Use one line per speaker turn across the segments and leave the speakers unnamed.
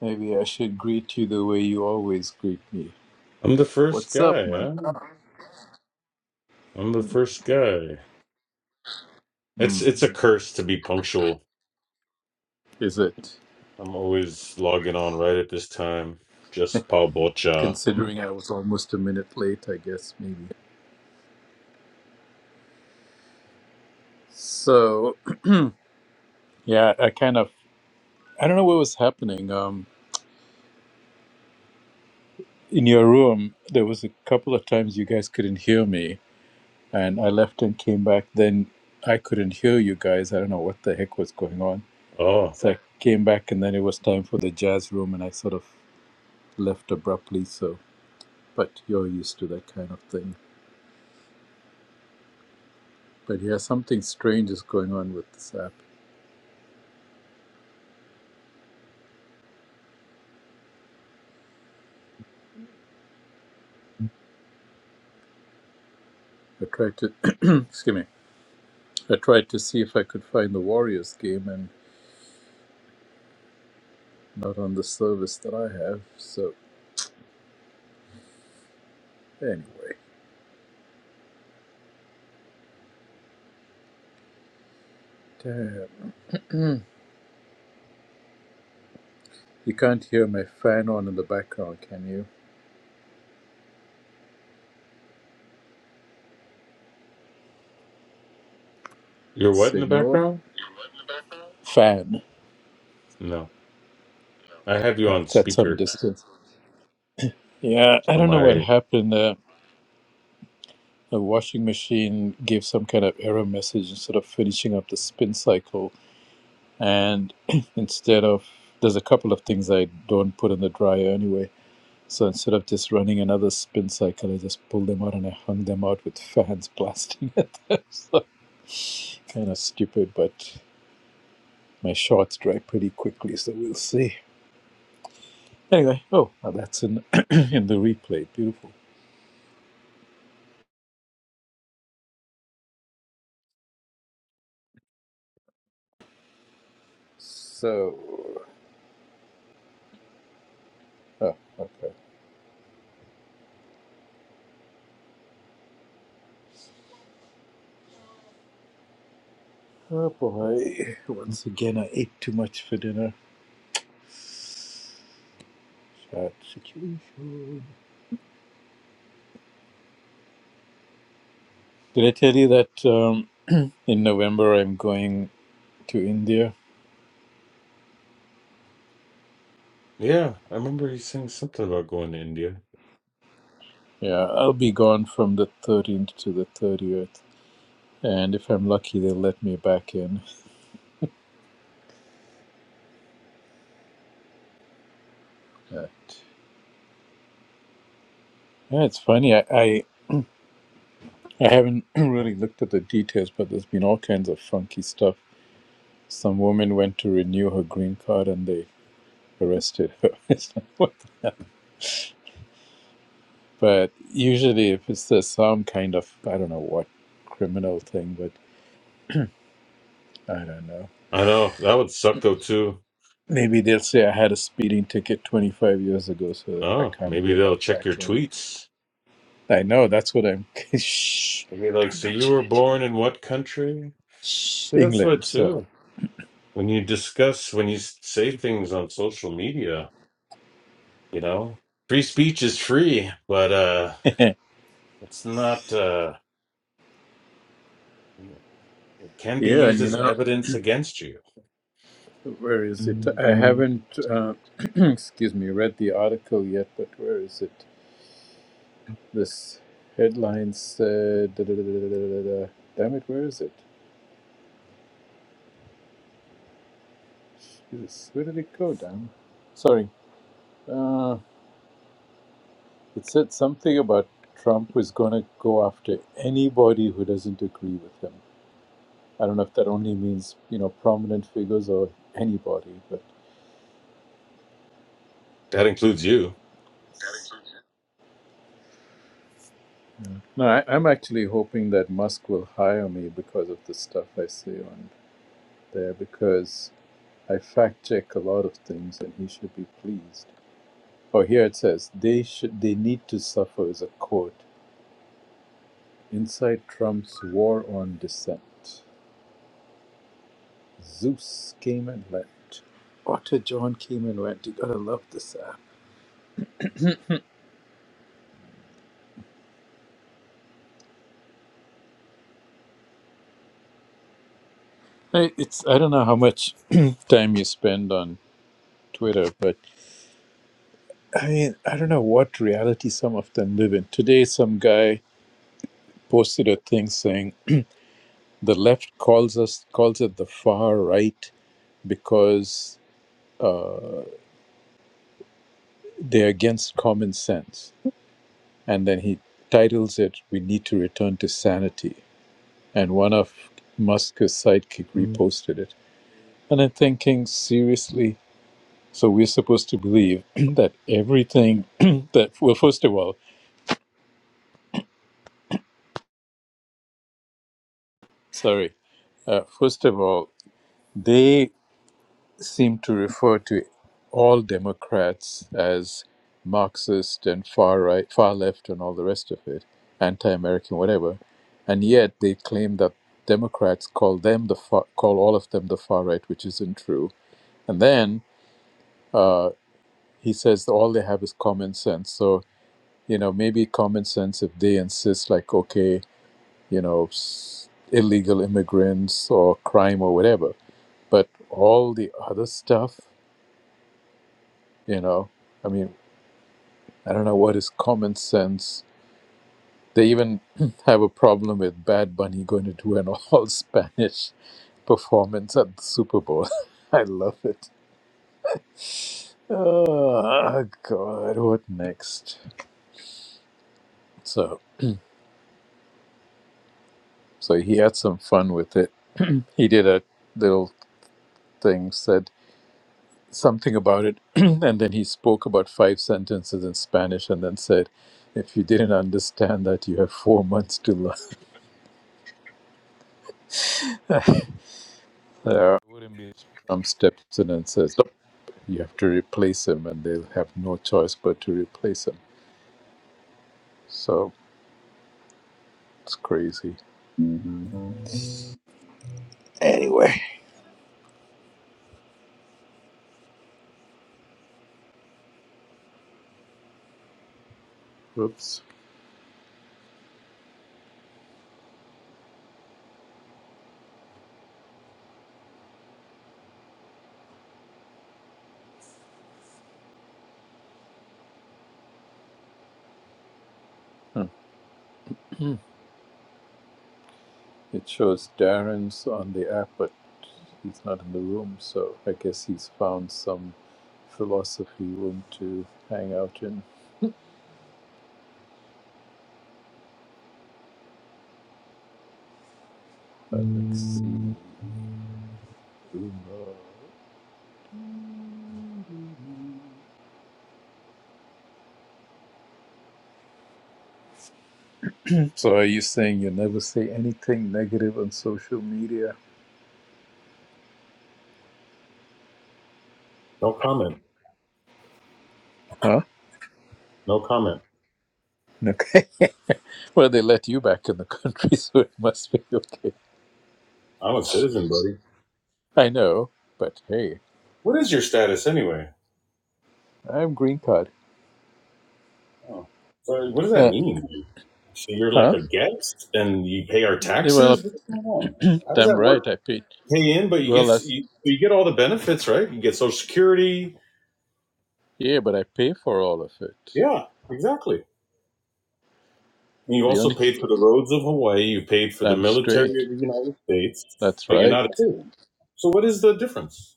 Maybe I should greet you the way you always greet me.
I'm the first
What's up,
guy.
man?
Huh? I'm the first guy. It's
Mm,
it's a curse to be punctual.
is it?
I'm always logging on right at this time. Just Paul Bocha.
Considering I was almost a minute late, I guess maybe. So, yeah, I kind of I don't know what was happening. Um, in your room, there was a couple of times you guys couldn't hear me, and I left and came back. Then I couldn't hear you guys. I don't know what the heck was going on.
Oh,
So I came back, and then it was time for the jazz room, and I sort of left abruptly. So, but you're used to that kind of thing. But yeah, something strange is going on with this app. I tried to, excuse me, I tried to see if I could find the Warriors game and not on the service that I have. So anyway, damn. you can't hear my fan on in the background, can you,
you're what in the
Senor?
background?
Fan.
No, I have you
Uh,
on
It's at some
speaker.
distance. Yeah, I
So
don't know what
my
happened. Uh, the washing machine gave some kind of error message instead of finishing up the spin cycle. and instead of there's a couple of things I don't put in the dryer anyway. So instead of just running another spin cycle, I just pulled them out and I hung them out with fans blasting at them. So kind of stupid, but my shorts dry pretty quickly, so we'll see. Anyway, oh, now that's in in the replay. Beautiful. So, oh, okay. Oh boy, once again I ate too much for dinner. Short situation. Did I tell you that? Um, In November, I'm going to India.
yeah, I remember you saying something about going to India.
Yeah, I'll be gone from the 13th to the 30th. And if I'm lucky, they'll let me back in. But, yeah, it's funny. I, I, I haven't really looked at the details, but there's been all kinds of funky stuff. Some woman went to renew her green card and they arrested her. It's like, what the hell? But usually, if it's uh, some kind of, I don't know what criminal thing, but I don't know.
I know that would suck though too.
Maybe they'll say I had a speeding ticket 25 years ago, so I
Oh,
can't be
maybe they'll
allowed
check your
back in.
tweets.
I know, that's what I'm. Shh,
Maybe like,
don't
so you
mention
were
it. here.
born in what country?
Shh,
Yeah, That's what
England, so.
too. When you discuss, when you s- say things on social media, You know, free speech is free, but uh,
yeah,
it's not. Uh, it can be used
and you
as
know,
evidence against you.
where is it? I haven't, uh, excuse me, read the article yet, but where is it? This headline said. da- da- da- da- da- da- da- da. Damn it, where is it? Jesus, where did it go, damn? Sorry. uh, It said something about Trump was going to go after anybody who doesn't agree with him. I don't know if that only means, you know, prominent figures or anybody, but
That includes you.
no, I, I'm actually hoping that Musk will hire me because of the stuff I say on there, because I fact check a lot of things and he should be pleased. Oh, here it says they should they need to suffer is a quote inside Trump's war on dissent. Zeus came and went. Otter John came and went. You gotta love this app. I, it's I don't know how much time you spend on Twitter, but I mean I don't know what reality some of them live in. Today, some guy posted a thing saying the left calls us calls it the far right because uh, they're against common sense, and then he titles it "We Need to Return to Sanity," and one of Musk's sidekick reposted it And I'm thinking seriously. So we're supposed to believe that everything that, well, first of all, sorry, uh, first of all, they seem to refer to all Democrats as Marxist and far right, far left, and all the rest of it, anti American, whatever. And yet they claim that Democrats call them the far, call all of them the far right, which isn't true. And then uh, he says all they have is common sense. So you know maybe common sense if they insist like okay you know s- illegal immigrants or crime or whatever but all the other stuff you know i mean i don't know what is common sense they even have a problem with bad bunny going to do an all spanish performance at the super bowl i love it oh god what next so so he had some fun with it he did a little thing said something about it. and then he spoke about five sentences in Spanish and then said, if you didn't understand that, you have four months to learn. Uh, wouldn't be Trump steps in and says, "Nope, you have to replace him, and they'll have no choice but to replace him. So it's crazy.
No
Anyway, Whoops. Hmm. it shows Darren's on the app, but he's not in the room, so I guess he's found some philosophy room to hang out in. But let's see. So are you saying you never say anything negative on social media?
comment.
Huh?
No comment.
Okay. Well, they let you back in the country, so it must be okay.
I'm a citizen, buddy.
I know, but hey,
What is your status anyway?
I'm green card.
Oh, so what does that
Uh,
mean? So you're like
huh?
a guest and you pay our
Well,
taxes? What's going on? How does
I'm
that
right.
work?
I paid.
Pay in, but you
Well,
get
that's
you, you get all the benefits, right? You get Social Security.
yeah, but I pay for all of it.
Yeah, exactly. you
The
also
only
paid for the roads of Hawaii. You paid for the
I'm
military
straight.
of the United States,
That's
but you're
right.
not a citizen. So what is the difference?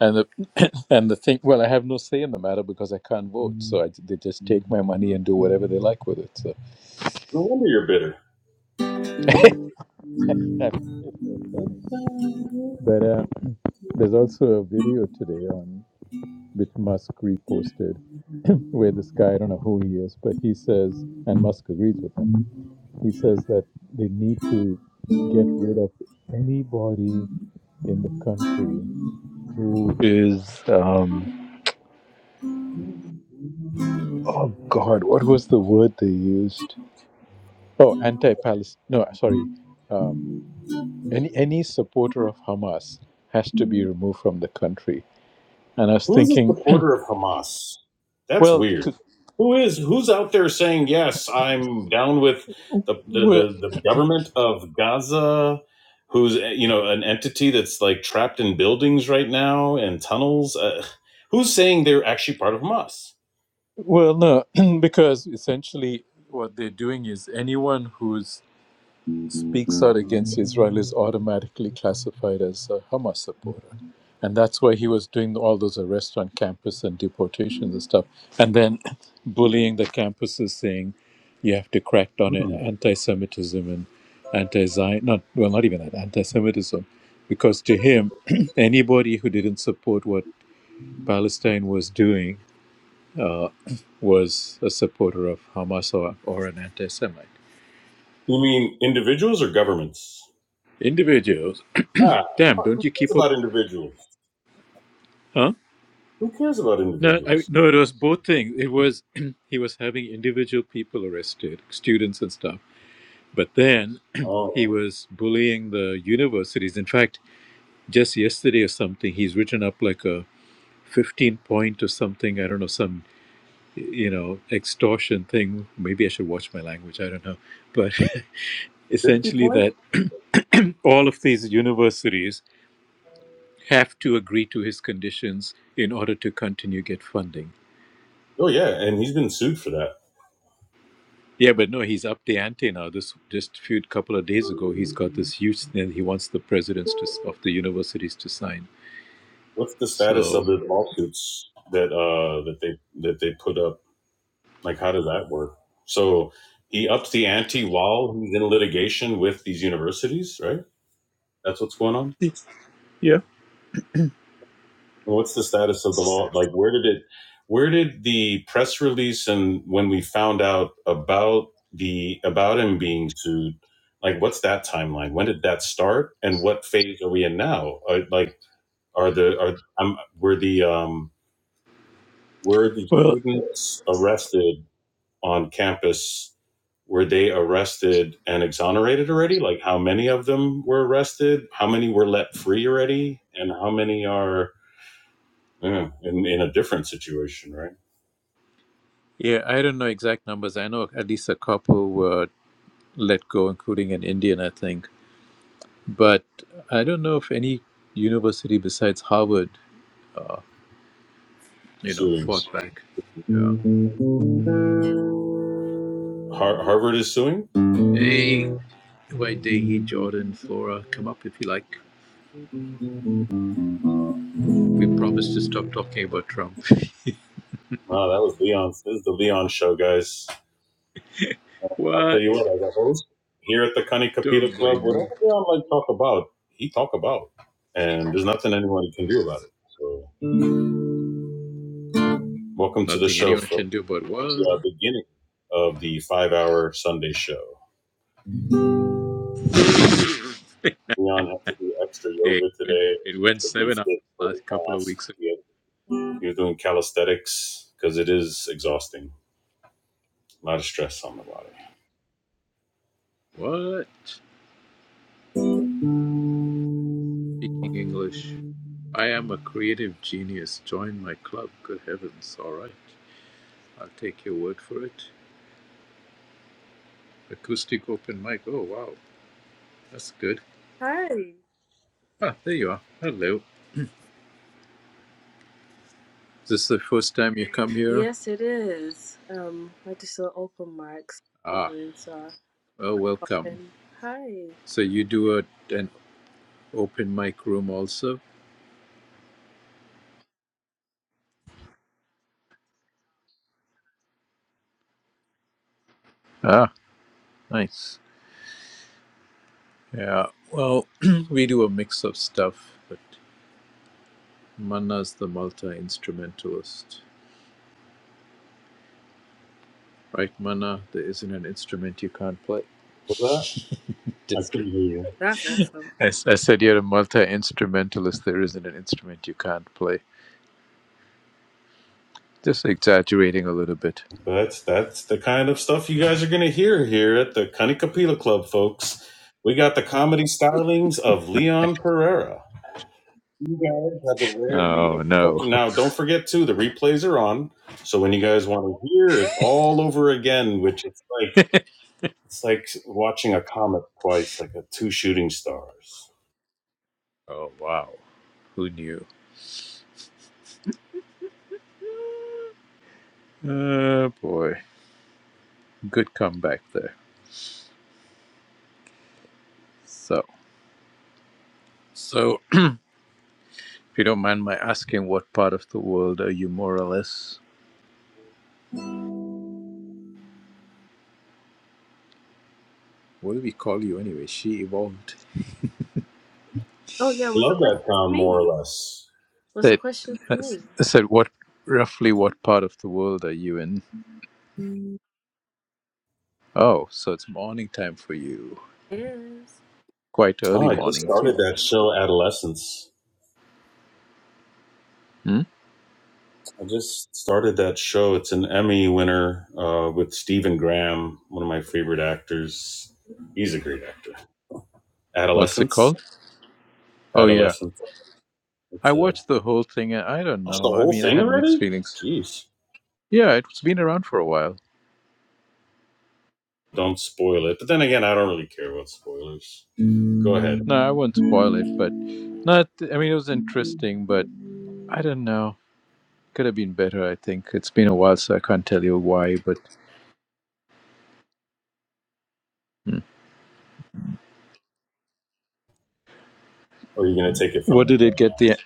And the and the thing, well, I have no say in the matter because I can't vote, so I, they just take my money and do whatever they like with it. So
No wonder you're bitter.
that's funny. But uh, there's also a video today on which Musk reposted, where this guy, I don't know who he is, but he says, and Musk agrees with him. He says that they need to get rid of anybody in the country who is, um, oh God, what was the word they used? Oh, anti-Palestine. No, sorry. Um, any any supporter of Hamas has to be removed from the country. And I was
Who is a
thinking,
supporter of Hamas? That's
well,
weird.
to,
Who is who's out there saying yes? I'm down with the the
well,
the, the government of Gaza. Who's eh, you know an entity that's like trapped in buildings right now and tunnels? Uh, who's saying they're actually part of Hamas?
well, no, because essentially what they're doing is anyone who's
Mm-hmm.
speaks out against Israel is automatically classified as a Hamas supporter. And that's why he was doing all those arrests on campus and deportations and stuff. And then bullying the campuses, saying you have to crack down on anti Semitism and anti Zion, not, well, not even that, anti Semitism. Because to him, anybody who didn't support what Palestine was doing was a supporter of Hamas or, or an anti Semite.
You mean individuals or governments?
Individuals,
Ah,
damn,
fuck, who
don't you
cares
keep up,
about individuals?
huh?
Who cares about
No, I,
individuals?
no, it was both things. It was he was having individual people arrested, students and stuff. But then he
Oh,
was bullying the universities. In fact, just yesterday or something, he's written up like a 15 point or something. I don't know, some, you know, extortion thing. Maybe I should watch my language. I don't know. But
fifty did
essentially, that all of these universities have to agree to his conditions in order to continue get funding
Oh yeah, and he's been sued for that.
Yeah, but no, he's up the ante now. This just few couple of days ago, he's got this huge thing he wants the presidents to, of the universities to sign.
What's the status of
So
the lawsuits that uh that they that they put up? Like, how does that work? So he ups the ante while he's in litigation with these universities, right? That's what's going on.
yeah,
Well, what's the status of the law? Like, where did it? Where did the press release and when we found out about the about him being sued? Like, what's that timeline? When did that start? And what phase are we in now? Are, like, are the are um, were the um were the
well,
students arrested on campus? Were they arrested and exonerated already? Like, how many of them were arrested? How many were let free already? And how many are yeah, in, in a different situation, right?
yeah, I don't know exact numbers. I know at least a couple were let go, including an Indian, I think. But I don't know if any university besides Harvard, you know,
Suing.
fought back. Yeah.
Har- Harvard is suing?
Hey,
Wow,
why Dehi, Jordan, Flora, come up if you like. We promised to stop talking about Trump.
that was Leon's. This is the Leon show, guys. I'll tell
What?
you what, as a host here at the Cunning Capita
Don't
Club,
blame me.
whatever Leon like talk about, he talk about, and there's nothing anyone can do about it. So, welcome to the
Nothing
show,
anyone can
folks.
do but
We
what?
are beginning of the five-hour Sunday show. Leon had to do extra
Hey, It
yoga
went,
today
it went
to be
seven hours
fit for the
last couple of
class.
weeks ago.
He, had, he was doing calisthenics because it is exhausting. A lot of stress on the body.
What? Speaking English. I am a creative genius. Join my club. Good heavens. All right. I'll take your word for it. Acoustic open mic. Oh, wow. That's good.
Hi.
Ah, there you are. Hello. Is this the first time you come here?
Yes, it is. Um, I just saw open mics
Ah,
so I
well,
popped
welcome.
in. Hi.
So you do a, an open mic room also? Ah, nice. Yeah, well, we do a mix of stuff, but Manna's the multi-instrumentalist. Right, Manna? There isn't an instrument you can't play.
What's that? I
Just
couldn't
kidding.
hear you.
That's awesome.
I I said you're a multi-instrumentalist. There isn't an instrument you can't play. Just exaggerating a little bit.
That's that's the kind of stuff you guys are gonna hear here at the Kanikapila Club, folks. We got the comedy stylings of Leon Pereira. You guys have the rare, the
Oh, no.
exception. Now, don't forget too, the replays are on. So when you guys want to hear it all over again, which it's like It's like watching a comet twice, like a two shooting stars.
Oh, wow. Who knew? Oh, boy. Good comeback there. So, so if you don't mind my asking, what part of the world are you more or less? What do we call you anyway? She evolved.
Oh yeah,
I
was the
love that
question to
film more
me?
or less.
Was
They
the question to
I
me?
s- I said, "What roughly what part of the world are you in?" Oh, so it's morning time for you.
Yes.
Quite early
Oh, I just
morning too.
started that show, Adolescence.
Hmm?
I just started that show. It's an Emmy winner uh, with Stephen Graham, one of my favorite actors. He's a great actor.
What's it
Adolescence,
called? Oh yeah,
Adolescence.
I
It's a
watched the whole thing, and I don't
watched the
know. I
whole
mean, I
thing
had mixed
already.
feelings.
Jeez,
Yeah, it's been around for a while.
don't spoil it. But then again, I don't really care about spoilers. Go ahead.
No, I won't spoil it, but not. I mean, it was interesting, but I don't know. Could have been better. I think it's been a while, so I can't tell you why. But Hmm.
Or are you gonna take it from
what did it get
me?
the?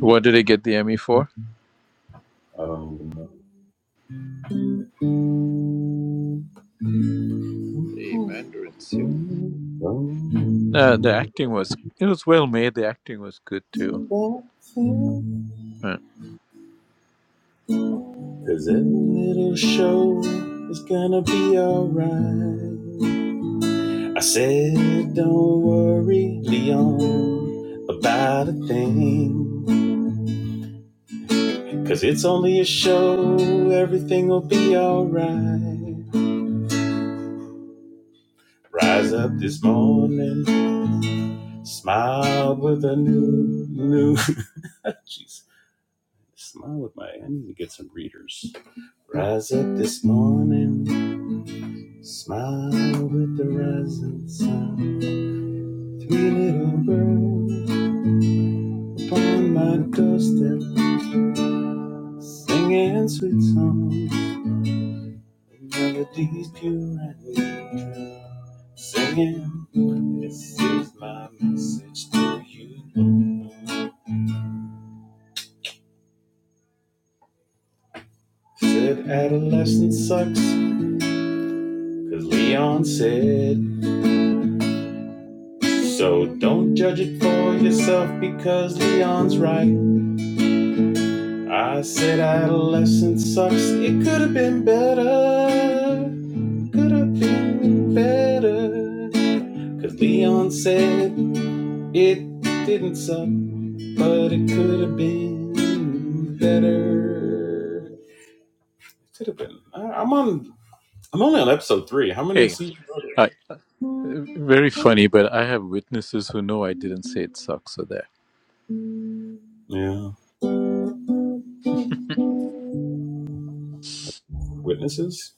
What did it get the Emmy for?
I don't even
The
know.
Mandarins.
Cause
No, the acting was it was well made. The acting was good too. Uh,
every little show is gonna be alright. I said, don't worry, Leon, about a thing. Cause it's only a show, everything will be alright. Rise up this morning, smile with a new, new. Jeez, smile with my. I need to get some readers. Rise up this morning, smile with the rising sun. Three little birds upon my doorstep, singing sweet songs, The melodies pure and true. Singing, this is my message to you. Said adolescence sucks, 'cause Leon said. So don't judge it for yourself because Leon's right. I said adolescence sucks. It could have been better. Could have been better. Cause Leon said it didn't suck, but it could have been better. Could have been. I, I'm on. I'm only on episode three. How many
hey,
seasons are
I, very funny, but I have witnesses who know I didn't say it sucks. So that
there? Yeah. Witnesses?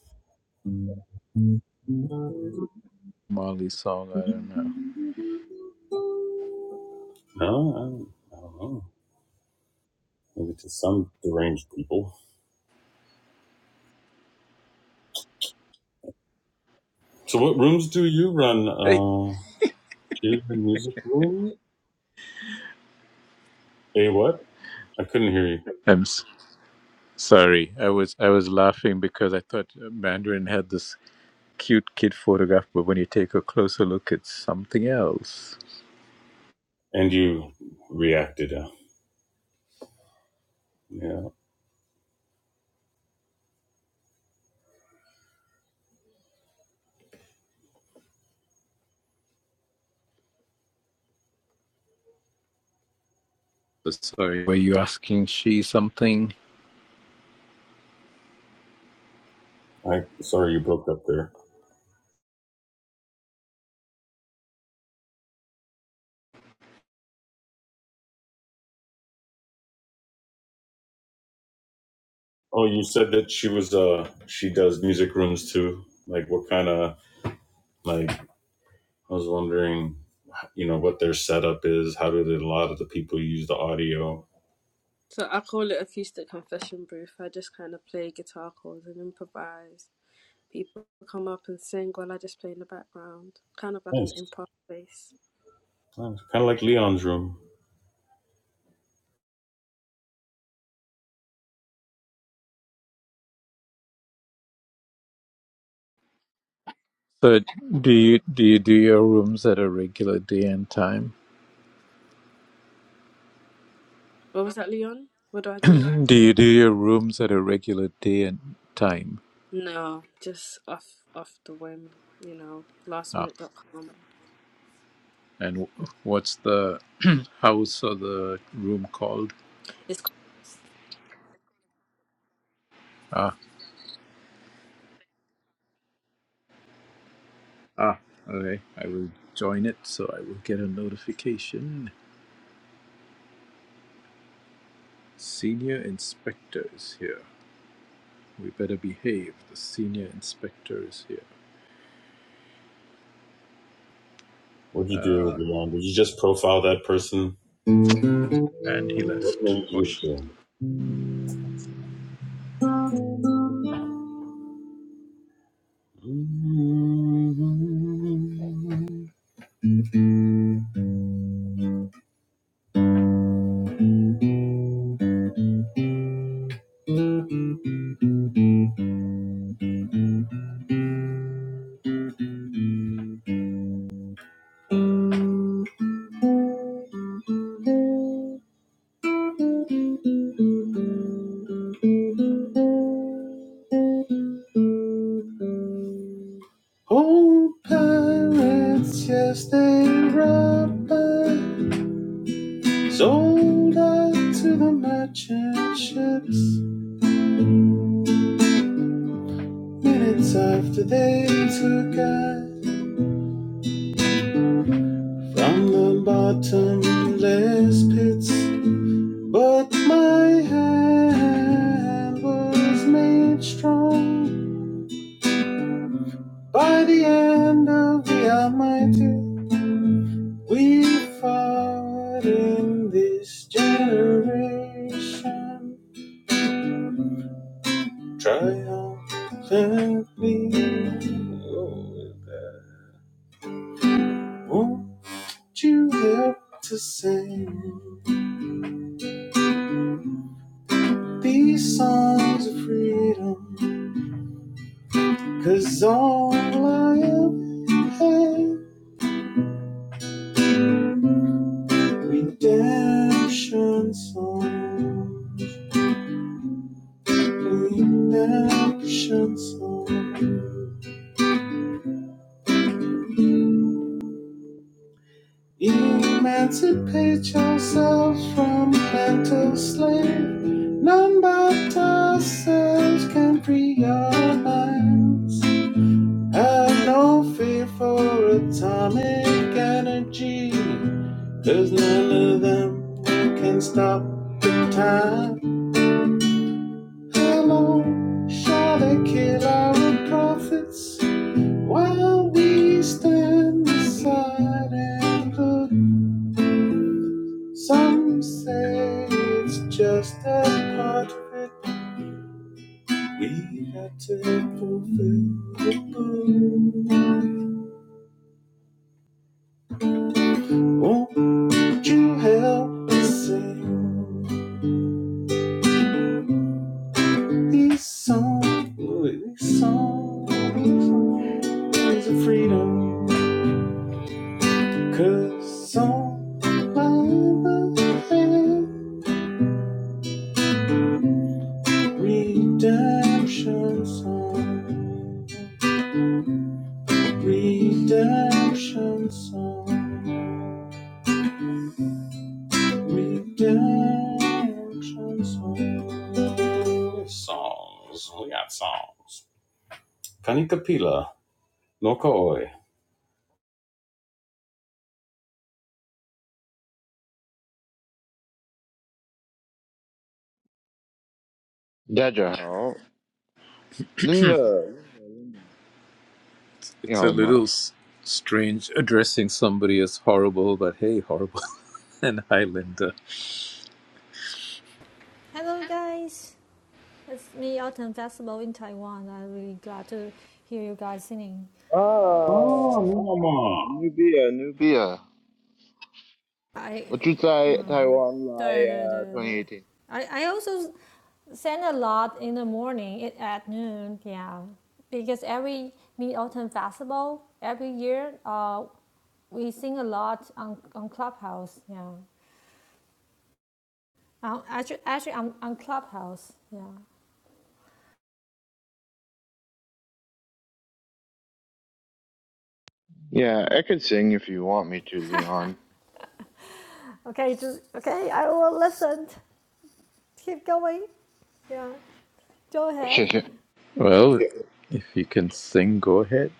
Molly song, I don't know.
No, I don't, I don't know. Maybe to some deranged people. So, what rooms do you run?
Hey,
Uh, cheers and music room? Hey, what? I couldn't hear you.
I'm s- sorry. I was I was laughing because I thought Mandarin had this cute kid photograph, but when you take a closer look, it's something else.
And you reacted. Uh, yeah.
So sorry. Were you asking she something?
I sorry you broke up there. Oh, you said that she was uh she does music rooms too. Like what kind of like I was wondering, you know, what their setup is. How did a lot of the people use the audio?
So I call it acoustic confession booth. I just kind of play guitar chords and improvise. People come up and sing while I just play in the background, kind of like an
Nice.
improv space.
Kind of like Leon's room.
So do you do you do your rooms at a regular day and time?
What was that, Leon? What do I do?
Mhm. Do you do your rooms at a regular day and time?
No, just off off the whim, you know, last
Ah,
minute dot lastminute.com.
and wh- what's the house or the room called? Ah, ah, okay. I will join it, so I will get a notification. Senior inspector is here. We better behave. The senior inspector is here.
What'd you do,
Ah,
Leon? Did you just profile that person?
and he
What
left,
made
or
you
she.
do? Old pirates, yes, they robbed my Sold out to the merchant ships. Minutes after they took us from the bottomless pits. But my hand was made strong. By the end of the Almighty, we fought in this generation triumphantly. Oh, is you help to sing these songs of freedom, 'cause all I ever had, redemption songs, redemption songs. Emancipate yourselves from mental slavery. None but ourselves can free our minds. Have no fear for atomic energy. There's none of them who can stop time. How long shall they kill our prophets while we stand aside and look? Some say it's just a part of it. We got to fulfill the book. Won't you help us sing? These songs, these songs, is a freedom. Cause song, redemption song, redemption song, redemption song. Songs, we got songs. Kanika Pila, Nokoi.
It's a little s- strange addressing somebody as horrible, but hey, horrible. and hi, Linda.
Hello, guys. It's me, Autumn Festival in Taiwan. I'm really glad to hear you guys singing.
Oh, mama.
大家好，恁个你好吗？啊，牛逼啊，牛逼啊！我住在台湾来啊，2018。Yeah,
I, uh-huh. 嗯，对对对对，I I I also sang a lot in the morning it, at noon. Yeah, because every Mid Autumn Festival every year, uh, we sing a lot on on Clubhouse. Yeah. Um, actually, actually, on, on Clubhouse. Yeah.
I can sing if you want me to, Leon.
Okay, just okay. I will listen. Keep going. Yeah. Go ahead.
Well,
谢谢，谢谢。Thank
if you can sing, go ahead.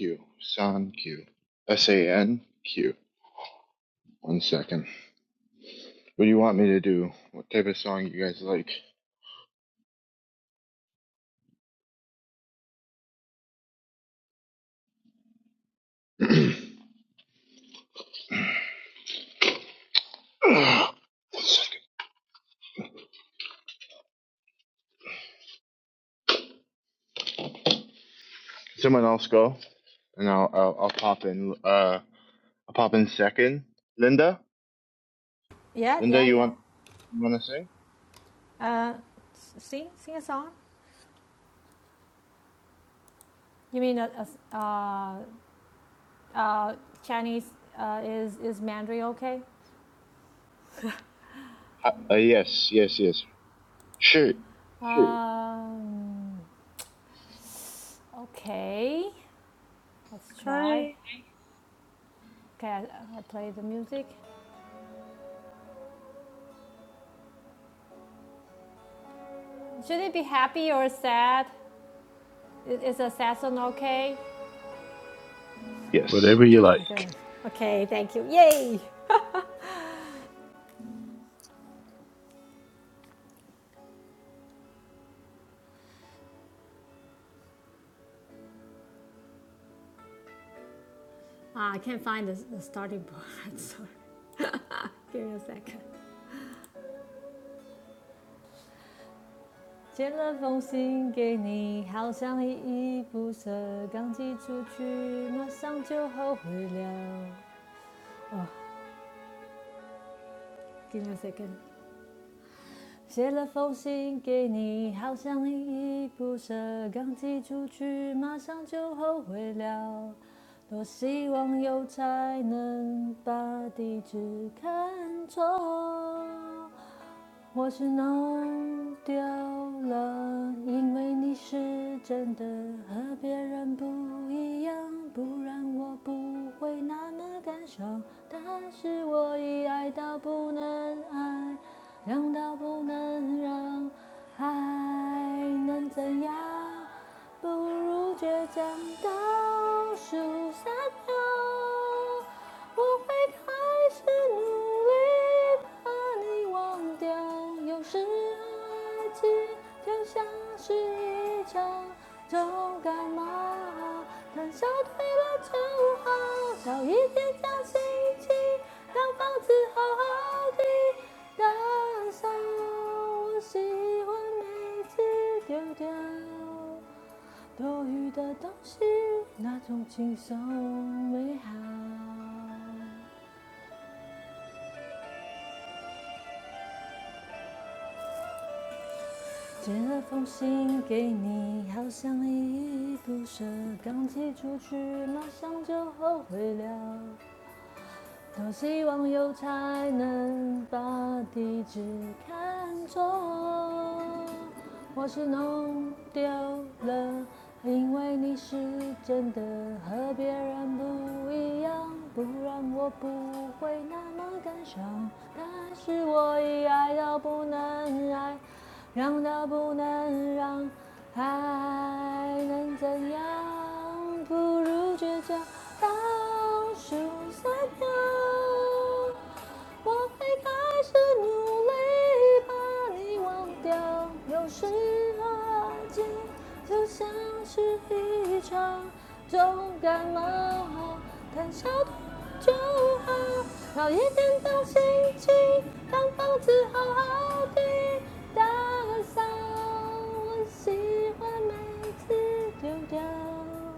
you, thank you. S A N Q. One second. What do you want me to do? What type of song you guys like? Someone else go, and I'll I'll, I'll pop in. Uh, I'll pop in second. Linda.
Yeah,
Linda,
yeah,
you
yeah.
want you want to sing?
Uh, sing, sing a song. You mean a, a s- uh, uh, Chinese uh, is is Mandarin okay?
Uh, uh, yes, yes, yes. Sure, sure.
Um, okay, let's try.
Hi.
Okay, I, I play the music. Should it be happy or sad? Is, a sad song okay?
Yes.
Whatever you
Okay,
like.
okay, thank you. Yay! Ah, I can't find the, the starting part. Sorry, give me a second. 写了封信给你，好像依依不舍，刚寄出去马上就后悔了。哦 Give me a second. 我是弄丢了，因为你是真的，和别人不一样，不然我不会那么感伤。但是我已爱到不能爱，让到不能让，还能怎样？不如倔强倒数三秒，我会开始努力。把你忘掉。有时爱情就像是一场重感冒，看笑退了就好，找一点假心情，让房子好好的打扫。我喜欢每次丢掉多余的东西，那种轻松美好。这封信给你，好像一毒蛇，刚寄出去马上就后悔了。多希望有才能把地址看错，或是弄丢了，因为你是真的和别人不一样，不然我不会那么感伤。但是我已爱到不能爱，让到不能让，还能怎样？不如倔强到。shoes I know，我会开始努力把你忘掉。有时候爱情就像是一场重感冒，谈笑就好，熬夜颠倒心情，让房子好好地打扫。我喜欢每次丢掉。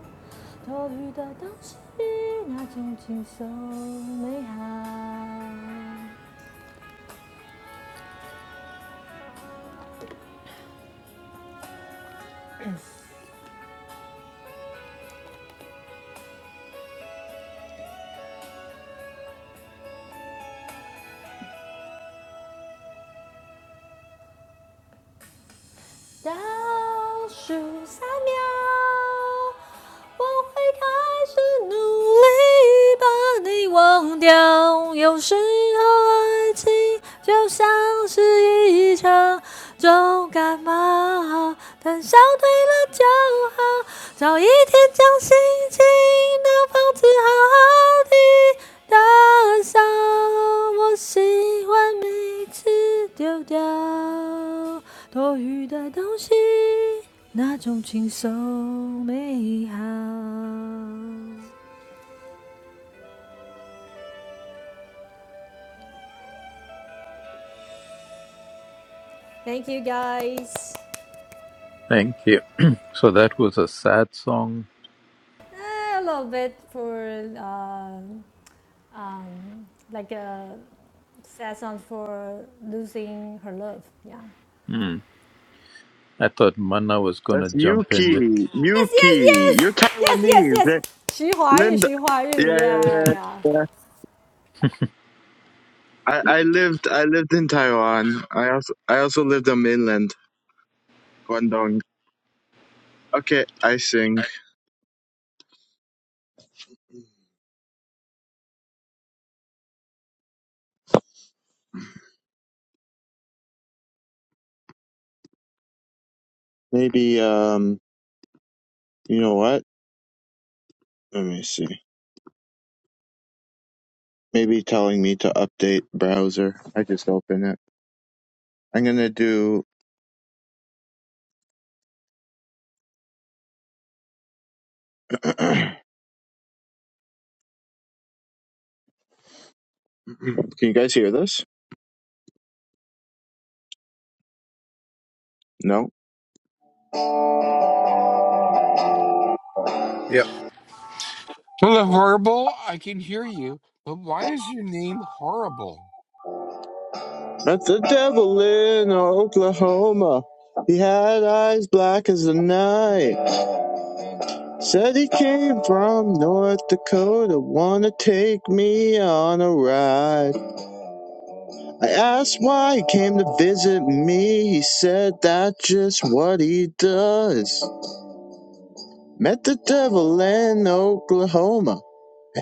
多余的东西，那种轻松美好。倒数三秒，我会开始努力把你忘掉。有时候爱情就像是一场重感冒，等消退了就好，找一天将心情的房子好好地打扫。我喜欢每次丢掉多余的东西，那种轻松美好。Thank you guys.
Thank you. So that was a sad song.
Eh, I love it for um, um, like a sad song for losing her love. Yeah.
Hmm. I thought Manna was going to
That's
jump in with.
Yuki.
Yes, yes,
Yuki. You're
yes, yes, yes,
Taiwanese.
yes.
Eh, Linda.
徐怀钰，徐怀钰
Yeah, yeah,
Yeah.
yeah.
yeah.
yeah. yeah. I, I lived I lived in Taiwan. I also I also lived on mainland Guangdong. Okay, I sing. Maybe um you know what? Let me see. Maybe telling me to update browser. I just open it. I'm gonna do Can you guys hear this? No?
Yep.
Hello, horrible, I can hear you, but why is your name horrible?
Met the devil in Oklahoma. He had eyes black as the night. Said he came from North Dakota, wanna take me on a ride. I asked why he came to visit me. He said that's just what he does. Met the devil in Oklahoma.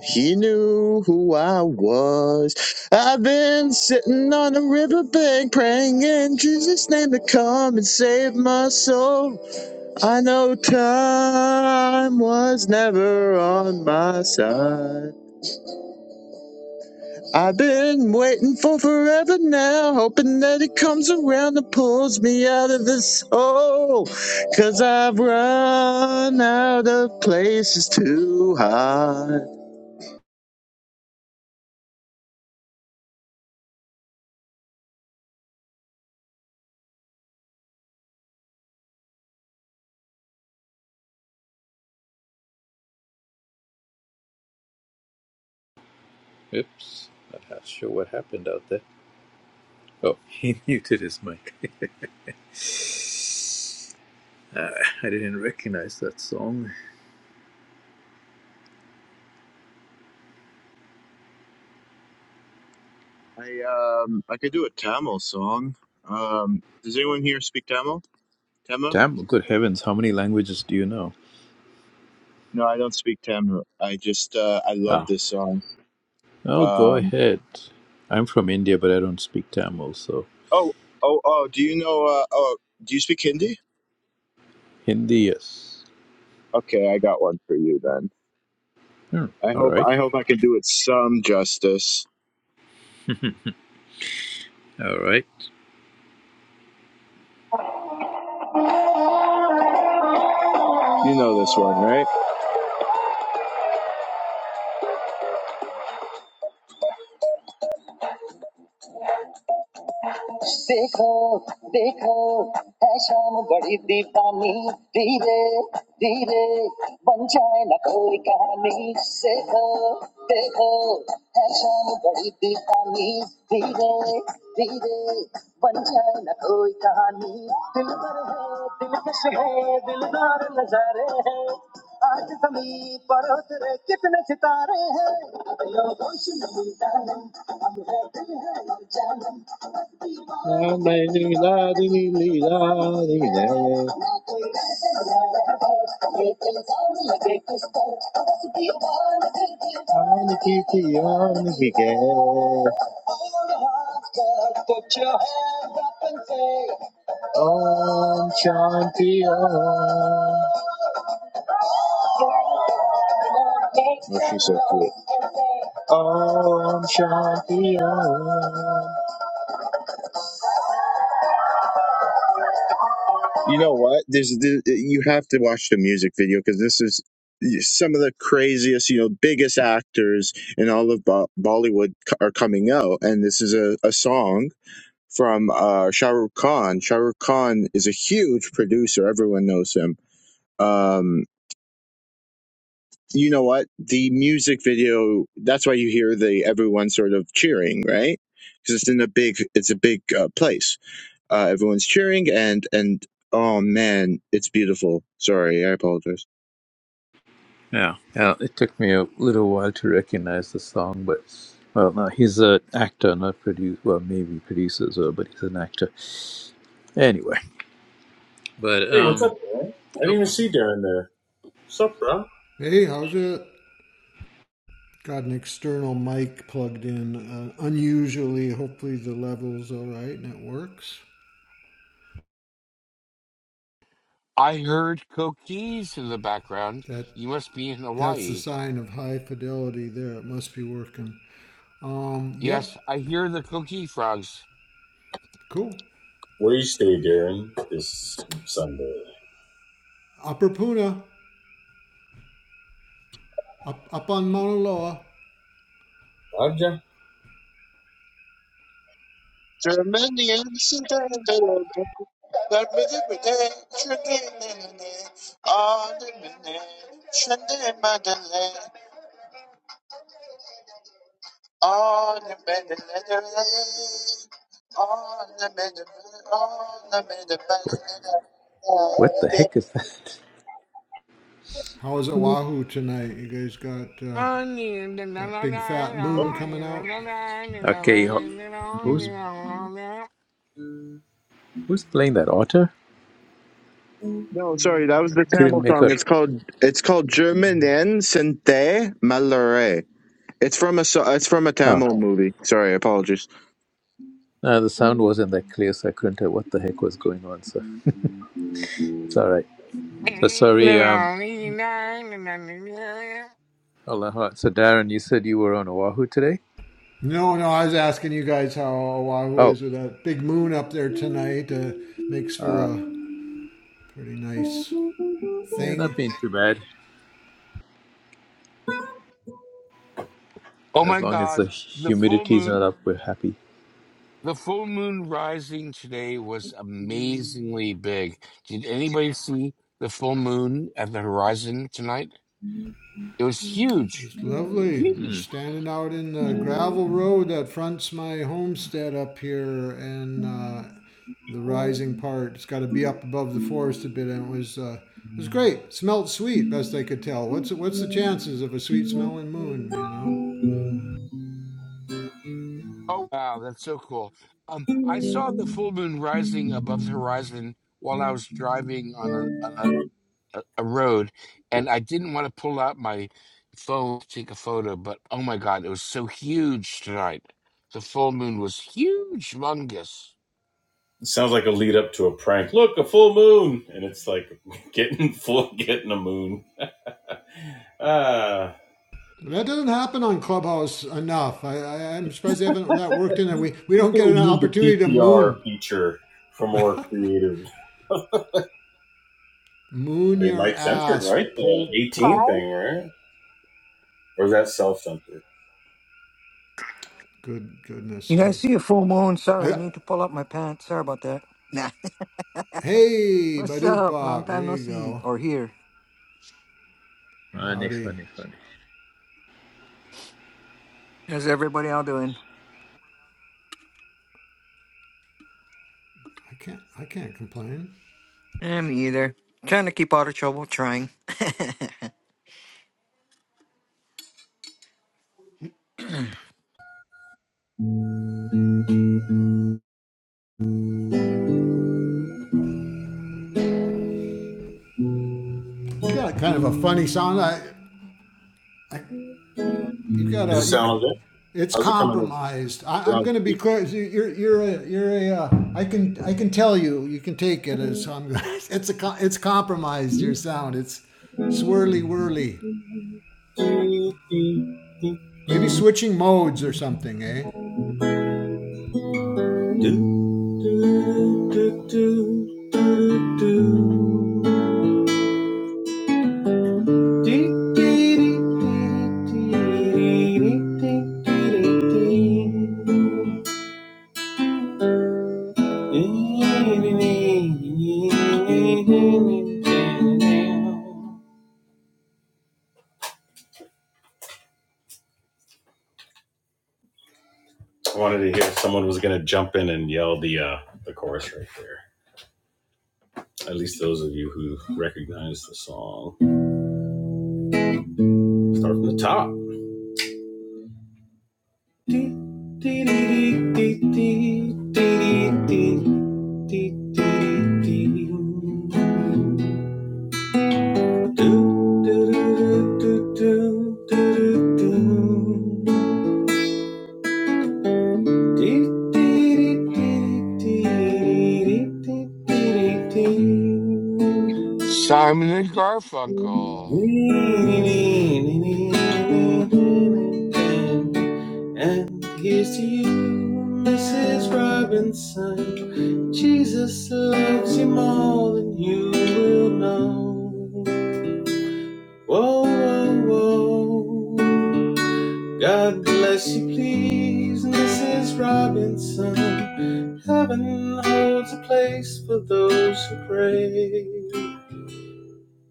He knew who I was. I've been sitting on the riverbank praying in Jesus' name to come and save my soul. I know time was never on my side. I've been waiting for forever now, hoping that it comes around and pulls me out of this hole. i I've run out of places to hide.
Oops. not sure what happened out there. Oh, he muted his mic. Uh, I didn't recognize that song.
I um I could do a Tamil song. Um, does anyone here speak Tamil? Tamil?
Damn, good heavens, how many languages do you know?
No, I don't speak Tamil. I just uh, I love
Ah.
this song.
Oh, go
Um,
ahead. I'm from India, but I don't speak Tamil, so
oh oh oh. Do you know? Uh, oh, do you speak Hindi?
Hindi, yes.
Okay, I got one for you then.
Hmm.
I
All
hope
right.
I hope I can do it some justice.
All right.
You know this one, right? देखो देखो है शाम बड़ी दीवानी धीरे धीरे बन जाए न कोई कहानी देखो देखो है शाम बड़ी दीवानी धीरे धीरे बन जाए न कोई कहानी दिल पर है दिलकश है दिलदार नजारे हैं आज जमीन पर उतरे कितने सितारे हैं लोगों से हम है है हम I'm the kitty, Om Shanti Om. Oh, she's so cool. Om Shanti Om. You know what? There's th- you have to watch the music video because this is some of the craziest, you know, biggest actors in all of Bo- Bollywood co- are coming out, and this is a, a song from uh, Shah Rukh Khan. Shah Rukh Khan is a huge producer; everyone knows him. Um, you know what? The music video. That's why you hear the everyone sort of cheering, right? Because it's in a big, it's a big uh, place uh, everyone's cheering, and and oh man, it's beautiful. Sorry, I apologize.
Yeah, yeah. It took me a little while to recognize the song, but well, no, he's an actor, not produce. Well, maybe producer, well, but he's an actor anyway. But
Hey, what's
um,
up, bro? I didn't
oh,
even see Darren there. Sup, bro?
Hey, how's it? Got an external mic plugged in. Uh, unusually, hopefully the level's all right and it works.
I heard cookies in the background.
That
You must be in
that's the
Hawaii.
sign of high fidelity. There, it must be working. Um, yep,
Yes, I hear the coqui frogs.
cool.
Where you stay, Darren, This Sunday.
Upper Puna, up up on Mauna Loa.
Roger.
what the heck is that?
How is Oahu tonight? You guys got uh, that big fat moon
Monday.
coming out?
Okay, ho- who's
It
who's playing that otter?
No, sorry, that was the
Couldn't
Tamil
make
song.
out.
It's called it's called Germanen Sente Malare. It's from a so- it's from a
Oh,
Tamil movie. Sorry, apologies.
no, the sound wasn't that clear, so I couldn't tell what the heck was going on. So it's all right. So sorry. Um, Allah. So Darren, you said you were on Oahu today.
No, no, I was asking you guys how Oahu
Oh,
is with that big moon up there tonight. Uh, makes for
uh,
a pretty nice
yeah,
thing.
not being too bad.
Oh
As
my
long as the
god, the full
humidity's
moon
not up, we're happy.
The full moon rising today was amazingly big. Did anybody see the full moon at the horizon tonight? It was huge,
It's lovely.
Hmm.
huge.
Standing out in the gravel road that fronts my homestead up here and uh, the rising part. It's got to be up above the forest a bit, and it was uh, it was great. Smelled sweet, best I could tell. What's what's the chances of a sweet smelling moon? You know.
Oh wow, that's so cool. Um, I saw the full moon rising above the horizon while I was driving on a on a, a a road, and I didn't want to pull out my phone to take a photo, but oh my god, it was so huge tonight. The full moon was huge, humongous.
sounds like a lead up to a prank. Look, a full moon, and it's like getting full, getting a moon. Ah,
That doesn't happen on Clubhouse enough. I, I, I'm surprised they haven't that worked
I
in there.
think
We we don't
they
get
would
an
use the
opportunity to
PPR
moon,
feature for more creative.
moon
They
your
might censor it,
ass.
right?
Pull
The 18
pull.
Hi.
thing, right? Or is that self censored?
Good goodness,
You guys
I
see a full moon? Sorry, I
I
need to pull up my pants. Sorry about that. Nah.
Hey,
What's
Badoop
up? Long
Bop. There
time no
you
see
go.
or hear.
Funny,
Howdy.
funny, funny.
How's everybody all doing?
I can't. I can't complain.
I'm either. Trying to keep out of trouble, trying.
Does
You got kind of a funny sound. I. I you got
it
a. You.
sound okay?
It's
How's it coming in?
compromised. I,
They're
I'm going to be clear.
on
You're. You're a. You're a. Uh, I can. I can tell you. You can take it as. I'm. It's a. It's compromised. Your sound. It's
speaker.
swirly whirly.
I wanted to
Maybe switching modes or something, eh?
hear if someone was going to jump in and yell the uh, the chorus right there. At least those of you who recognize the song. Start from the top.
Simon and Garfunkel.
And here's to you, Mrs. Robinson. Jesus loves you more than you will know. Whoa, whoa, whoa. God bless you, please, Mrs. Robinson. Heaven holds a place for those who pray.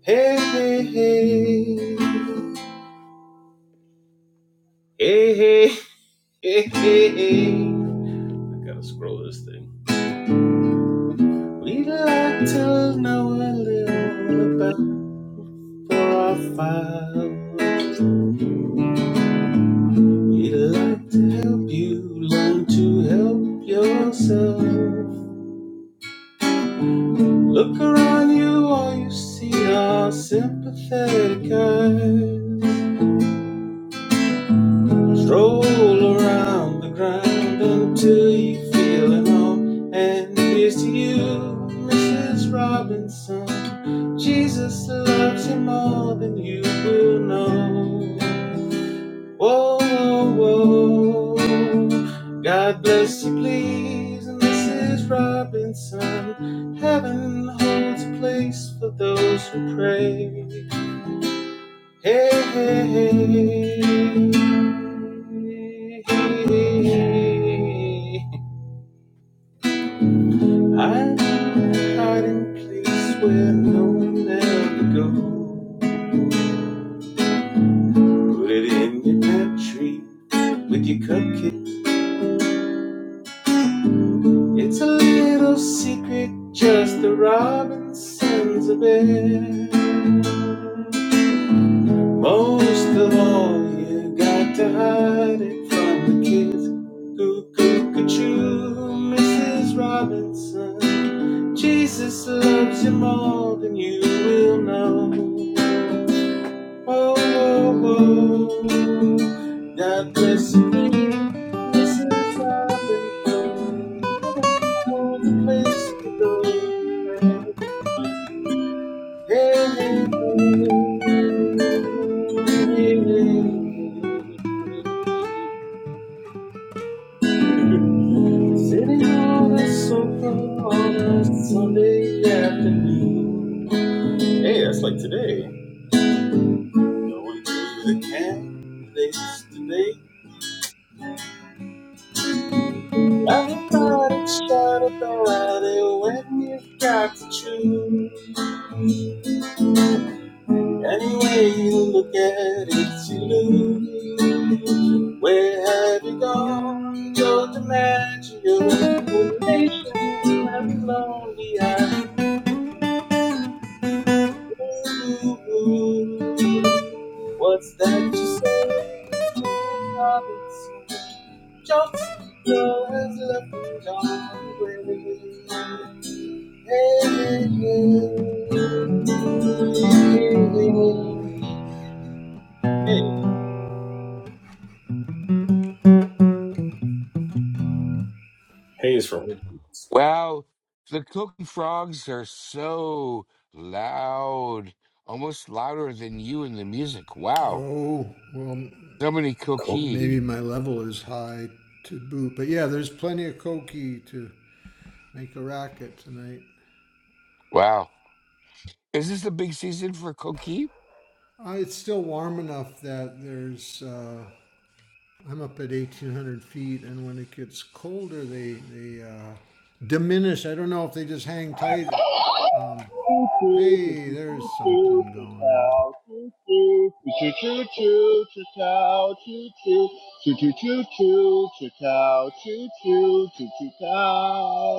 Hey, hey, hey. Hey, hey, hey, hey, hey. I gotta scroll this thing. We'd like to know a little about profiles. We'd like to help you learn to help yourself. Look around you, all you see are sympathetic eyes. Stroll around the ground until you feel at home. And here's to you, Mrs. Robinson. Jesus loves you more than you will know. Whoa, whoa, whoa. God bless you, please, Mrs. Robinson. Heaven holds a place for those who pray. Hey, hey, hey. hey, hey. I'm hiding place where no one ever goes. Put it in your pantry with your cupcake. It's a little secret, just the Robinsons of it. Most of all, you got to hide it from the kids. Cuckoo-ca-choo, Mrs. Robinson. Jesus loves you more than you will know. Whoa, whoa, whoa. God bless you, please, Mrs. Robinson. Heaven holds a place for those who pray. Sitting on the sofa on a Sunday afternoon. Hey, that's like today. Going to the candidates today. I forgot about it when you've got to choose. Any way you look at it, you lose. Where have you gone? You're the magic nation and lonely eyes. Ooh, What's that you say? Robinson Johnson, girl has left and gone away. Hey, hey, hey. Hey, hey, hey. Hey. Hey is for
Wow, the cooking frogs are so loud, almost louder than you and the music. Wow,
Oh, well,
so many cookie.
maybe
cooking.
my level is high to boot. But yeah, there's plenty of Koki to make a racket tonight.
Wow, is this the big season for cookie?
Uh, it's still warm enough that there's. Uh, I'm up at 1,800 feet, and when it gets colder, they they uh, diminish. I don't know if they just hang tight. Um, hey, there's something going on.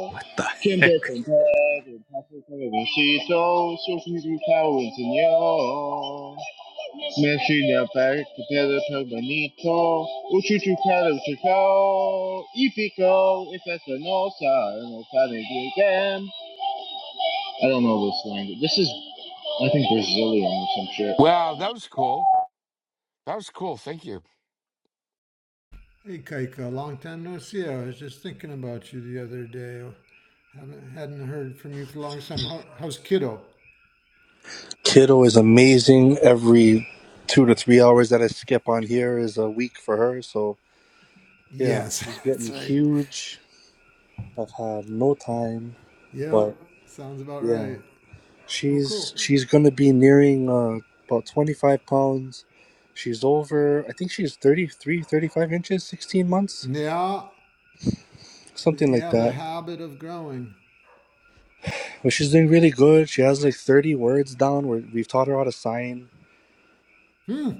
What the heck?
Chuchukaruchuko, Ipiko, Ifesanosa, and Otadegigan. I don't know this language. This is, I think, Brazilian or some shit.
Wow, that was cool. That was cool. Thank you.
Hey, Kaika, long time no see. I was just thinking about you the other day. Haven't hadn't heard from you for a long time. How, how's kiddo?
Kiddo is amazing. Every two to three hours that I skip on here is a week for her. So yeah,
Yes,
she's
that's
getting
right.
huge. I've had no time,
Yep,
but
sounds about
yeah,
right. Well, cool.
she's she's gonna be nearing uh, about 25 pounds. She's over, I think she's 33, 35 inches, 16 months,
Yeah,
something
They
like
have a
that.
habit of growing.
But she's doing really good. She has like 30 words down. Where we've taught her how to sign.
Hmm.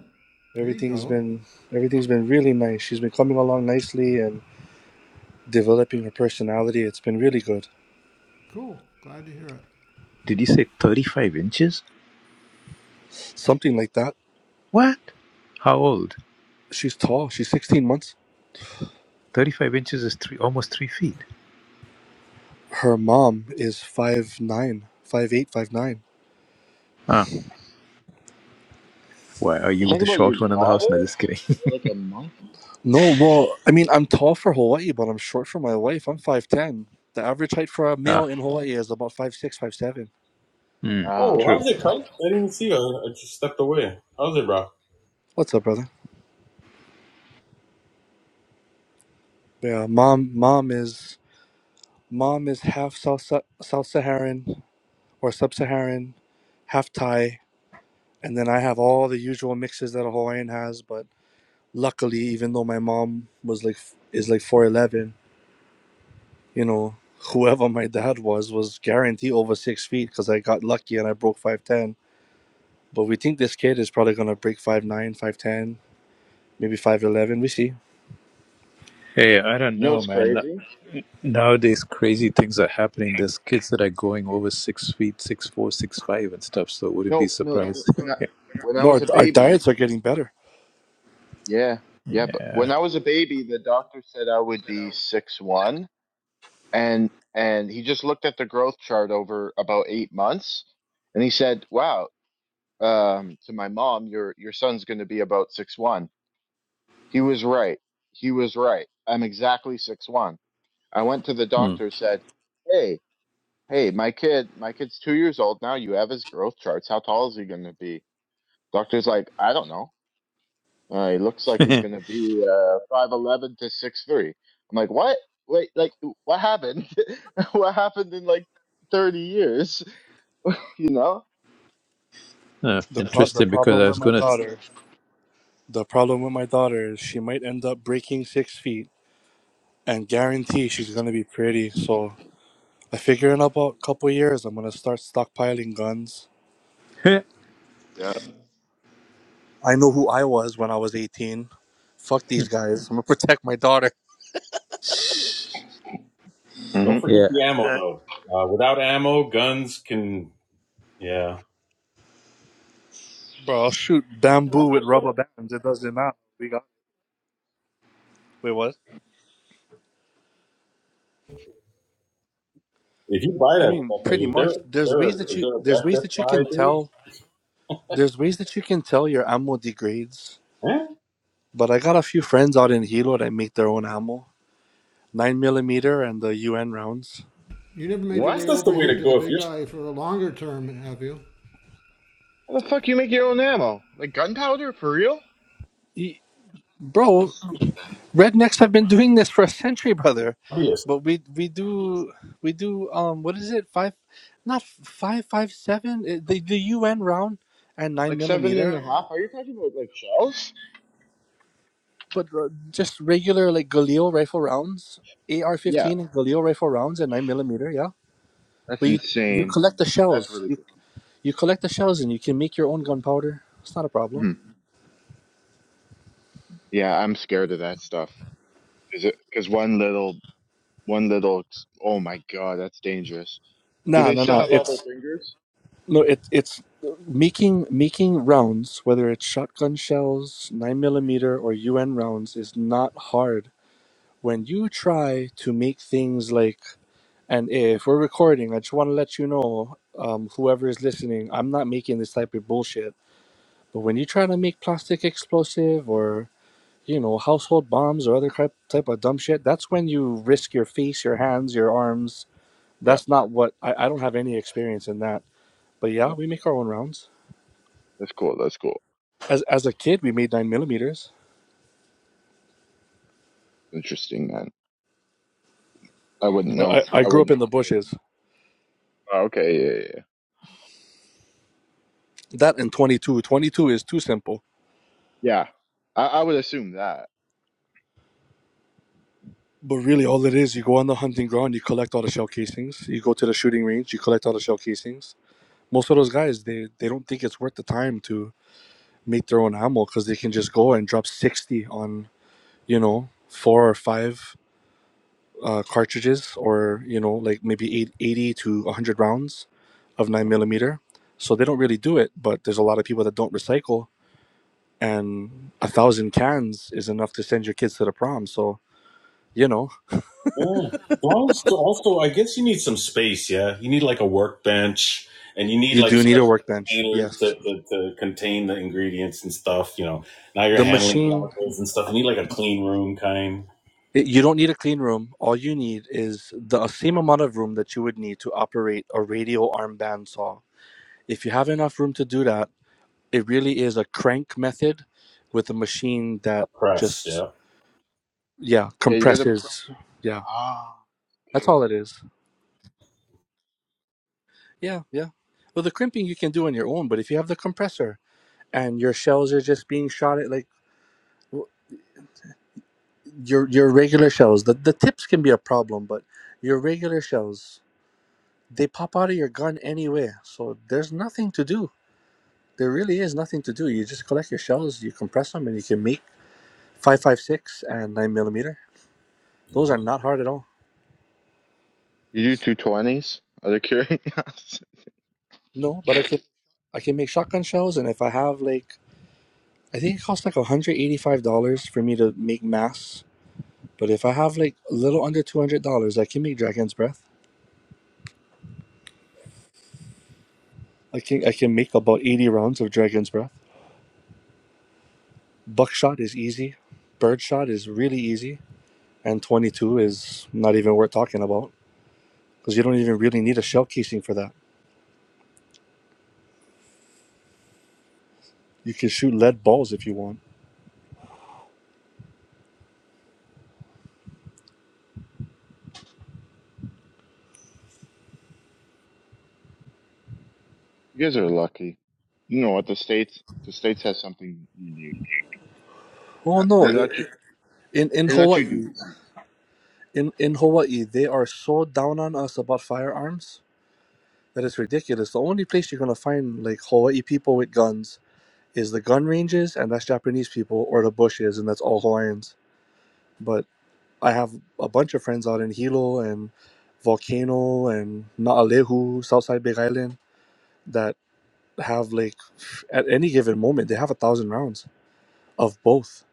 There you
Everything's
go.
been everything's been really nice. She's been coming along nicely and developing her personality. It's been really good.
Cool. Glad to hear it.
Did you say 35 inches?
Something like that.
What? How old?
She's tall. She's 16 months.
35 inches is three, almost three feet.
Her mom is five nine, five eight, five nine.
Ah, why are
You're
you
talking
the
about your
short one in the house? No,
daughter?
just kidding.
Or like a monkey.
No, well, I mean, I'm tall for Hawaii, but I'm short for my wife. I'm 5'10. The average height for a male
Ah,
in Hawaii is about five six, five seven.
hmm,
Oh,
Ah.
true.
how's it, Kite? I didn't even see you. I just stepped away. How's it, bro?
What's up, brother? Yeah, mom mom is mom is half South Sa- South Saharan or Sub-Saharan, half Thai, and then I have all the usual mixes that a Hawaiian has, but luckily even though my mom was like is like 411 you know whoever my dad was was guaranteed over six feet because i got lucky and i broke 510 but we think this kid is probably going to break five nine, five ten, maybe 5'11 we see
Hey, I don't
You know
know,
what's
man.
crazy?
Nowadays, crazy things are happening. There's kids that are going over six feet, six four, six five, and stuff. So wouldn't be
No, no, no.
surprised.
When I when I
no our,
was a
our
baby,
diets are getting better
yeah, yeah. But when
Yeah.
I was a baby, the doctor said I would be six one, and and he just looked at the growth chart over about eight months, and he said, "Wow," um, to my mom, "Your your son's going to be about six one." He was right. He was right. I'm exactly six one. I went to the
Hmm.
doctor, said, "Hey, hey, my kid, my kid's two years old now. You have his growth charts. How tall is he going to be?" Doctor's like, "I don't know." Uh, he looks like he's gonna be uh five eleven to six three. I'm like, what? Wait, like, what happened? what happened in like thirty years? You know?
Uh,
the, pro- the
interesting, because
problem
I
with
was
my
gonna.
daughter the problem with my daughter is she might end up breaking six feet and guarantee she's going to be pretty so i figure in about a couple years i'm going to start stockpiling guns
Yeah.
I know who I was when I was 18. Fuck these guys. I'm gonna protect my daughter.
Don't
hmm
forget
yeah.
the ammo,
uh,
though. Uh, without ammo, guns can. Yeah.
Bro, I'll shoot bamboo with rubber bands. It doesn't matter. We got Wait, what?
If you buy
I
that
mean,
stuff,
pretty
like, is there,
much.
is
There's
there, a,
ways that you
there a
there's
black
ways
death
that you
buy,
can
dude?
tell there's ways that you can tell your ammo degrades.
Eh?
But I got a few friends out in Hilo that make their own ammo. Nine millimeter and the UN rounds.
You never made your
What?
way
That's
over
the way to
here to the
go. If
big eye for a longer term, have you?
How the fuck you make your own ammo? Like gunpowder for real?
E- Bro, Rednecks have been doing this for a century, brother.
you're a
But we we do we do um what is it five, not five five seven eh, the the UN round and nine
Like seven and
millimeter,
a half? Are you talking about like shells?
but uh, just regular like Galil rifle rounds, AR
Yeah,
fifteen and Galil rifle rounds and nine millimeter. Yeah,
that's
but you you
insane.
collect the
That's that's
shells.
really
You
cool.
you collect the shells and you can make your own gunpowder. It's not a problem.
Mhm. Yeah, I'm scared of that stuff. Is it? Because one little, one little. Oh my god, that's dangerous. Do
No,
they
no,
still
no.
have all their
It's
fingers?
No, it, it's making making rounds, whether it's shotgun shells, nine millimeter, or UN rounds, is not hard. When you try to make things like, and if we're recording, I just want to let you know, um, whoever is listening, I'm not making this type of bullshit. But when you try to make plastic explosive or you know household bombs or other cri- type of dumb shit, that's when you risk your face, your hands, your arms.
Yeah.
That's not what I, I don't have any experience in that. But yeah, we make our own rounds.
That's cool. That's cool.
As as a kid, we made nine millimeters,
Interesting, man. I wouldn't
but
know.
I, I
I
grew up
wouldn't.
in the
I wouldn't.
bushes.
Oh, okay. Yeah. Yeah. Yeah.
That and twenty two. Twenty two is too simple.
Yeah. I, I would assume that.
But really, all it is, you go on the hunting ground, you collect all the shell casings. You go to the shooting range, you collect all the shell casings. Most of those guys, they they don't think it's worth the time to make their own ammo because they can just go and drop sixty on you know four or five uh, cartridges or you know like maybe eight eighty 80 to one hundred rounds of nine millimeter. So they don't really do it. But there's a lot of people that don't recycle and a thousand cans is enough to send your kids to the prom. So you know
Yeah. Well, so also, I guess you need some space. Yeah, you need like a workbench, and you need
you
like
do need
special
a workbench.
containers to,
Yes,
to, to contain the ingredients and stuff. You know, now you're
the
handling
machine.
chemicals and stuff. You need like a clean room kind.
it- You don't need a clean room. All you need is the same amount of room that you would need to operate a radio arm band saw. If you have enough room to do that, it really is a crank method with a machine
A
that
press.
just
Yeah,
yeah
Yeah. You got to. Pr-
compresses. Yeah,
ah.
that's
Okay.
all it
Okay.
is. Yeah, yeah. Well, the crimping you can do on your own, but if you have the compressor and your shells are just being shot at like your your regular shells the, the tips can be a problem but your regular shells they pop out of your gun anyway so there's nothing to do there really is nothing to do you just collect your shells you compress them and you can make 556 and 9 millimeter those are not hard at all
You do two twenties. Out of curiosity.
no but i
you
can i can make shotgun shells and if i have like i think it costs like $185 for me to make mass but if i have like a little under $200 i can make dragon's breath i can i can make about 80 rounds of dragon's breath Buckshot is easy. Birdshot is really easy. And 22 is not even worth talking about because you don't even really need a shell casing for that. You can shoot lead balls if you want.
guys are lucky. You know what? The states. The states has something unique.
Oh
Uh,
no!
They let you.
In in
They let you do
Hawaii,
this.
in in Hawaii, they are so down on us about firearms that it's ridiculous. The only place you're gonna find like Hawaii people with guns is the gun ranges, and that's Japanese people, or the bushes, and that's all Hawaiians. But I have a bunch of friends out in Hilo and Volcano and Naalehu, Southside Big Island, that have like at any given moment they have a thousand rounds of both.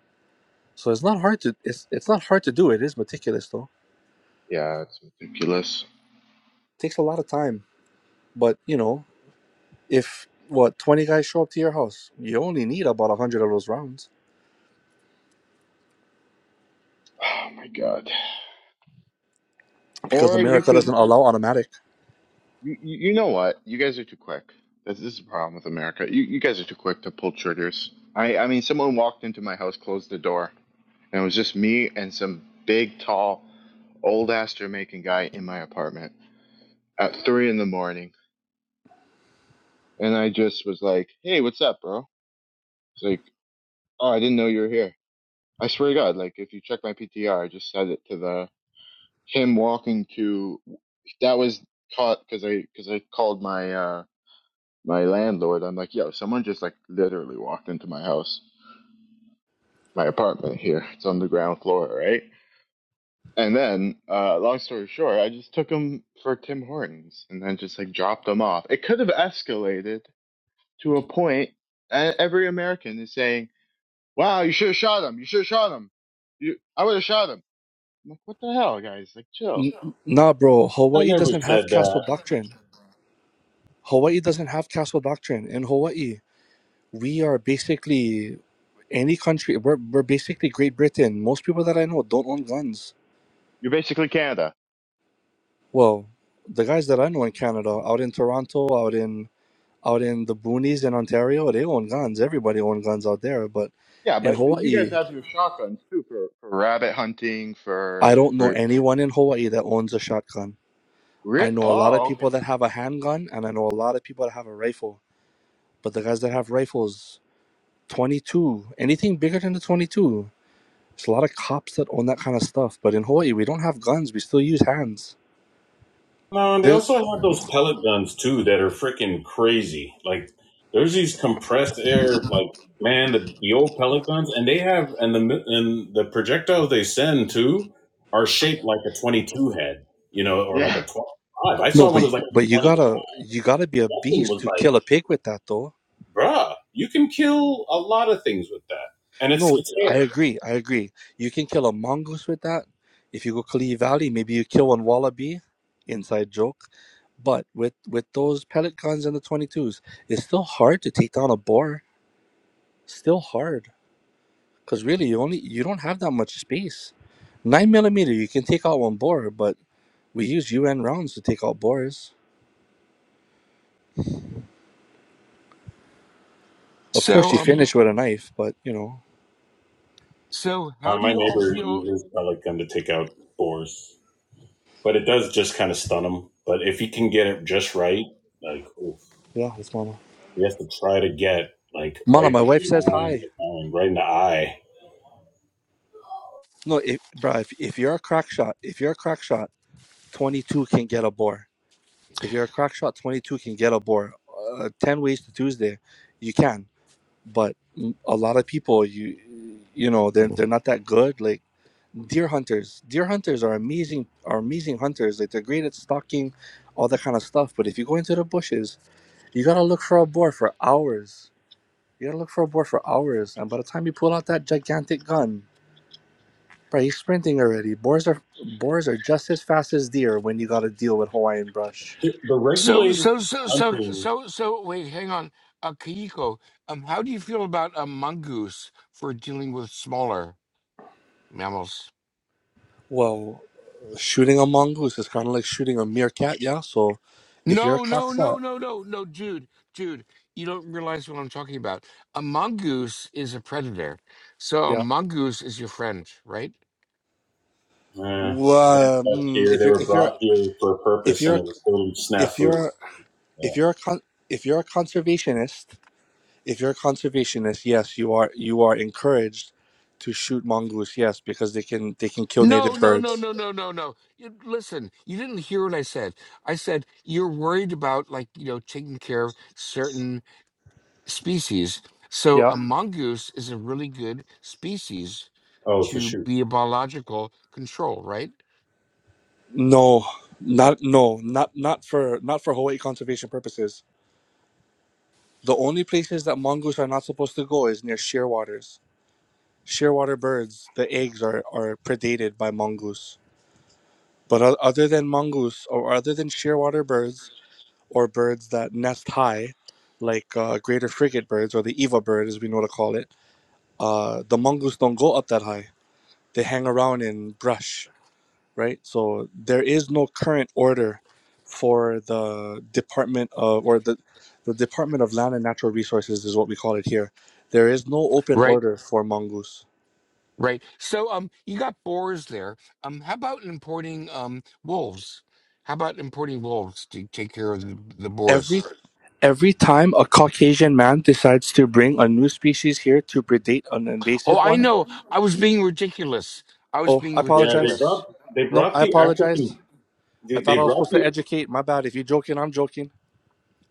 So it's not hard to it's it's not hard to do. It is meticulous though.
Yeah. It's ridiculous.
takes a lot of time, but you know if what twenty guys show up to your house, you only need about a hundred of those rounds
Oh my god.
because
Or you
America
could.
doesn't allow automatic.
You, you you know what? You guys are too quick. This, this is a problem with America. You, you guys are too quick to pull triggers. I, I mean, someone walked into my house, closed the door, and it was just me and some big, tall, old ass Jamaican guy in my apartment at three in the morning. And I just was like, hey, what's up, bro? He's like, oh, I didn't know you were here. I swear to God, like, if you check my PTR, I just said it to the him walking to that was caught because I because I called my uh my landlord, I'm like, yo, someone just like literally walked into my house, my apartment here. It's on the ground floor, right? And then, uh, long story short, I just took him for Tim Hortons and then just like dropped him off. It could have escalated to a point. And every American is saying, wow, you should have shot him. You should have shot him. You, I would have shot him. I'm like, what the hell, guys? Like, chill.
N- nah, bro,
I
Hawaii
never
doesn't
said
have
that.
castle doctrine. Hawaii doesn't have castle doctrine in Hawaii we are basically any country. We're, we're basically Great Britain. Most people that I know don't own guns.
You're basically Canada.
Well, the guys that I know in Canada, out in Toronto, out in out in the boonies in Ontario, they own guns. Everybody owns guns out there. But
Yeah,
in
but you guys
Hawaii,
have your shotguns too for, for rabbit hunting,
I
for,
don't know
for, for,
anyone in Hawaii that owns a shotgun.
ri-
I know a lot of
oh, okay.
people that have a handgun, and I know a lot of people that have a rifle. But the guys that have rifles, twenty two, anything bigger than the twenty two. There's a lot of cops that own that kind of stuff, but in Hawaii we don't have guns. We still use hands.
No, and they
There,
also have those pellet guns too that are freaking crazy. Like there's these compressed air, like man, the, the old pellet guns, and they have and the and the projectiles they send too are shaped like a 22 head, you know, or
Yeah.
like a 25. I
no,
saw one
but
that was like
but
a
you
20.
gotta you gotta be a
That thing
beast
was
to
like,
kill a pig with that, though.
bruh, you can kill a lot of things with that, and it's
No,
it's
I
air.
agree. I agree. You can kill a mongoose with that. If you go Kalihi Valley, maybe you kill one wallaby. Inside joke. But with with those pellet guns and the 22s, it's still hard to take down a boar. Still hard, cause really you only you don't have that much space. Nine millimeter, you can take out one boar, but We used UN rounds to take out Boris. Of course,
So,
she
um,
finished with a knife, but you know,
so how
Uh,
do
my
you all
neighbor
feel?
uses pellet gun to take out boars, but it does just kind of stun them. But if he can get it just right, like. Oof.
yeah, it's Mama.
You have to try to get like
Mama,
right in
my wife says
the
hi.
eye, right in the eye.
No, if, bruh, if, if you're a crack shot, if you're a crack shot, 22 can get a bore. If you're a crack shot, 22 can get a bore. Uh, 10 ways to Tuesday, you can. But mm, a lot of people, you you know, they're, they're not that good. Like deer hunters, deer hunters are amazing, are amazing hunters. Like they're great at stalking, all that kind of stuff. But if you go into the bushes, you gotta look for a boar for hours You gotta look for a boar for hours, and by the time you pull out that gigantic gun, bro, he's sprinting already. Boars are boars are just as fast as deer when you gotta deal with Hawaiian brush.
The
So,
regulators
so, so, so,
hunting,
so, so. Wait, hang on, uh, Kayiko. Um, how do you feel about a mongoose for dealing with smaller mammals?
Well, shooting a mongoose is kind of like shooting a meerkat, yeah. So, if you're a
No, no, no,
cockshot,
no, no, no, Jude, Jude, you don't realize what I'm talking about. A mongoose is a predator, so a
yeah.
mongoose is your friend, right?
uh, they're
Well,
left
mm,
here.
if
They
you're
were
if you're
brought here for a
if
purpose, and
you're
it was totally
if
snafu.
you're
Yeah.
if you're a con- if you're a conservationist, if you're a conservationist, yes, you are you are encouraged to shoot mongoose, yes, because they can they can kill
No,
native
no,
birds.
no, no, no, no, no. You, listen, you didn't hear what I said. I said you're worried about, like, you know, taking care of certain species. So
Yeah.
a mongoose is a really good species
Oh, it's a
to
shoot.
be a biological control, right?
No, not no, not not for not for Hawaii conservation purposes. The only places that mongoose are not supposed to go is near shearwaters. Shearwater birds, the eggs are are predated by mongoose. But o- other than mongoose or other than shearwater birds or birds that nest high, like uh, greater frigate birds or the Eva bird as we know to call it, uh, the mongoose don't go up that high. They hang around in brush right? So there is no current order for the Department of or the the Department of Land and Natural Resources is what we call it here. There is no open
Right.
order for mongoose.
Right. So um you got boars there. Um how about importing um wolves? How about importing wolves to take care of the, the
Every
boars?
every time a Caucasian man decides to bring a new species here to predate an
Oh,
invasive
I
one.
know. I was being ridiculous. I was
Oh, I
being
Yeah,
apologize.
they brought
ridiculous.
they
No,
brought
I
the
apologize.
African.
I
They,
thought
they
I was
brought
supposed to
the
educate. My bad. If you're joking, I'm joking.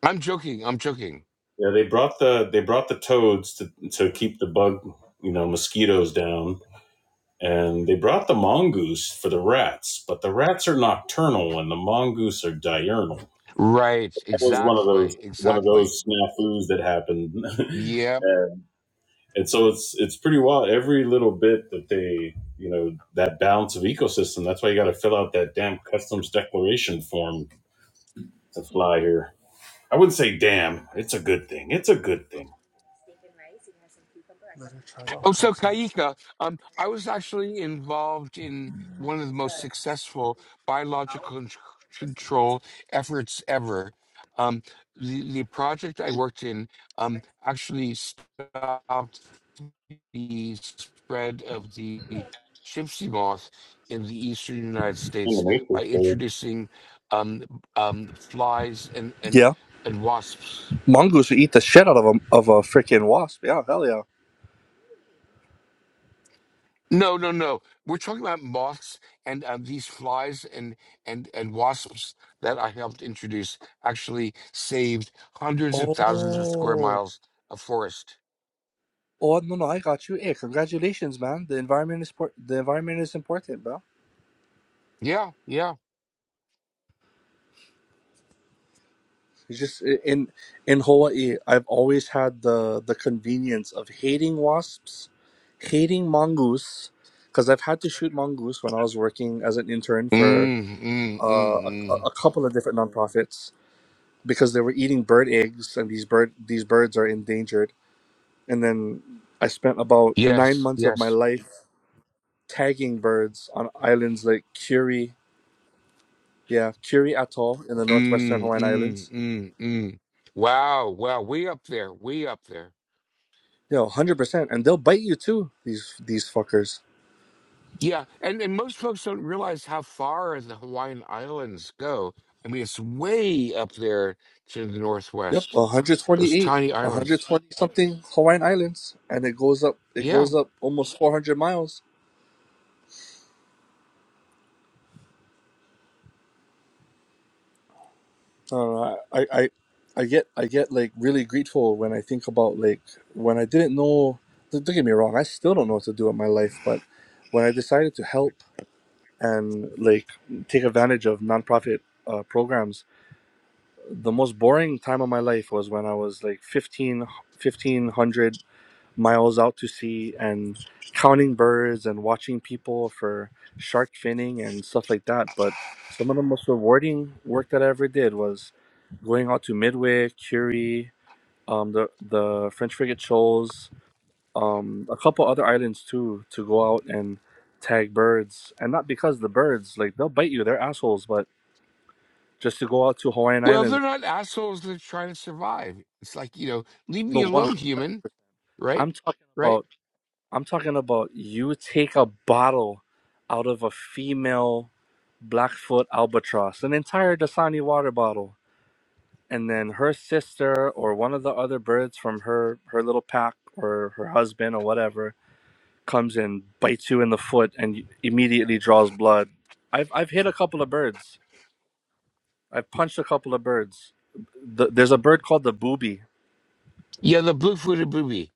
I'm joking. I'm joking.
yeah they brought the they brought the toads to to keep the bug you know mosquitoes down and they brought the mongoose for the rats, but the rats are nocturnal and the mongoose are diurnal.
Right.
that was one of those
Exactly.
one of
Exactly.
those snafus that happened,
Yep.
and, and so it's it's pretty wild. Every little bit that they you know that balance of ecosystem. That's why you got to fill out that damn customs declaration form to fly here. I wouldn't say damn. It's a good thing. It's a good thing.
Better try that
Oh,
pop
so
sauce.
Kaika, um, I was actually involved in one of the most successful biological con- control efforts ever. Um, the, the project I worked in um, actually stopped the spread of the gypsy moth in the eastern United
In the
States by
Matrix, they-
introducing um, um, flies and, and,
Yeah,
and wasps.
mongoose will eat the shit out of a of a freaking wasp. Yeah, hell yeah.
No, no, no. We're talking about moths and uh, these flies and, and, and wasps that I helped introduce actually saved hundreds of thousands of square
Oh,
miles of forest.
oh no, no, I got you. Hey, congratulations, man. The environment is por- the environment is important, bro.
Yeah, yeah.
It's just i- in in Hawaii, I've always had the the convenience of hating wasps, hating mongoose, because I've had to shoot mongoose when I was working as an intern for
Mm, mm,
uh,
mm,
a,
mm.
a couple of different nonprofits because they were eating bird eggs, and these bird these birds are endangered. And then I spent about nine
Yes,
months of my
yes.
life tagging birds on islands like Curie, yeah, Curie Atoll in the northwestern
Mm,
Hawaiian
mm,
Islands.
mm, mm. Wow, wow. Way up there, way up there.
Yo, hundred percent, and they'll bite you too. These these fuckers.
Yeah, and, and most folks don't realize how far the Hawaiian Islands go. I mean, it's way up there to the
Yep,
northwest.
one hundred
Those
twenty-eight,
tiny
one hundred
islands.
twenty something Hawaiian Islands, and it goes up. It
Yeah.
goes up almost four hundred miles. I don't know. I, I I get I get like really grateful when I think about like when I didn't know. Don't don't get me wrong. I still don't know what to do in my life, but when I decided to help and like take advantage of nonprofit uh, programs the most boring time of my life was when I was like 15, 1500 miles out to sea and counting birds and watching people for shark finning and stuff like that. But some of the most rewarding work that I ever did was going out to Midway, Curie, um, the, the French frigate shoals, um, a couple other islands too, to go out and tag birds. And not because the birds, like they'll bite you, they're assholes, but just to go out to Hawaiian
Well,
Islands.
they're not assholes. They're trying to survive. It's like, you know, leave me
No one
alone, human. Right?
I'm talking
Right?
about I'm talking about you take a bottle out of a female Blackfoot albatross, an entire Dasani water bottle, and then her sister or one of the other birds from her her little pack or her husband or whatever comes and bites you in the foot and y- immediately draws blood. I've I've hit a couple of birds. I've punched a couple of birds. The, there's a bird called the booby
Yeah, the blue footed booby.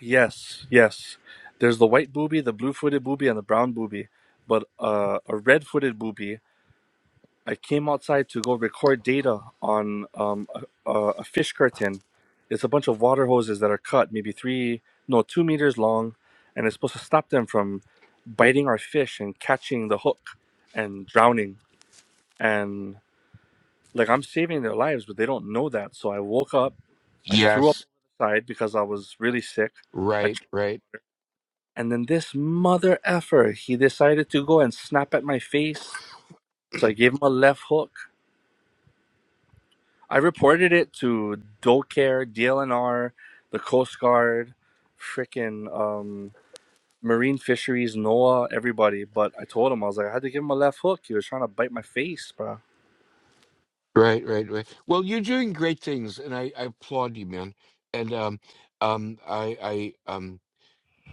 Yes, yes. There's the white booby, the blue-footed booby, and the brown booby. But uh, a red-footed booby, I came outside to go record data on um, a, a a fish curtain. It's a bunch of water hoses that are cut, maybe three, no, two meters long, and it's supposed to stop them from biting our fish and catching the hook and drowning. And like I'm saving their lives, but they don't know that. So I woke up, I threw up
Yes.
on the side because I was really sick.
Right, right,
And then this mother effer, he decided to go and snap at my face. So I gave him a left hook. I reported it to DoCare, DLNR, the Coast Guard, frickin' um, Marine Fisheries, NOAA, everybody. But I told him I was like, I had to give him a left hook. He was trying to bite my face, bro.
right, right, right. Well, you're doing great things, and I, I applaud you, man. And um, um, I, I, um,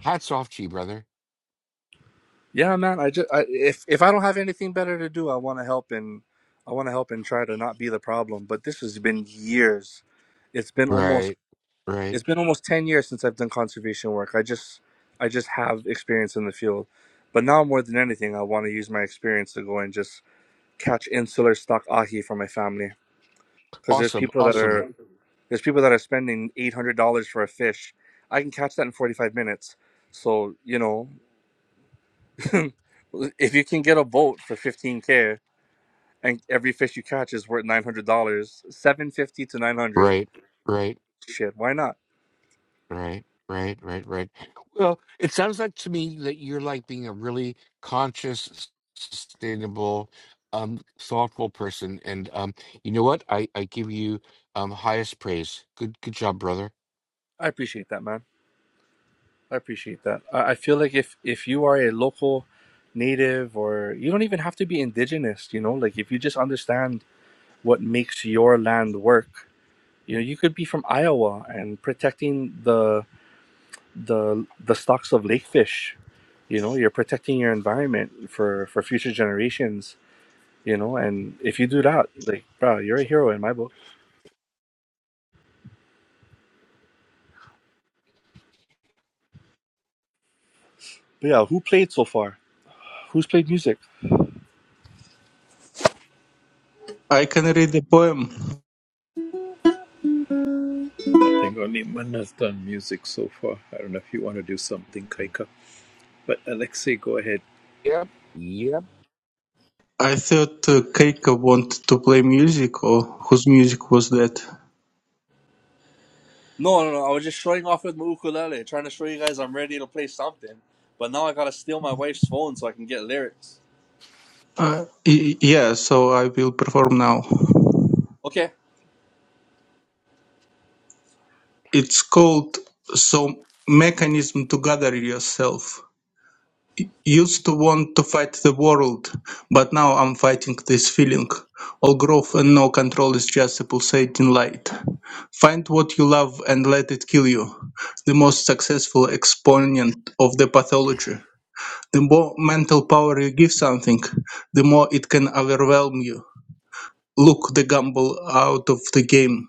hats off to you, brother.
Yeah, man. I just I, if if I don't have anything better to do, I want to help and I want to help and try to not be the problem. But this has been years. It's been almost
Right, right.
It's been almost 10 years since I've done conservation work. I just I just have experience in the field. But now more than anything, I want to use my experience to go and just catch insular stock ahi for my family because there's
Awesome,
people that
awesome.
are there's people that are spending $800 for a fish. I can catch that in 45 minutes. So, you know, if you can get a boat for 15k and every fish you catch is worth $900, 750 to 900,
Right, right.
shit, why not?
Right, right, right, right. Well, it sounds like to me that you're like being a really conscious, s- sustainable, um, thoughtful person. And um, you know what? I I give you um highest praise. Good, good job, brother.
I appreciate that, man. I appreciate that. I I feel like if if you are a local native or you don't even have to be indigenous, you know, like if you just understand what makes your land work, you know, you could be from Iowa and protecting the the the stocks of lake fish, you know, you're protecting your environment for for future generations, you know, and if you do that, like, bro, you're a hero in my book. But yeah, who played so far? Who's played music?
I can read the poem.
I think only Man has done music so far. I don't know if you want to do something, Kaika. But Alexei, go ahead.
Yep, yep.
I thought uh, Keiko wanted to play music, or whose music was that?
No, no, no. I was just showing off with my ukulele, trying to show you guys I'm ready to play something. But now I gotta steal my wife's phone so I can get lyrics.
Uh, y- yeah, so I will perform now.
Okay.
It's called So Mechanism to Gather Yourself. Used to want to fight the world, but now I'm fighting this feeling. All growth and no control is just a pulsating light. Find what you love and let it kill you. The most successful exponent of the pathology. The more mental power you give something, the more it can overwhelm you. Look the gamble out of the game.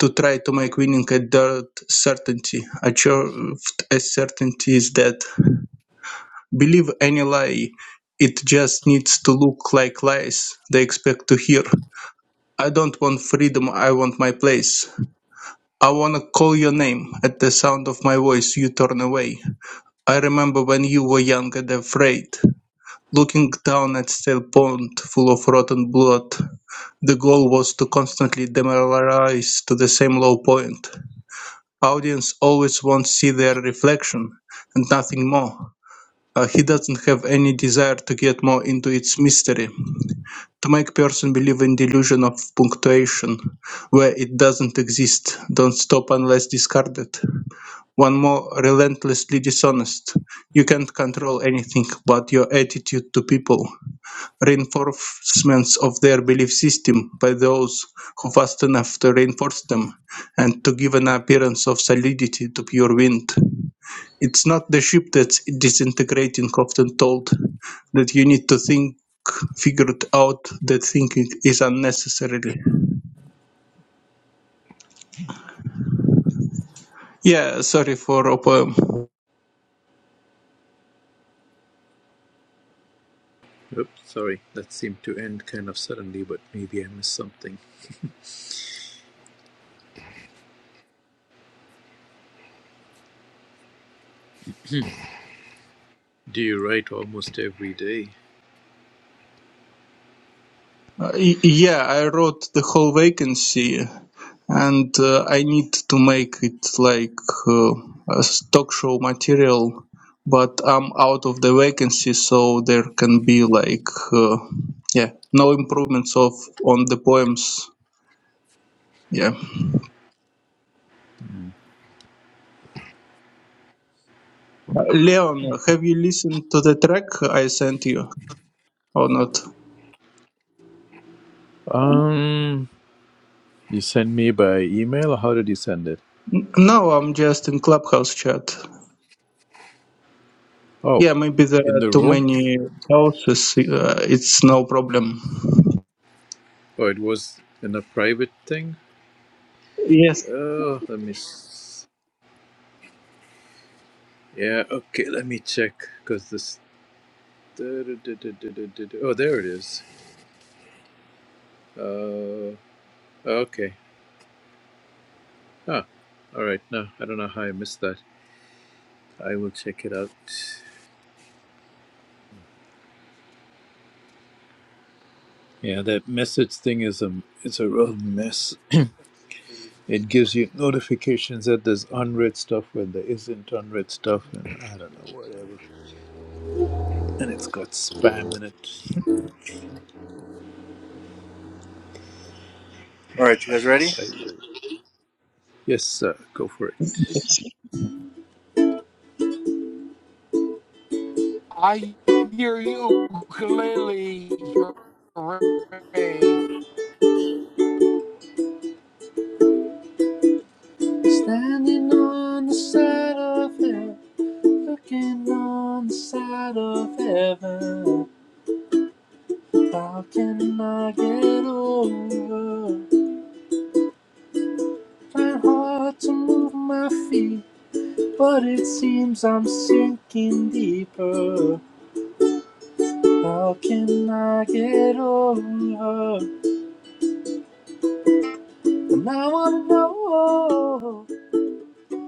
To try to make winning a dirt certainty, achieved as certainty is dead. Believe any lie, it just needs to look like lies they expect to hear. I don't want freedom, I want my place. I wanna call your name. At the sound of my voice, you turn away. I remember when you were young and afraid. Looking down at stale pond full of rotten blood, the goal was to constantly demoralize to the same low point. Audience always wants to see their reflection and nothing more. Uh, he doesn't have any desire to get more into its mystery, to make person believe in delusion of punctuation, where it doesn't exist, don't stop unless discarded. One more relentlessly dishonest. You can't control anything but your attitude to people reinforcements of their belief system by those who fast enough to reinforce them and to give an appearance of solidity to pure wind. It's not the ship that's disintegrating, often told that you need to think figured out that thinking is unnecessarily. Yeah, sorry for op-
Oops, sorry. That seemed to end kind of suddenly, but maybe I missed something. Do you write almost every day?
Uh, yeah, I wrote the whole vacancy, and uh, I need to make it like uh, a s- talk show material. But I'm out of the vacancy, so there can be like uh, yeah, no improvements of on the poems. Yeah,
Mm.
Uh, Leon, have you listened to the track I sent you or not?
Um, you send me by email, or how did you send it?
No, I'm just in Clubhouse chat.
Oh,
Yeah, maybe there
in
are
the
too
room.
many houses. Uh, it's no problem.
Oh, it was in a private thing?
Yes,
Oh, let me. s- Yeah, okay, let me check. Because this. Oh, there it is. Uh, okay. Ah, all right. No, I don't know how I missed that. I will check it out. Yeah, that message thing is a its a real mess. It gives you notifications that there's unread stuff when there isn't unread stuff, and I don't know whatever. And it's got spam in it.
All right, you guys ready?
I will. Yes, sir. Go for it.
I hear you ukulele. Hooray.
Standing on the side of heaven, looking on the side of heaven. How can I get over? Trying hard to move my feet, but it seems I'm sinking deeper. How can I get over? And I wanna know,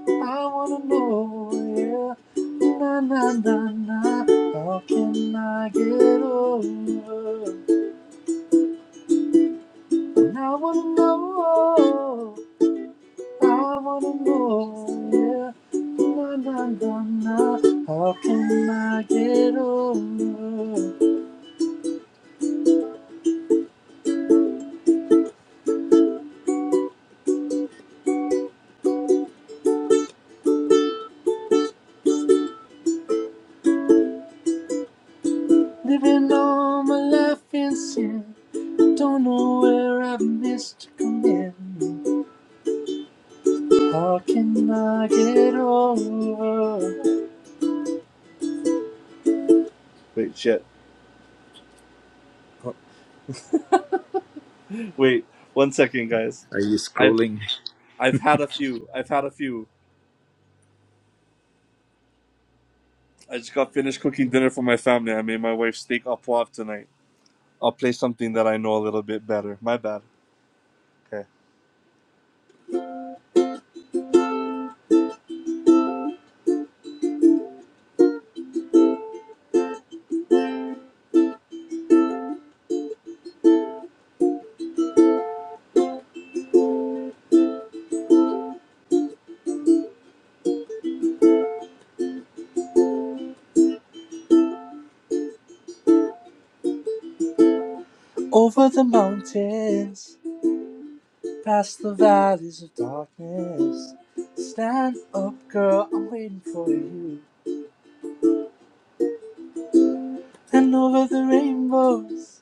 I wanna know, yeah. Na na na na, how can I get over? And I wanna know, I wanna know, yeah. Na na na na, how can I get over? Living all my life in sin, don't know where I've missed commitment. How can I get over? Wait, shit. Wait, one second, guys.
Are you
I've
scrolling?
I've had a few. I've had a few. I just got finished cooking dinner for my family. I made my wife steak au poivre tonight. I'll play something that I know a little bit better. My bad. Okay. Over the mountains, past the valleys of darkness. Stand up, girl, I'm waiting for you. And over the rainbows,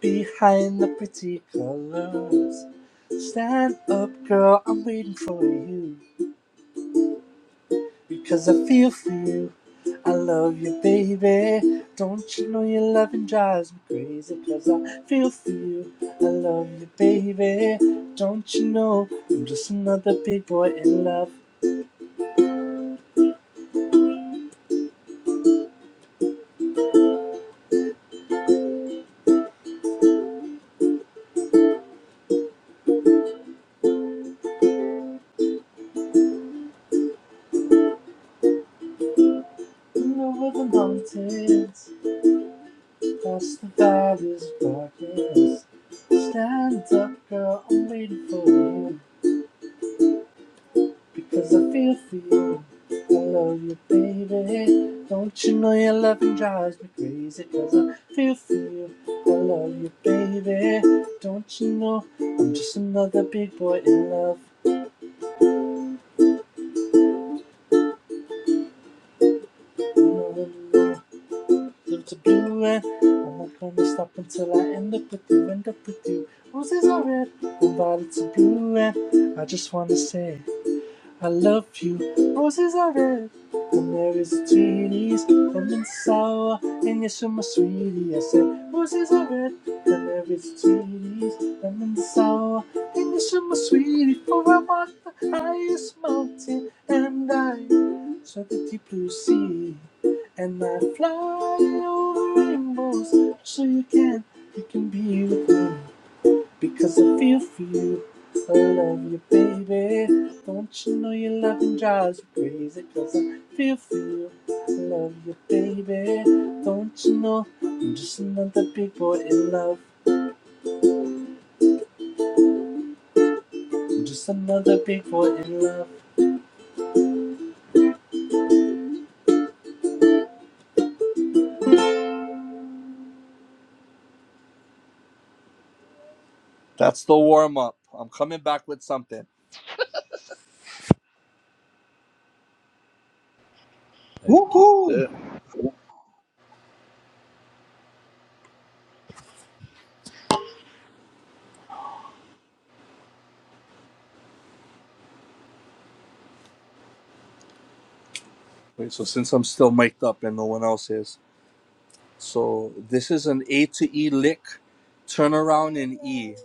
behind the pretty colors. Stand up, girl, I'm waiting for you. Because I feel for you. I love you, baby. Don't you know your loving drives me crazy? Because I feel for you. I love you, baby. Don't you know I'm just another big boy in love? over the mountains, past the valleys of darkness. Stand up, girl, I'm waiting for you. Because I feel for you. I love you, baby. Don't you know your loving drives me crazy? Because I feel for you. I love you, baby. Don't you know I'm just another big boy in love? No, no, live to do it. I'm not gonna stop until I end up with you, end up with you. Roses are red, and violets are blue, and I just wanna say. I love you, roses are red, and there is sweeties, lemon sour, and yes, you're my sweetie. I said, roses are red, and there is sweeties, lemon sour, and yes, you're my sweetie. For I walk the highest mountain, and I saw the deep blue sea, and I fly over rainbows, so you can, you can be with me. Because if you feel I love you, baby, don't you know your loving drives you crazy? Because I feel for you, I love you, baby, don't you know I'm just another big boy in love. I'm just another big boy in love. That's the warm up. I'm coming back with something.
Thank you.
Woohoo!
Sir.
Wait, so since I'm still mic'd up and no one else is, so this is an A to E lick, Turn around in E.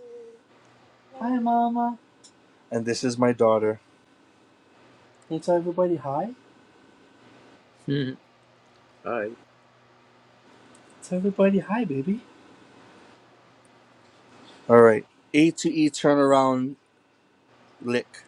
Hi, mama. And this is my daughter. Hey, tell everybody hi.
Mhm. Hi.
So everybody, hi, baby. All right. A to E turnaround lick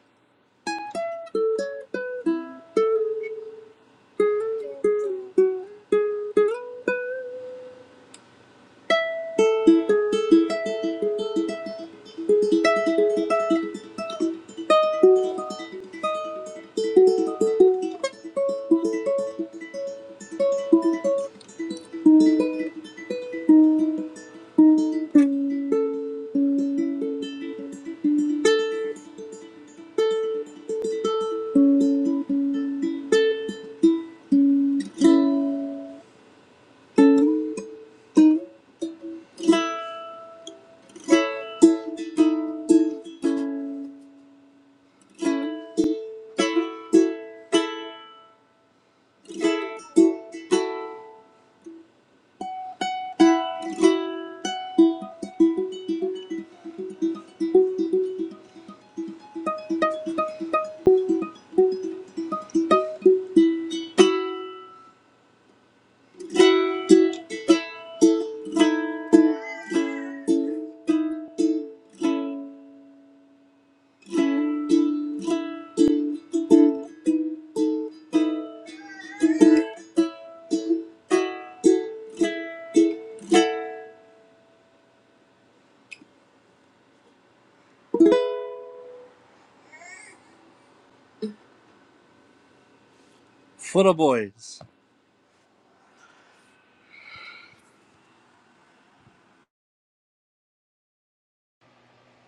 for the boys.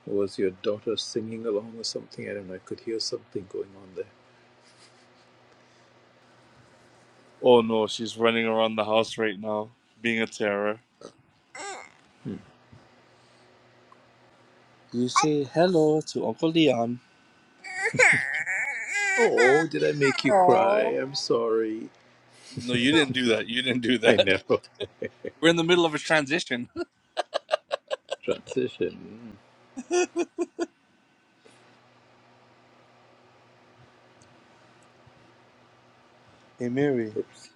Was your daughter singing along or something? I don't know. I could hear something going on there.
Oh no, she's running around the house right now, being a terror. You say hello to Uncle Leon.
Oh, did I make you cry? I'm sorry.
No, you didn't do that. You didn't do
I
that.
know.
We're in the middle of a transition.
Transition.
Hey, Mary.
Oops.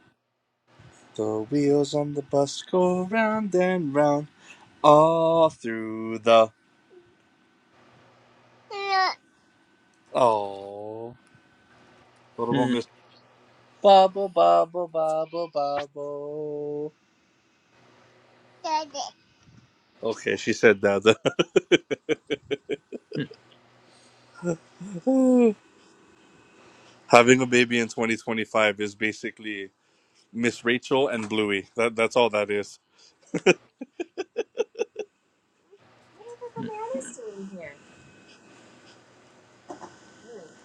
The wheels on the bus go round and round all through the. Oh, What about
Hmm.
Miss Bubble, Bubble, Bubble, Bubble? Okay, she said that. Having a baby in 2025 is basically Miss Rachel and Bluey. That that's all that is.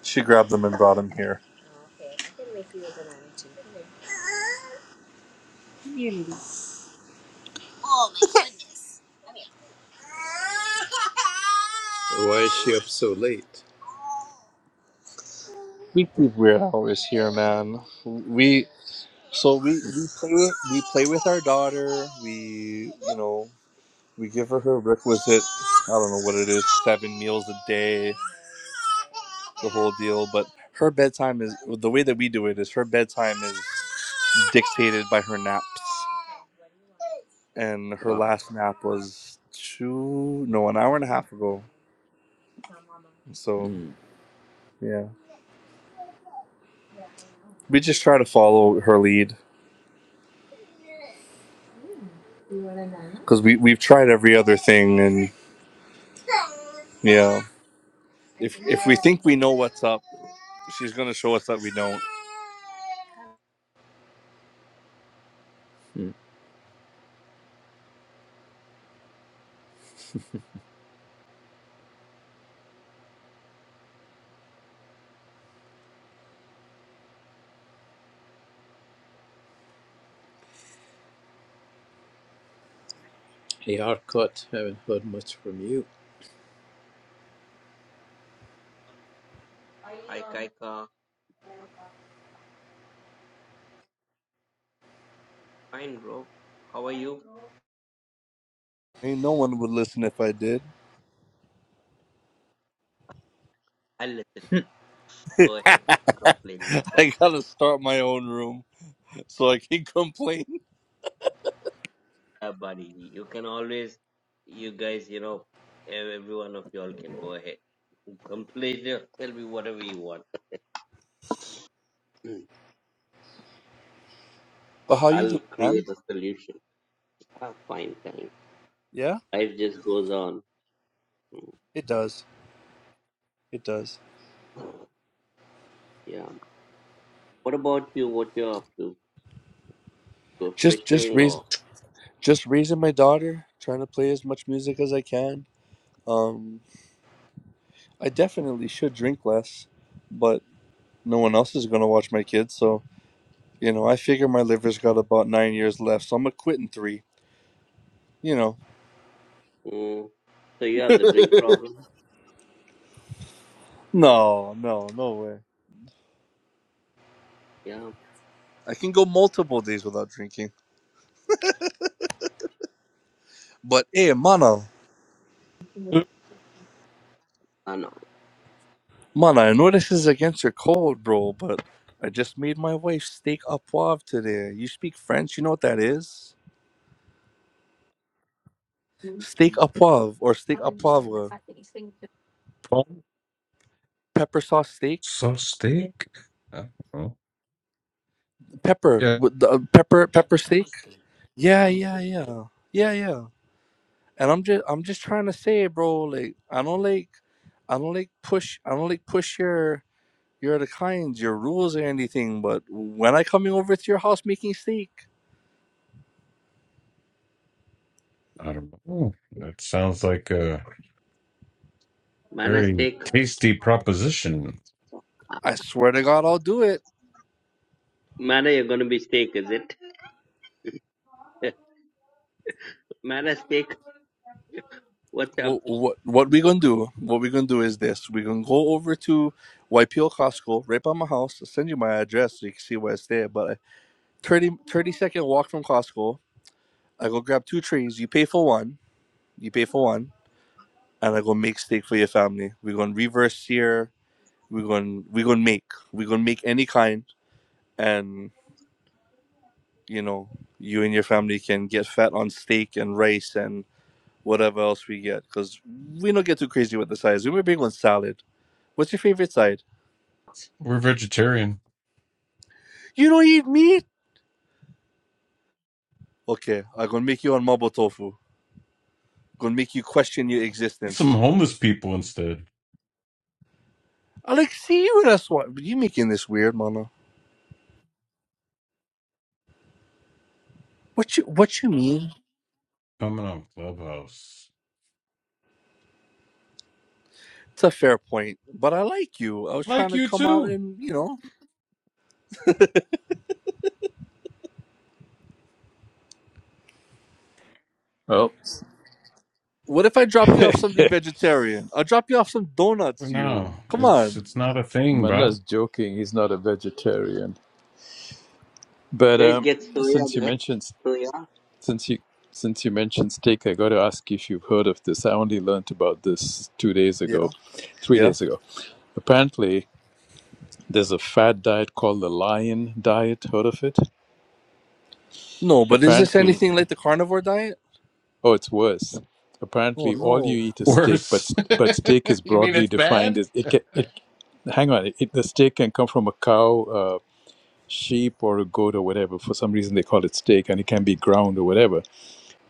She grabbed them and brought him here. Community.
Why is she up so late?
Weekly Weird Hour is here, man. We so we we play with we play with our daughter. We you know we give her her requisite. I don't know what it is. Seven meals a day, the whole deal. But her bedtime is the way that we do it is her bedtime is dictated by her naps. and her
Ah.
last nap was two no an hour and a half ago so
Hmm.
yeah we just try to follow her lead because we, we've tried every other thing and yeah if if we think we know what's up she's gonna show us that we
Hmm. Hey, Arcot, haven't heard much from you.
Hi Kaika, fine bro. How are you?
ain't no one would listen if i did
I'll listen. Go ahead. Complain, no
i
problem.
gotta start my own room so i can complain
Yeah, buddy, you can always, you guys, you know, ev- every one of y'all can go ahead. Complain, yeah, tell me whatever you want. Mm.
but
So
how you
I'll
doing man
create a solution. Ah, fine, thanks.
yeah
Life just goes on.
it does it does
Mm. Yeah. What about you? What you're up to? you
just just
fishing
raise
or?
just raising my daughter trying to play as much music as i can um I definitely should drink less, but no one else is gonna watch my kids, so you know, I figure my liver's got about nine years left, so I'm gonna quit in three. You know.
Mm. So you have the drink problem?
no, no, no way.
Yeah.
I can go multiple days without drinking. But hey, Mana,
Good
I know.
Mana, I know this is against your code, bro, but I just made my wife steak au poivre today. You speak French, you know what that is? Steak au poivre or steak au poivre. Pepper sauce steak?
of steak. I don't know.
Pepper.
Yeah,
With the, uh, pepper pepper steak? Yeah, yeah, yeah, yeah, yeah. And I'm just, I'm just trying to say, bro. Like, I don't like, I don't like push, I don't like push your, your the kinds, your rules or anything. But when I coming over to your house making steak,
I don't know. That sounds like uh
Man, I
Very tasty proposition.
I swear to God, I'll do it.
Mana, you're gonna be steak, is it? Mana steak, what's up?
What, what, what we gonna do? What we gonna do is this: we gonna go over to YPO Costco, right by my house. I'll send you my address so you can see where I stay. But a 30, thirty second walk from Costco. I go grab two trees. You pay for one. You pay for one and I gonna make steak for your family. We're gonna reverse sear. We're gonna we're gonna make. We're gonna make any kind, and you know, you and your family can get fat on steak and rice and whatever else we get, cause we don't get too crazy with the sides. We're big on salad. What's your favorite side?
We're vegetarian.
You don't eat meat. Okay, I'm gonna make you on mabo tofu. Gonna make you question your
Get Some
existence.
homeless people instead.
I like see you. That's what you making this weird, mama. What you what you mean?
Coming on Clubhouse.
It's a fair point, but I like you. I was trying
Like
to
you
come out
too.
and you know.
Oh.
What if I drop you off something vegetarian? I'll drop you off some
But
donuts,
no,
you. Come
it's
on.
it's not a thing, bro.
Manna's joking. He's not a vegetarian. But
Guys,
um,
get soya,
since you
guys.
mentioned
Soya.
since you since you mentioned steak, I got to ask if you've heard of this. I only learnt about this two days ago,
Yeah,
three
yeah.
days ago. Apparently, there's a fad diet called the Lion Diet. Heard of it?
No, but is this
Apparently,
anything like the carnivore diet?
Oh, it's worse.
Oh,
Apparently, all you
no.
eat is steak, but
Worse.
but steak is
you mean
broadly
it's
defined
bad?
as it. ca- It hang on, it, the steak can come from a cow, uh, sheep, or a goat, or whatever. For some reason, they call it steak, and it can be ground or whatever.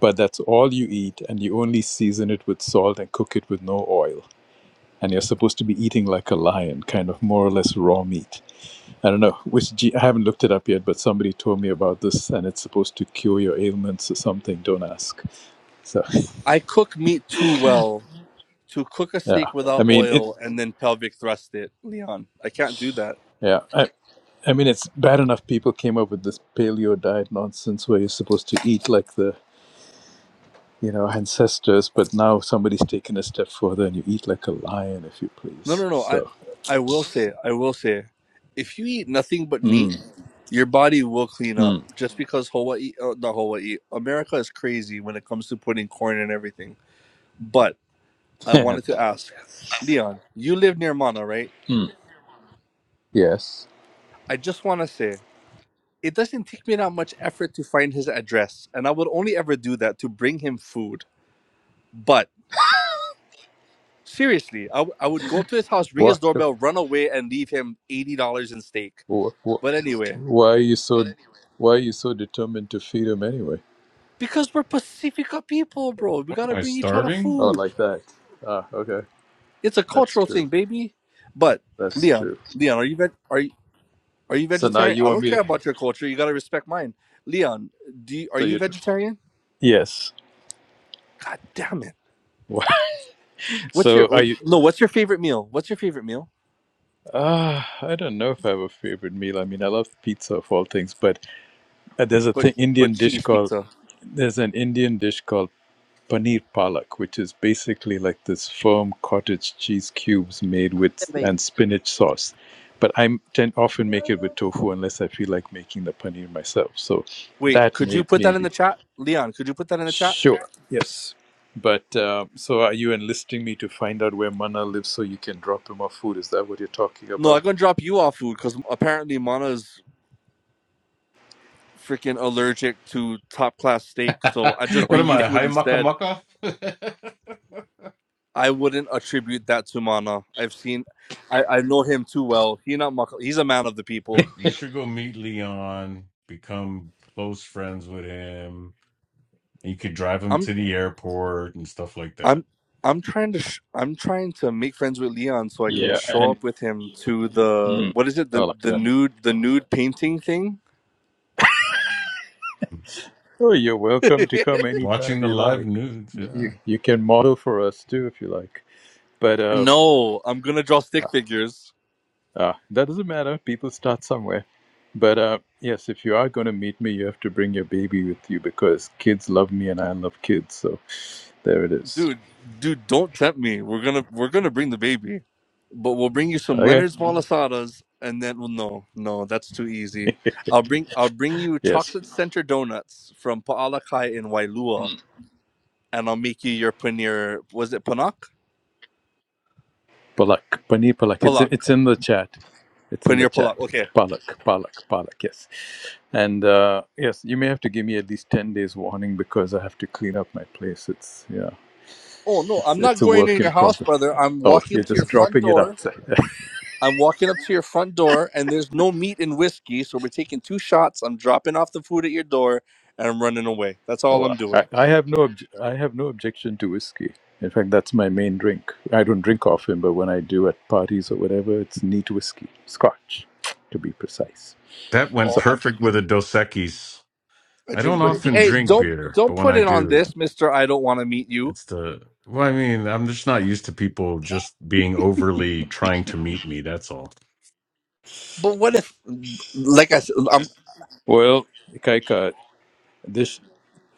But that's all you eat, and you only season it with salt and cook it with no oil. And you're supposed to be eating like a lion, kind of more or less raw meat. I don't know which ge- I haven't looked it up yet, but somebody told me about this, and it's supposed to cure your ailments or something. Don't ask. So
I cook meat too well to cook a
yeah.
steak
I
without
mean, it,
oil and then pelvic thrust it. Leon, I can't do that.
Yeah, I, I mean, it's bad enough people came up with this paleo diet nonsense where you're supposed to eat like the you know ancestors, but now somebody's taken a step further and you eat like a lion, if you
No,
please.
no, no. I,
So,
I will say, I will say, if you eat nothing but meat,
mm,
your body will clean up.
mm,
Just because Hawaii, uh, not Hawaii, America is crazy when it comes to putting corn and everything. But I
yeah,
wanted to ask, Leon, you live near Mana, right?
mm, yes.
I just want to say it doesn't take me that much effort to find his address, and I would only ever do that to bring him food. But seriously, I, w- I would go up to his house, ring
Why,
his doorbell, run away, and leave him eighty dollars in steak.
why,
But anyway,
why are you so why are you so determined to feed him anyway?
because we're Pacifica people, bro, we
What
gotta
am I
bring each other
starving?
Oh,
food.
like that. Ah, okay,
It's a
that's
cultural
true.
thing, baby. But
That's
Leon,
true.
Leon, are you veg- are you are you
So now
vegetarian?
you
I
want
don't
me to?
care about your culture. You gotta respect mine. Leon, do you, are
So
you
you? are
vegetarian?
Yes.
God damn it. What's
So
your
are you?
no? What's your favorite meal? What's your favorite meal?
Uh, I don't know if I have a favorite meal. I mean, I love pizza of all things, but uh, there's a
But
thing
but
Indian dish
cheese
called
pizza.
there's an Indian dish called paneer palak, which is basically like this firm cottage cheese cubes made
Hey,
with
bhai,
and spinach sauce. But I tend often make it with tofu unless I feel like making the paneer myself. So
Wait,
that
could
may
you put that in
maybe
the chat, Leon? Could you put that in the chat?
sure yes. But uh, so are you enlisting me to find out where Mana lives so you can drop him off food? Is that what you're talking
No,
about?
I'm gonna drop you off food because apparently Mana's freaking allergic to top class steak. So
what
I just bring
am
you
I,
food
high mucka
instead.
mucka?
I wouldn't attribute that to Mana. I've seen, I I know him too well. He not muck. He's a man of the
but
people.
you should go meet Leon, become close friends with him. and You could drive
I'm.
him to the airport and stuff like that.
I'm I'm trying to sh- I'm trying to make friends with Leon so I can
Yeah,
show
and
up with him to the
Mm.
what is it
I
the
like
the
that.
nude the nude painting thing?
Oh, you're welcome to come
Watching
anytime
the
you
live
like.
nudes,
You,
yeah.
you you can model for us too if you like. But uh,
No, I'm gonna draw stick figures,
uh, that doesn't matter. People start somewhere. But uh, yes, if you are going to meet me, you have to bring your baby with you because kids love me and I love kids. So there it is.
dude. Dude, don't tempt me. We're gonna we're gonna bring the baby, but we'll bring you some
Okay.
Leonard's Malasadas, and then well, no, no, that's too easy. I'll bring I'll bring you
Yes.
chocolate center donuts from Paalakai in Wailua, and I'll make you your paneer. Was it panak?
Palak, paneer, Palak. It's
Palak.
it's in the chat. It's in the
Paneer
chat.
palak. Okay.
Palak, Palak, Palak. Yes, and uh, yes, you may have to give me at least ten days warning because I have to clean up my place. It's yeah,
Oh no,
it's,
I'm not
it's a
going
work
in
in
your house,
progress.
brother. I'm
Oh,
walking
you're
up to your
just
front
dropping it
door.
outside.
I'm walking up to your front door, and there's no meat and whiskey, so we're taking two shots. I'm dropping off the food at your door, and I'm running away. That's all
oh,
I'm
I,
doing.
I have no obj- I have no objection to whiskey. In fact, that's my main drink. I don't drink often, but when I do at parties or whatever, it's neat whiskey, Scotch, to be precise.
That went
Oh,
So,
I,
perfect with a Dos Equis.
I
I
drink.
don't
Bra-
often
hey,
drink
don't
beer, but
don't
when
put
I
it on
do,
this, Mister. I don't want to meet you.
it's the. Well, I mean, I'm just not used to people just being overly trying to meet me. That's all.
But what if, like I said, I'm
well, Kaika, this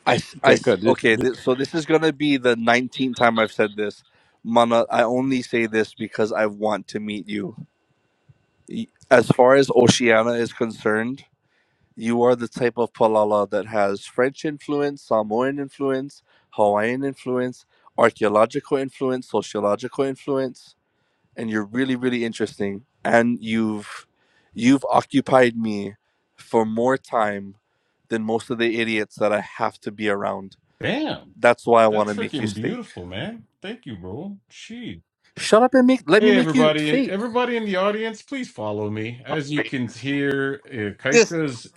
I I
Kaika,
okay.
this.
This, so this is gonna be the 19th time I've said this, Mana. I only say this because I want to meet you. As far as Oceana is concerned. you are the type of palala that has French influence, Samoan influence, Hawaiian influence, archaeological influence, sociological influence, and you're really, really interesting. And you've you've occupied me for more time than most of the idiots that I have to be around.
Damn,
That's why I want
that's
to make you
freaking
steak.
beautiful, man. Thank you, bro. Gee.
Shut up and make let me
Hey,
make you
everybody!
steak.
Everybody in the audience, please follow me. As you can hear, uh,
This
Kaika's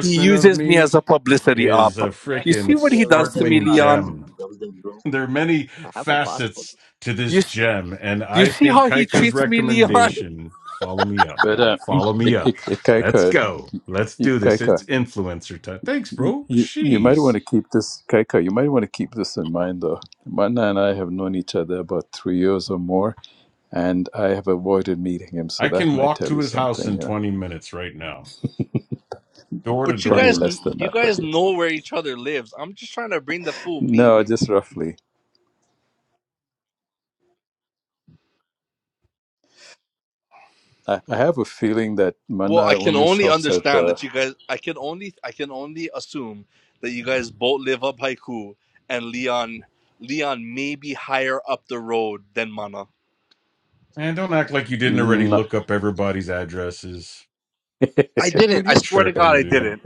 he
of
uses me as
me
a publicity op.
is a
you have to
You see
freaking
get
what
me
he
a
does
visa
to
and
me,
sparkling
passport
Leon?
gem.
someday, bro.
there are many
I have a passport.
facets to this
You
gem, and
You
I
see
think
how he
Kaika's
treats me, Leon?
recommendation. Follow me up,
But
y'all.
uh, it,
Follow me
it, it,
up. Let's
Kaika,
go. Let's
you-
do this. It's
Kaika,
influencer time. Thanks,
you,
bro.
you you might want
Jeez.
to keep this, Kaika, you might want to keep this in mind though. Mana and I have known each other about three years or more, and I have avoided meeting him, so
I
that
can
might
walk
tell
to
you
his house
something.
in
Yeah,
20 minutes right now, door to
But you
probably
guys,
door.
less than
you
that, but
guys
yes.
know where each other lives. I'm just trying to bring the full meat.
No, just roughly. I, I have a feeling that
Well,
Mana
I can
only
only
shops at
understand
the.
that you guys. I can only, I can only assume that you guys both live up Haiku, and Leon, Leon may be higher up the road than Mana.
And don't act like you didn't already
No,
look up everybody's addresses.
I didn't.
Dude,
I
you're
swear to God,
tripping,
I
dude.
didn't.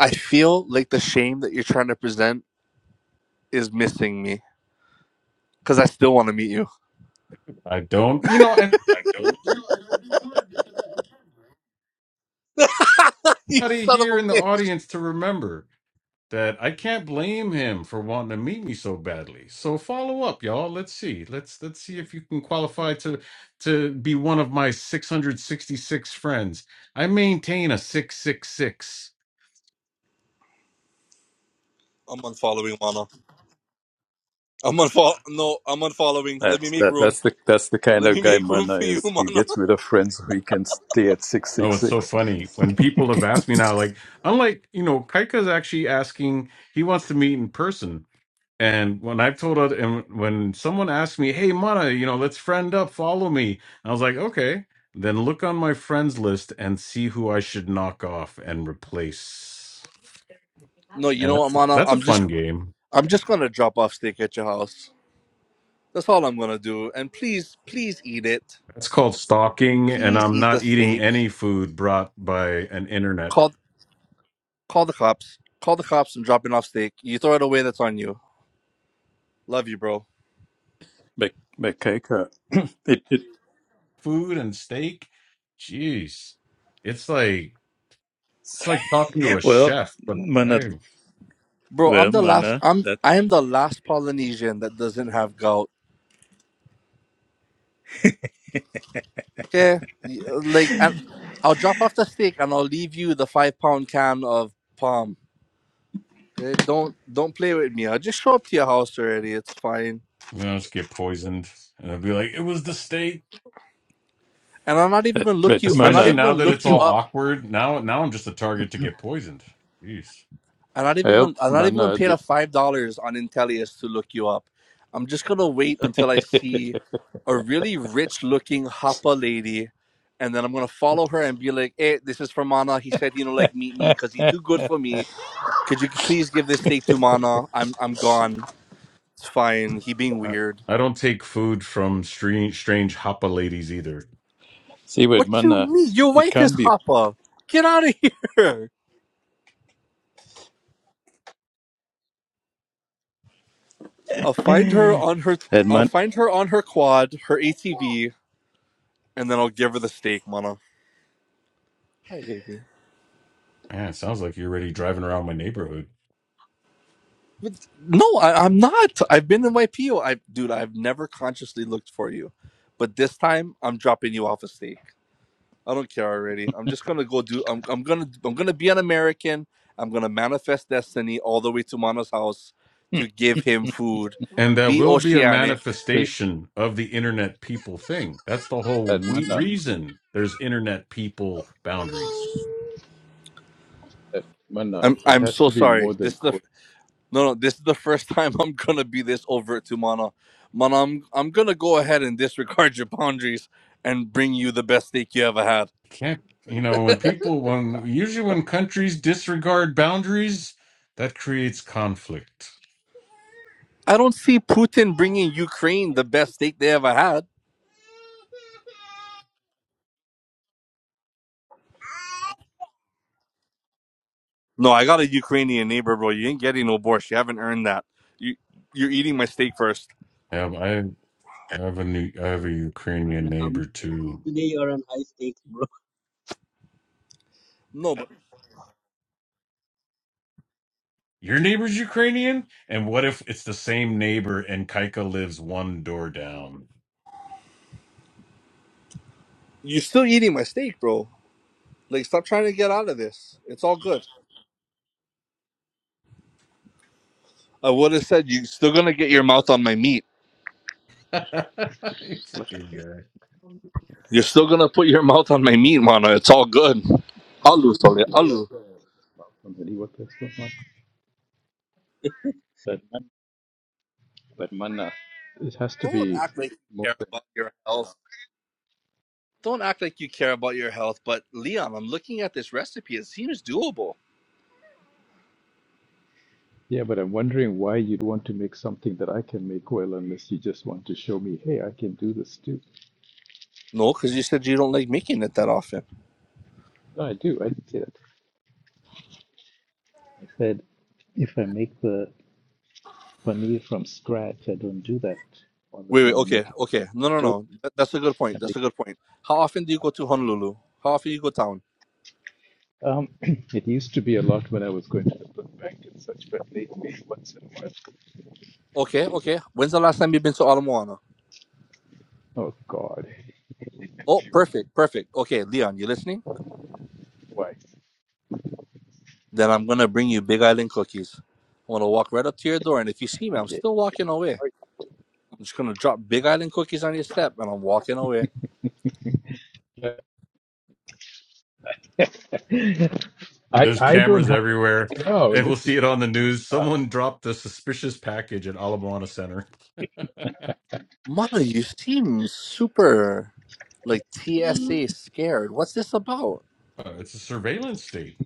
I feel like the shame that you're trying to present is missing me because I still want to meet you.
I don't, you know, and
you
anybody
son of
here
a
in the
bitch!
audience to remember that I can't blame him for wanting to meet me so badly. So follow up, y'all. Let's see. Let's let's see if you can qualify to to be one of my 666 friends. I maintain a 666.
I'm unfollowing Mana. I'm unfollow. No, I'm unfollowing. Let me
that's
make
that.
room.
That's the that's the kind
Let
of
me
guy
make room
Mana
for you,
is. He
Mana.
gets rid of friends who he can stay at six
No,
six
it's so
six.
funny when people have asked me now, like, unlike, you know, Kaika's actually asking, he wants to meet in person. And when I've told other, and when someone asked me, "Hey, Mana, you know, let's friend up, follow me," I was like, "Okay." Then look on my friends list and see who I should knock off and replace.
No, you know what, Mana?
That's a
I'm
fun
just,
game.
I'm just gonna drop off steak at your house. That's all I'm gonna do. And please, please eat it.
That's called stalking, and
Please
I'm
eat the
not eating
steak.
any food brought by an internet
Call, call the cops. Call the cops. I'm dropping off steak. You throw it away. That's on you. Love you, bro.
Bek bekeka. it, it,
food and steak. Jeez, it's like it's like talking to a
Well,
chef, but I
mana,
Bro,
well,
I'm the last.
mana,
I'm,
that,
I am the last Polynesian that doesn't have gout. Okay, like, and I'll drop off the steak and I'll leave you the five pound can of palm. Okay, don't don't play with me. I'll just show up to your house already. It's fine.
you know, I just get poisoned, and I'd be like, "It was the steak."
And I'm not even
it,
gonna look
but
you. I'm not
Especially
mana
even
now
gonna
that it's
look you
all
up.
awkward. Now, now I'm just a target to get poisoned. Jeez.
I'm not even
help
gonna. I'm not even gonna
mana.
pay
The,
the five dollars on Intellius to look you up. I'm just gonna wait until I see a really rich looking hapa lady, and then I'm gonna follow her and be like, "Hey, this is for Mana. He said you know like meet me because he's too good for me. Could you please give this steak to Mana? I'm I'm gone. It's fine. He being
I,
weird.
I don't take food from strange, strange hoppa ladies either.
see with
What you
mana,
mean? Your
it
wife is
can't be.
hapa. Get out of here. I'll find her on her.
and
I'll
man,
find her on her quad, her ATV, and then I'll give her the steak, Mana. Hi, baby.
Man, it sounds like you're already driving around my neighborhood.
But no, I, I'm not. I've been in YPO. I, dude, I've never consciously looked for you, but this time I'm dropping you off a steak. I don't care already. I'm just gonna go do. I'm. I'm gonna. I'm gonna be an American. I'm gonna manifest destiny all the way to Mano's house to
See,
give him food.
That
Be
will be a
oceanic.
manifestation of the internet people thing. That's the whole
and
we-
mana,
reason there's internet people boundaries.
at mana,
I'm.
it
I'm
has
so
to be
sorry.
more than
This is the
quota.
No, no, this is the first time I'm gonna be this overt to Mana. Mana, I'm I'm gonna go ahead and disregard your boundaries and bring you the best steak you ever had.
Can't, you know, when people, when usually
Uh,
when countries disregard boundaries, that creates conflict.
I don't see Putin bringing Ukraine
High
the best
stakes,
steak they ever had. No, I got a Ukrainian neighbor, bro. You ain't getting no borscht. You haven't earned that. You you're eating my steak first.
Yeah, I have a new, I have a Ukrainian
man.
neighbor
Um,
too.
today you're on high stakes, bro.
No, but
Your neighbor's Ukrainian? And what if it's the same neighbor and Kaika lives one door down?
you're still eating my steak, bro. Like, stop trying to get out of this. It's all good. I would have said you're still gonna get your
So
mouth on my meat.
You
what's
freaking guy.
You're still gonna put your mouth on my meat, Mana. It's all good. Alu, sorry, Alu.
what that's not like. That mana, that mana, it has to
Don't
be
act like you
more
care
than.
about your health. Don't act like you care about your health. But Leon, I'm looking at this recipe. It seems doable.
Yeah, but I'm wondering why you'd want to make something that I can make well, unless you just want to show me, hey, I can do this too.
No, because you said you don't like making it that often.
No, I do. I did say that. I said if I make the paneer from scratch, I don't do that all the
Wait, wait.
time. I
Okay,
make it.
okay. No, no,
dough.
no. That, that's a good
I
point. That's
make-
a good point. How often do you go to Honolulu? How often you go down?
Um, it used to be a lot when I was going to the food bank and such, but lately, once in a while,
Okay, okay. When's the last time you've been to Ala Moana?
oh God,
Oh, perfect, perfect. Okay, Leon, you listening?
Why?
Then I'm gonna bring you Big Island cookies. I'm gonna walk right up to your door, and if you see me, I'm
Okay.
still walking away. I'm just gonna drop Big Island cookies on your step, and I'm walking away.
I
There's
I don't
cameras
have
everywhere,
a no.
and
This
we'll
is
see it on the news. Someone dropped a suspicious package at Alamoana Center.
Mama, you seem super like TSA scared. What's this about?
Uh, it's a surveillance state.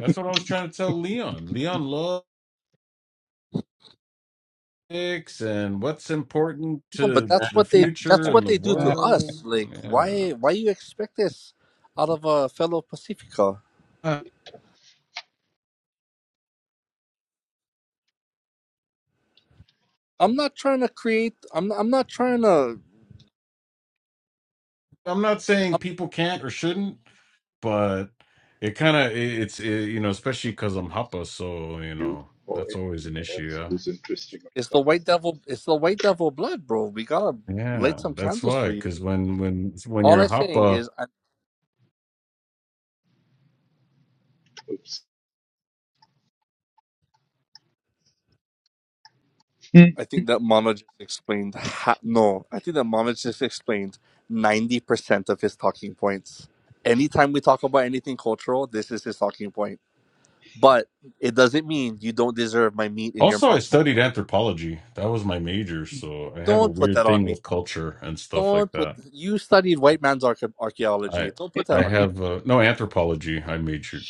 That's what I was trying to tell Leon. Leon loves politics and what's important
No, but
to
that's
the
what they
future
that's
and
what
the
they do to
ah,
us.
world.
Like,
Yeah.
why why you expect this out of a fellow Pacifica? I'm not trying to create. I'm I'm not trying to.
I'm not saying
I'm,
people can't or shouldn't, but it kind of it's it, you know especially because I'm Hapa, so you
you
know
or
that's always an
anyone
issue.
else
Yeah,
who's interesting.
it's the white devil. It's the white devil blood, bro. We gotta
yeah,
light some
that's
candles
why.
for you.
Because when when when
All
you're
I'm saying
Hapa,
is, I,
Oops. Hmm.
I think that Mono just explained. Ha- no, I think that Mono just explained ninety percent of his talking points. Anytime we talk about anything cultural, this is his talking point. But it doesn't mean you don't deserve my meat in your
also I
mouth. Mono.
studied anthropology. That was my major, so I have a
Don't put
weird
that on
thing
me.
with culture and stuff like
Don't put.
that.
You studied white man's arche-
I
archaeology. Don't put
I
that on me.
have uh, no anthropology. I majored,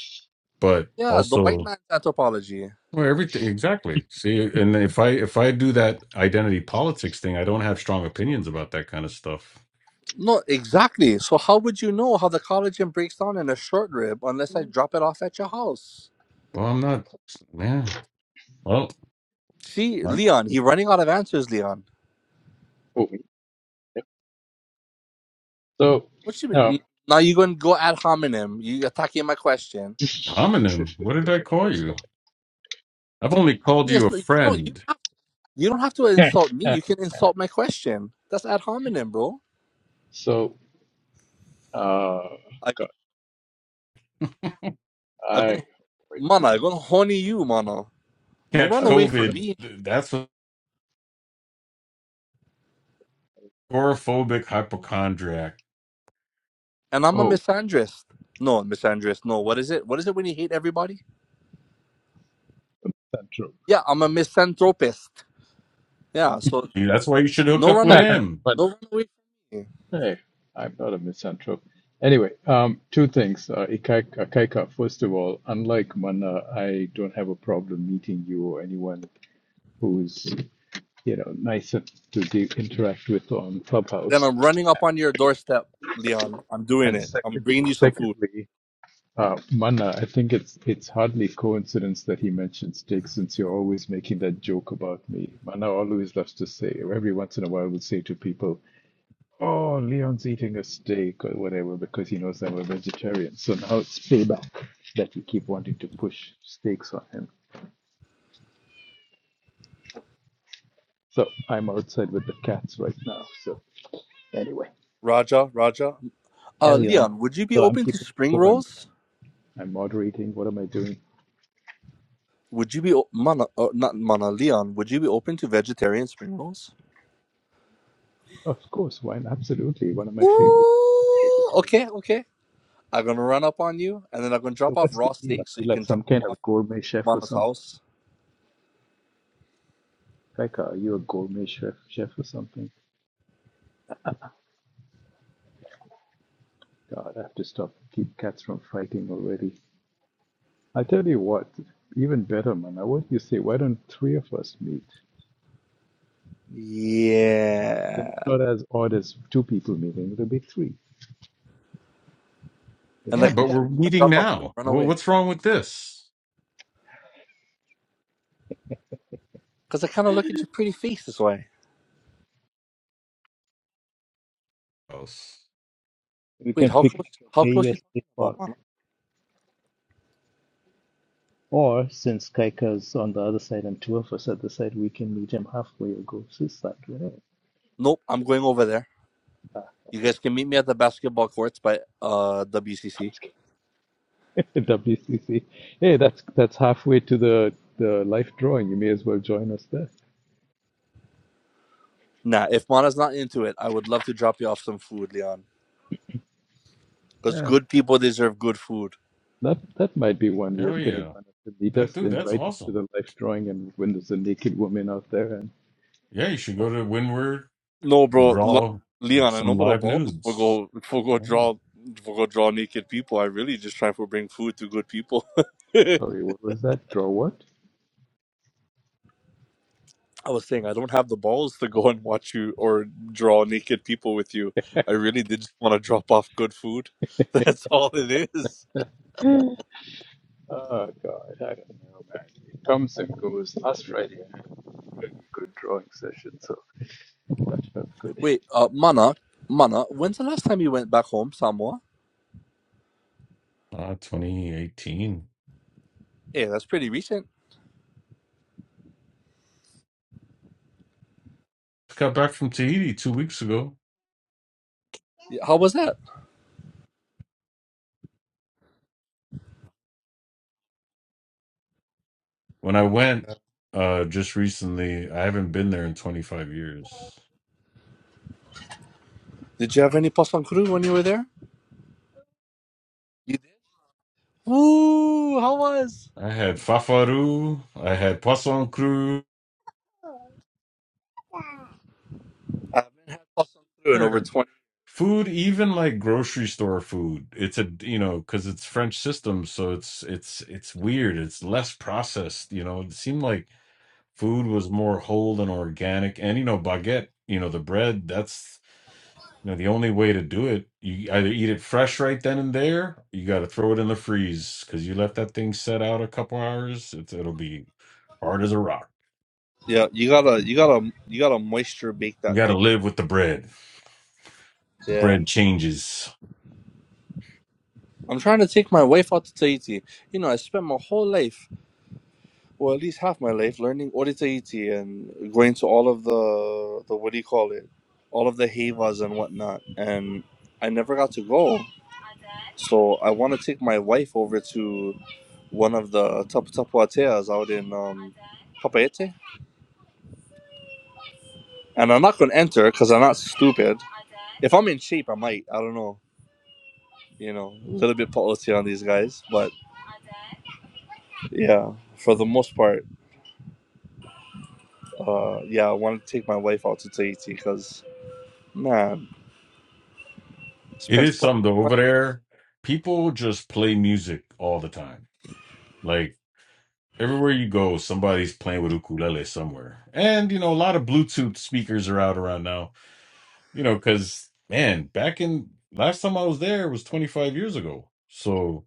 but
Yeah, the white
also
man's anthropology.
Well, everything exactly. See, and if I if I do that identity politics thing, I don't have strong opinions about that kind of stuff.
No, exactly. So how would you know how the collagen breaks down in a short rib unless I drop it off at your house?
Well, I'm not. Yeah. Well,
See,
my
Leon, he running out of answers, Leon.
Oh, yeah. so
What you
um,
mean? Now you going to go ad hominem. You attacking my question.
homonym. What did I call you? I've only called you
Yes,
a
you
so
don't, you,
friend.
don't have, you don't have to insult me. You can insult my question. That's ad hominem, bro.
So, uh,
I,
God,
I
I,
gonna,
wait,
mana, I gonna horny you, mana. No,
Catch
I
run
was
away
just
from
COVID.
gonna,
me.
th- That's a agoraphobic hypochondriac.
And I'm a
oh,
misandrist. No, misandrist. No, what is it? What is it when you hate everybody?
the misanthrope.
Yeah, I'm a misanthropist. Yeah, so
Yeah, That's why you should hook
no
up
run
with
away.
him.
Funny.
No run away from me.
Hey, I'm not a misanthrope. Anyway, um, two things. Uh, Ikaika, Ikaika, first of all, unlike Mana, I don't have a problem meeting you or anyone who's, you know, nicer to de- interact with on
Then
Clubhouse.
I'm running up on your doorstep, Leon. I'm doing
And
it. I'm
second,
bringing you some food.
secondly, Uh, Manna, I think it's it's hardly coincidence that he mentioned steak since you're always making that joke about me. Manna always loves to say, or every once in a while would say to people, Oh, Leon's eating a steak or whatever because he knows I'm a vegetarian. So now it's payback that you keep wanting to push steaks on him. So I'm outside with the cats right now. So anyway,
Raja, Raja. Uh,
carry on.
Leon, would you be
So I'm
open to
keeping
spring
score. I'm,
rolls?
I'm moderating. What am I doing?
Would you be o- mana? Uh, not mana, Leon. Would you be open to vegetarian spring rolls?
Of course, wine. Absolutely. One of my favorite
Ooh,
vegetarian.
okay, okay. I'm gonna run up on you, and then I'm gonna
So
drop off
what's the
raw
deal? Are
steak so
you
you
like
can drop
some kind
them off
of
at
gourmet chef or
Mana's
something?
house.
Like, are you a gourmet chef, chef or something? God, I have to stop keep cats from fighting already. I tell you what, even better, man. Now, What do you say? Why don't three of us meet? Then
Yeah.
it's not as odd as two people meeting. It'll be three.
And
There's
Yeah,
a
like I
but
said,
diff.
I'm
we're
just gonna
meeting
drop off food and
now.
run
Well,
away.
what's wrong with this?
Cause I kind of look at your pretty face this way.
Oh s-
We
Wait,
can
how close?
picnic at
How close you
AES State
talking about,
Park.
Mana?
Or since Kaika's on the other side and two of us at the side, we can meet him halfway or go to his side. Whatever.
Nope, I'm going over there. You
Okay.
guys can meet me at the basketball courts by uh WCC.
WCC. Hey, that's that's halfway to the the life drawing. You may as well join us there.
Nah, if Mana's not into it, I would love to drop you off some food, Leon. Because
Yeah,
good people deserve good food.
that that might be one way
hell
of getting
yeah,
one of the
that
leaders
dude. That's
invite him to
awesome.
the life drawing, and when there's a naked woman out there, and
Yeah, you should go to Windward
No, bro, Lo-
draw
Leon, I know
some
about the
live
balls for
nudes.
go for go
Oh,
draw for go draw naked people. I really just try to bring food to good people. I
sorry, what was that? Draw what?
was saying I don't have the balls to go and watch you or draw naked people with you. I really did just want to drop off good food. That's all it is.
oh God, I don't know, man. It comes and goes. Last Friday, I had a pretty good drawing session, so that felt good.
Wait, uh, Mana, Mana, when's the last time you went back home, Samoa?
uh, 2018.
Yeah, that's pretty recent.
Just got back from Tahiti two weeks ago.
Yeah, How was that?
When I went uh, just recently, I haven't been there in 25 years.
Did you have any poisson cru when you were there? You did. Ooh, how was?
I had fafaru, I had poisson cru.
I haven't had poisson cru in over twenty.
Food, even like grocery store food, it's a you know because it's French system, so it's it's it's weird. It's less processed, you know. It seemed like Food was more whole and organic, and you know, baguette, you know, the bread. That's you know the only way to do it. You either eat it fresh right then and there, you got to throw it in the freeze because you let that thing set out a couple hours, it's, it'll be hard as a rock.
Yeah, you gotta, you gotta, you gotta moisture bake
You
that
got to
thing.
live with the bread. The
Yeah,
bread changes.
I'm trying to take my wife out to Tahiti. You know, I spent my whole life, or at least half my life, learning Ori Tahiti and going to all of the, the what do you call it, all of the hevas and whatnot, and I never got to go. So I want to take my wife over to one of the tapuateas out in um, Papaete. And I'm not going to enter because I'm not stupid. If I'm in shape, I might. I don't know. You know, a little bit policy on these guys. But yeah, for the most part, uh, yeah, I want to take my wife out to Tahiti because, man, it's
It
been so
is
much
something though.
of my
Over there, people just play music all the time. Like everywhere you go, somebody's playing with ukulele somewhere. And you know, a lot of Bluetooth speakers are out around now you know, because man, back in last time I was there was 25 years ago. So,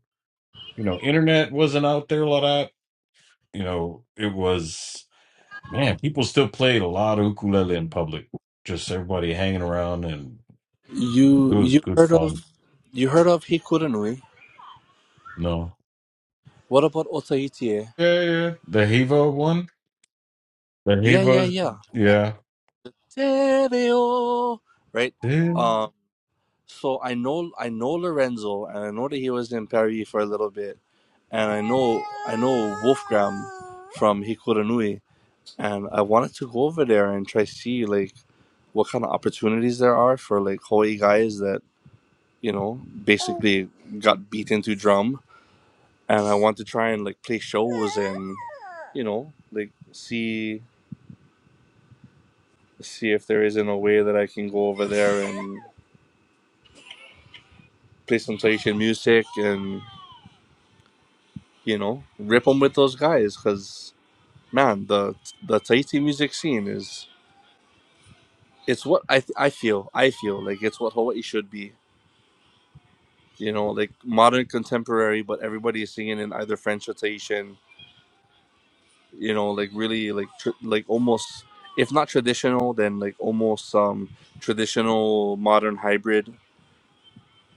you know, internet wasn't out there a lot. You know, it was, man, people still played a lot of ukulele in public, just everybody hanging around, and
life.
it
You
was
you
good
heard of
fun.
you heard of Hikurunui?
No.
What about Otahitie?
Yeah, yeah. The Hiva one? The
Yeah, yeah,
Hiva,
yeah.
yeah.
Te reo. Right?
Yeah.
So I know I know Lorenzo, and I know that he was in Paris for a little bit, and I know from Hikuranui, and I wanted to go over there and try to see like what kind of opportunities there are for like Hawaii guys that you know basically got beat into drum, and I want to try and like play shows and you know like see see if there isn't a way that I can go over there and play some Tahitian music and you know rip them with those guys because. man the the Tahiti music scene is it's what I I feel I feel like it's what Hawaii should be you know like modern contemporary but everybody is singing in either French or Tahitian you know like really like tr- like almost if not traditional then like almost um traditional modern hybrid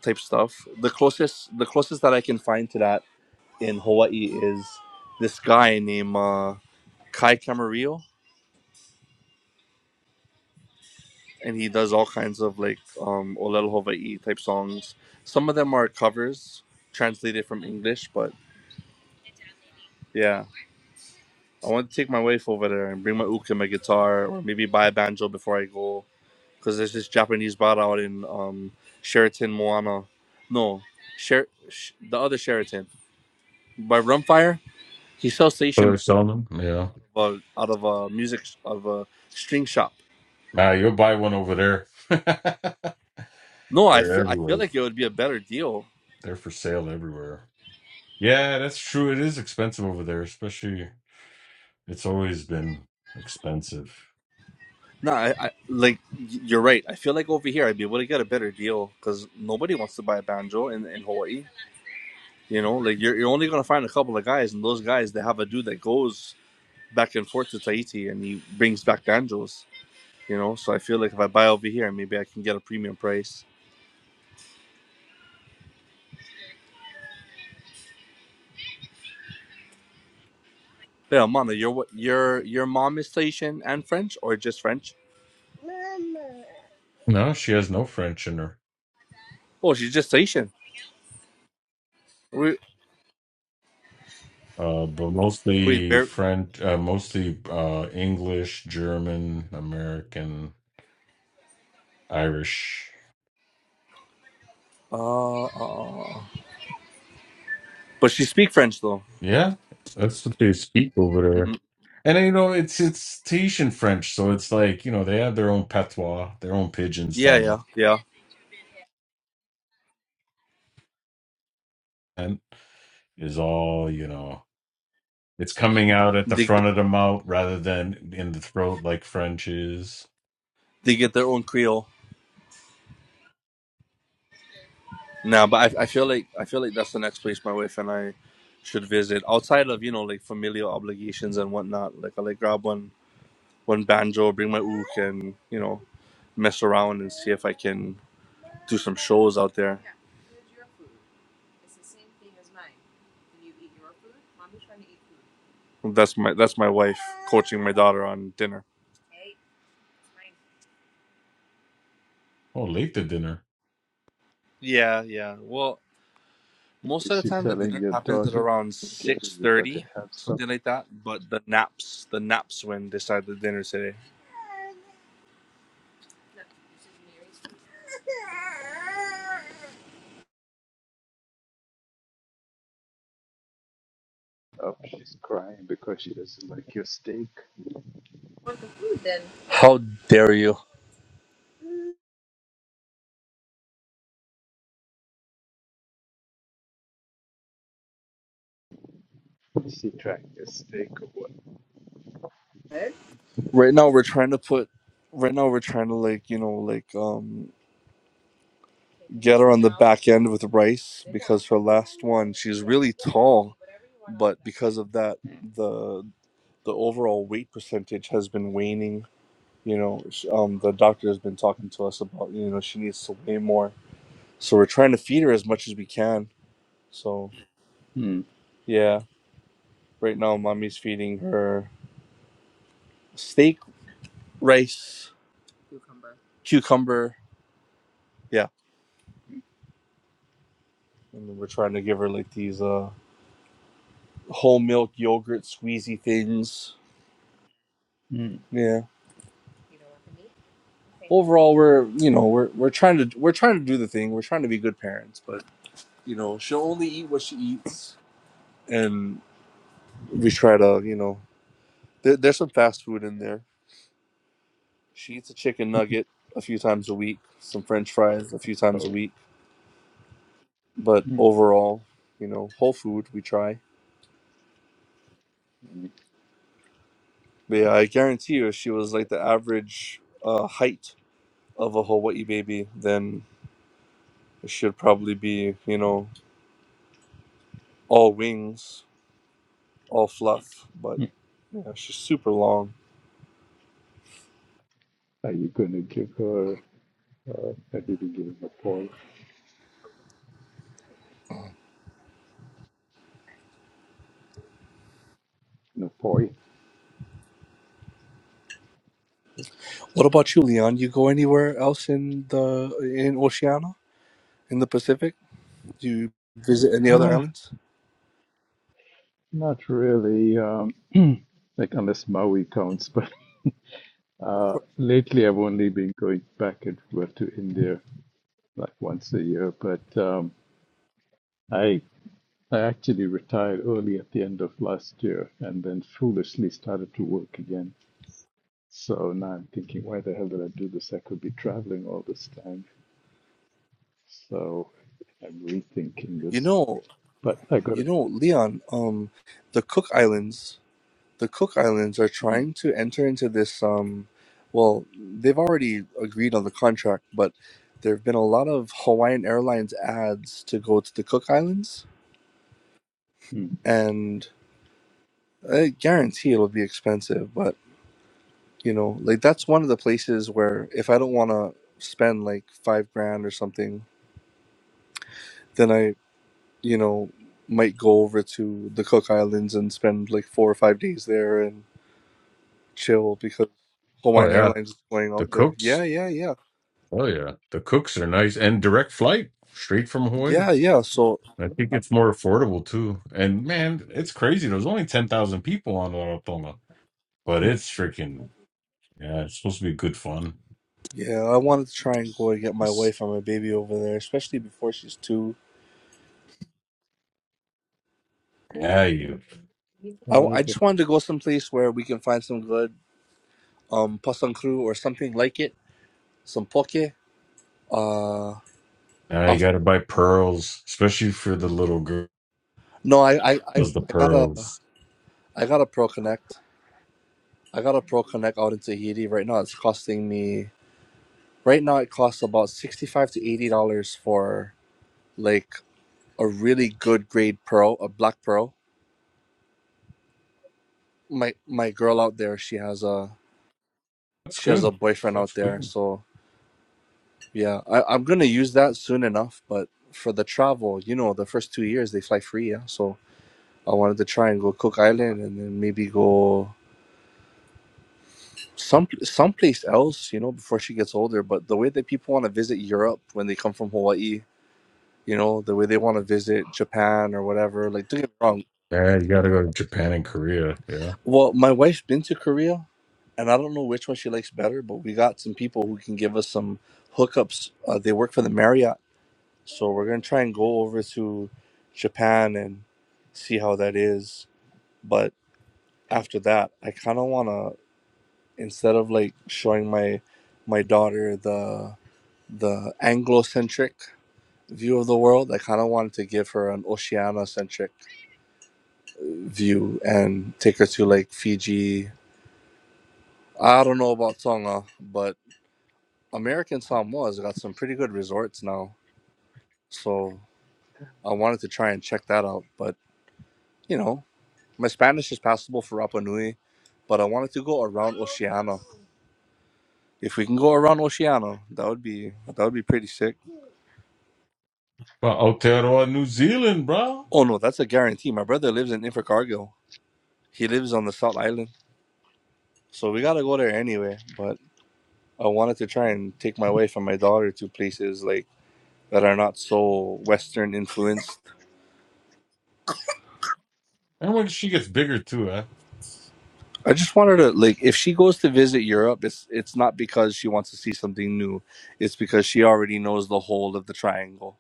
type stuff the closest the closest that I can find to that in Hawaii is this guy named uh, Kai Camarillo and he does all kinds of like um Olel Hawaii type songs. Some of them are covers translated from English, but yeah, I want to take my wife over there and bring my uke and my guitar, or maybe buy a banjo before I go, because there's this Japanese bar out in um Sheraton Moana, no, Sher- Sh- the other Sheraton by Rumfire. He sells station out of a, out of a music out of a string shop.
Nah, you'll buy one over there.
No, I
They're
feel I feel
everywhere.
like it would be a better deal
They're for sale everywhere. Yeah, that's true. It is expensive over there, especially. It's always been expensive.
No, I, I like you're right. I feel like over here I'd be able to get a better deal because nobody wants to buy a banjo in, in Hawaii. You know, like you're you're only gonna find a couple of guys, and those guys they have a dude that goes back and forth to Tahiti and he brings back banjos. You know, so I feel like if I buy over here, maybe I can get a premium price. Yeah, Mana, your what your your mom is Tahitian and French or just French?
No, she has no French in her.
Oh, she's just Tahitian. We
Uh, but
we
mostly
very
French, uh, mostly uh, English, German, American, Irish.
uh, uh but she speak French though.
Yeah, that's what they speak over there.
Mhm.
And you know, it's it's Tahitian French, so it's like you know they have their own patois, their own pidgin
Yeah, yeah,
style,
yeah.
and is all you know. It's coming out at the
They
front of the mouth rather than in the throat like French is.
They get their own Creole. Now, but I, I feel like I feel like that's the next place my wife and I should visit outside of you know like familial obligations and whatnot. Like I like grab one one banjo, bring my ook, and you know mess around and see if I can do some shows out there. That's my that's my wife coaching my daughter on dinner.
Oh, late to dinner.
Yeah, yeah. Well, most of
Is
the
she
time the
telling
dinner
your
happens at
daughter,
around
Gary,
six
you got to
thirty,
have some.
something like that. But the naps, the naps when decide the dinner today.
up? She's crying because she doesn't like your steak.
How dare you?
Sitrack is steak or what?
right now we're trying to put right now we're trying to like you know like um get her on the back end with rice because her last because of that the the overall weight percentage has been waning you know sh- um the doctor has been talking to us about you know she needs to weigh more so we're trying to feed her as much as we can so
Mm,
yeah right now mommy's feeding her steak rice cucumber yeah and then we're trying to give her like these uh whole milk yogurt squeezy things
mm,
Yeah. Overall, we're you know we're we're trying to we're trying to do the thing. We're trying to be good parents, but you know she'll only eat what she eats, and we try to you know there, there's some fast food in there. She eats a chicken nugget a few times a week, some French fries a few
Oh,
times a week, but
mm,
overall, you know, whole food we try.
mm,
But yeah, I guarantee you, if she was like the average uh, height of a Hawaii baby, then she'd probably be you know all wings, all fluff, but
mm.
Yeah, it's just super long.
are you going to give her, uh, have you been giving her poi? No, poi? Oops.
What about you, Leon? You go anywhere else in the in Oceania, in the Pacific? Do you visit any other
Ah,
islands?
not really. Um, like, unless Maui counts, but
Of
uh,
course.
lately I've only been going back and forth to India like once a year, but um, I I actually retired early at the end of last year and then foolishly started to work again So now I'm thinking, why the hell did I do this? I could be traveling all this time. So I'm rethinking
You
this.
know,
But I got
you
it.
know, Leon. Um, the Cook Islands, the Cook Islands are
Mm.
trying to enter into this. Um, well, they've already agreed on the contract, but there have been a lot of Hawaiian Airlines ads to go to the Cook Islands,
Mm.
and I guarantee it'll be expensive, but. you know like that's one of the places where if i don't want to spend like five grand or something then i you know might go over to the cook islands and spend like four or five days there and chill because
Oh
hawaiian
yeah.
airlines is going
The
out there yeah
cooks,
yeah yeah
oh yeah, the cooks are nice and direct flight straight from Hawaii.
yeah yeah so
I think
Oh,
it's more affordable too. And man, it's crazy. There's only ten thousand people on Rarotonga, but
yeah.
it's freaking yeah. It's supposed to be good fun.
yeah i wanted to try and go and get my
It's,
wife and my baby over there especially before she's two i,
Why
I
the
just wanted to go someplace where we can find some good um pasang crew or something like it some poke uh
now you got to buy pearls, especially for the little girls.
No, I, I, I,
The
I got a, I
pearls.
got a pro connect. I got a pro connect out in Tahiti right now. It's costing me right now. It costs about sixty-five to eighty dollars for like a really good grade pearl, a black pearl. My my girl out there, she has a
That's
she has
good.
a boyfriend out
That's
there.
good.
So yeah, I, I'm gonna use that soon enough. But for the travel, you know, the first two years they fly free. Yeah, so I wanted to try and go Cook Island and then maybe go. some someplace else, you know, before she gets older. But the way that people want to visit Europe when they come from Hawaii, you know, the way they want to visit Japan or whatever, like don't get me wrong.
Yeah, you got to go to Japan and Korea. Yeah.
Well, my wife's been to Korea, and I don't know which one she likes better, but we got some people who can give us some hookups. Uh, they work for the Marriott, so we're gonna try and go over to Japan and see how that is. But after that, I kind of wanna instead of like showing my my daughter the the Anglo-centric view of the world. I kind of wanted to give her an Oceania-centric view and take her to like Fiji. I don't know about Tonga, but American Samoa has got some pretty good resorts now. So I wanted to try and check that out. But you know, my Spanish is passable for Rapa Nui, but I wanted to go around Oceania. If we can go around Oceania, that would be that would be pretty sick.
Well, Aotearoa, New Zealand, bro.
Oh no, that's a guarantee. My brother lives in Invercargill. He lives on the South Island. So we gotta go there anyway. But I wanted to try and take my wife and my daughter to places like that are not so Western influenced.
And when she gets bigger too, huh?
I just wanted to like if she goes to visit Europe, it's it's not because she wants to see something new. It's because she already knows the whole of the triangle.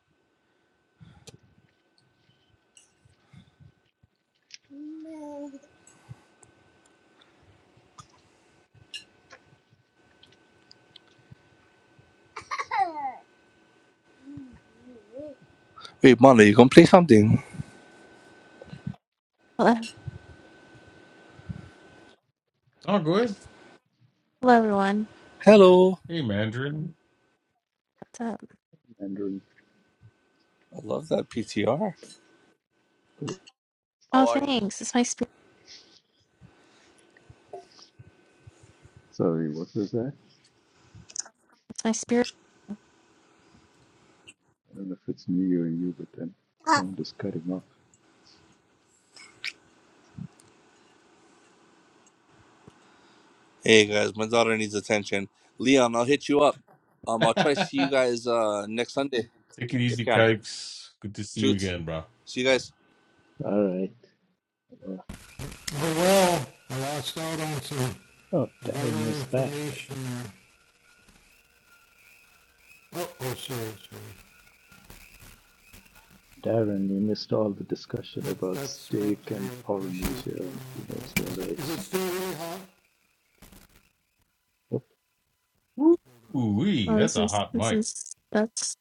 Wait, Mona, you gonna play something?
Hello,
Oh, good.
hello everyone.
Hello.
Hey, Mandarin.
What's up?
Mandarin?
I love that PTR.
Oh,
How are you?
thanks. It's my spirit.
Sorry, what was that?
It's my spirit.
I don't know if it's me or you, but then sound is cutting off.
Hey guys, my daughter needs attention. Leon, I'll hit you up. Um, I'll try to see you guys uh next Sunday
Take it
if
easy,
can.
Kikes. Good to see you
Shoots.
again, bro.
See you guys.
All right. Uh,
Oh, well, I lost out on some
Oh,
vital
Darren is back.
information there. Oh, oh, sorry, sorry.
Darren, you missed all the discussion
That's,
about
that's what
steak
I
and
appreciate
Polynesia and
hearing
who knows
about.
what
Is it, is it
else.
still really hot?
Oh,
Ooh, wee,
Oh,
that's
this
a
is
hot
this
mic.
is that's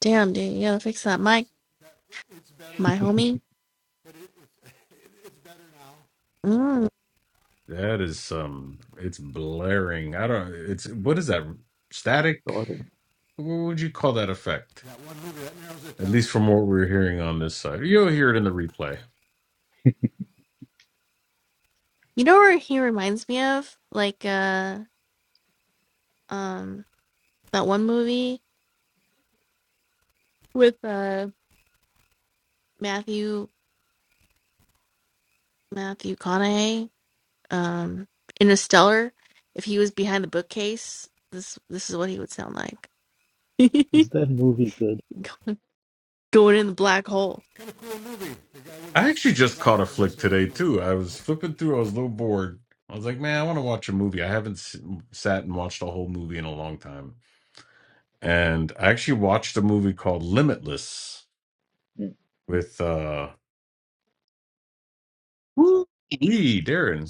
damn, dude. You gotta fix that
That was,
mic,
that, it's better
my
now,
homie.
but it, it, it, it's better now.
Mm.
That is some. It's blaring. I don't. It's what is that? Static?
Darren,
What would you call that effect?
That one movie, that narrows it
At
down.
least from what we're hearing on this side, you'll hear it in the replay.
You know where he reminds me of? Like uh, um, that one movie with uh Matthew Matthew Conaughey, um, Interstellar. If he was behind the bookcase, this this is what he would sound like.
is that movie good?
going, going in the black hole.
Kind of cool movie. The guy with
I
his
actually
super
just caught a
vitamin,
flick today
essentially.
too. I was flipping through. I was a little bored. I was like, man, I want to watch a movie. I haven't s- sat and watched a whole movie in a long time, and I actually watched a movie called Limitless
Mm.
with uh, Lee Darren.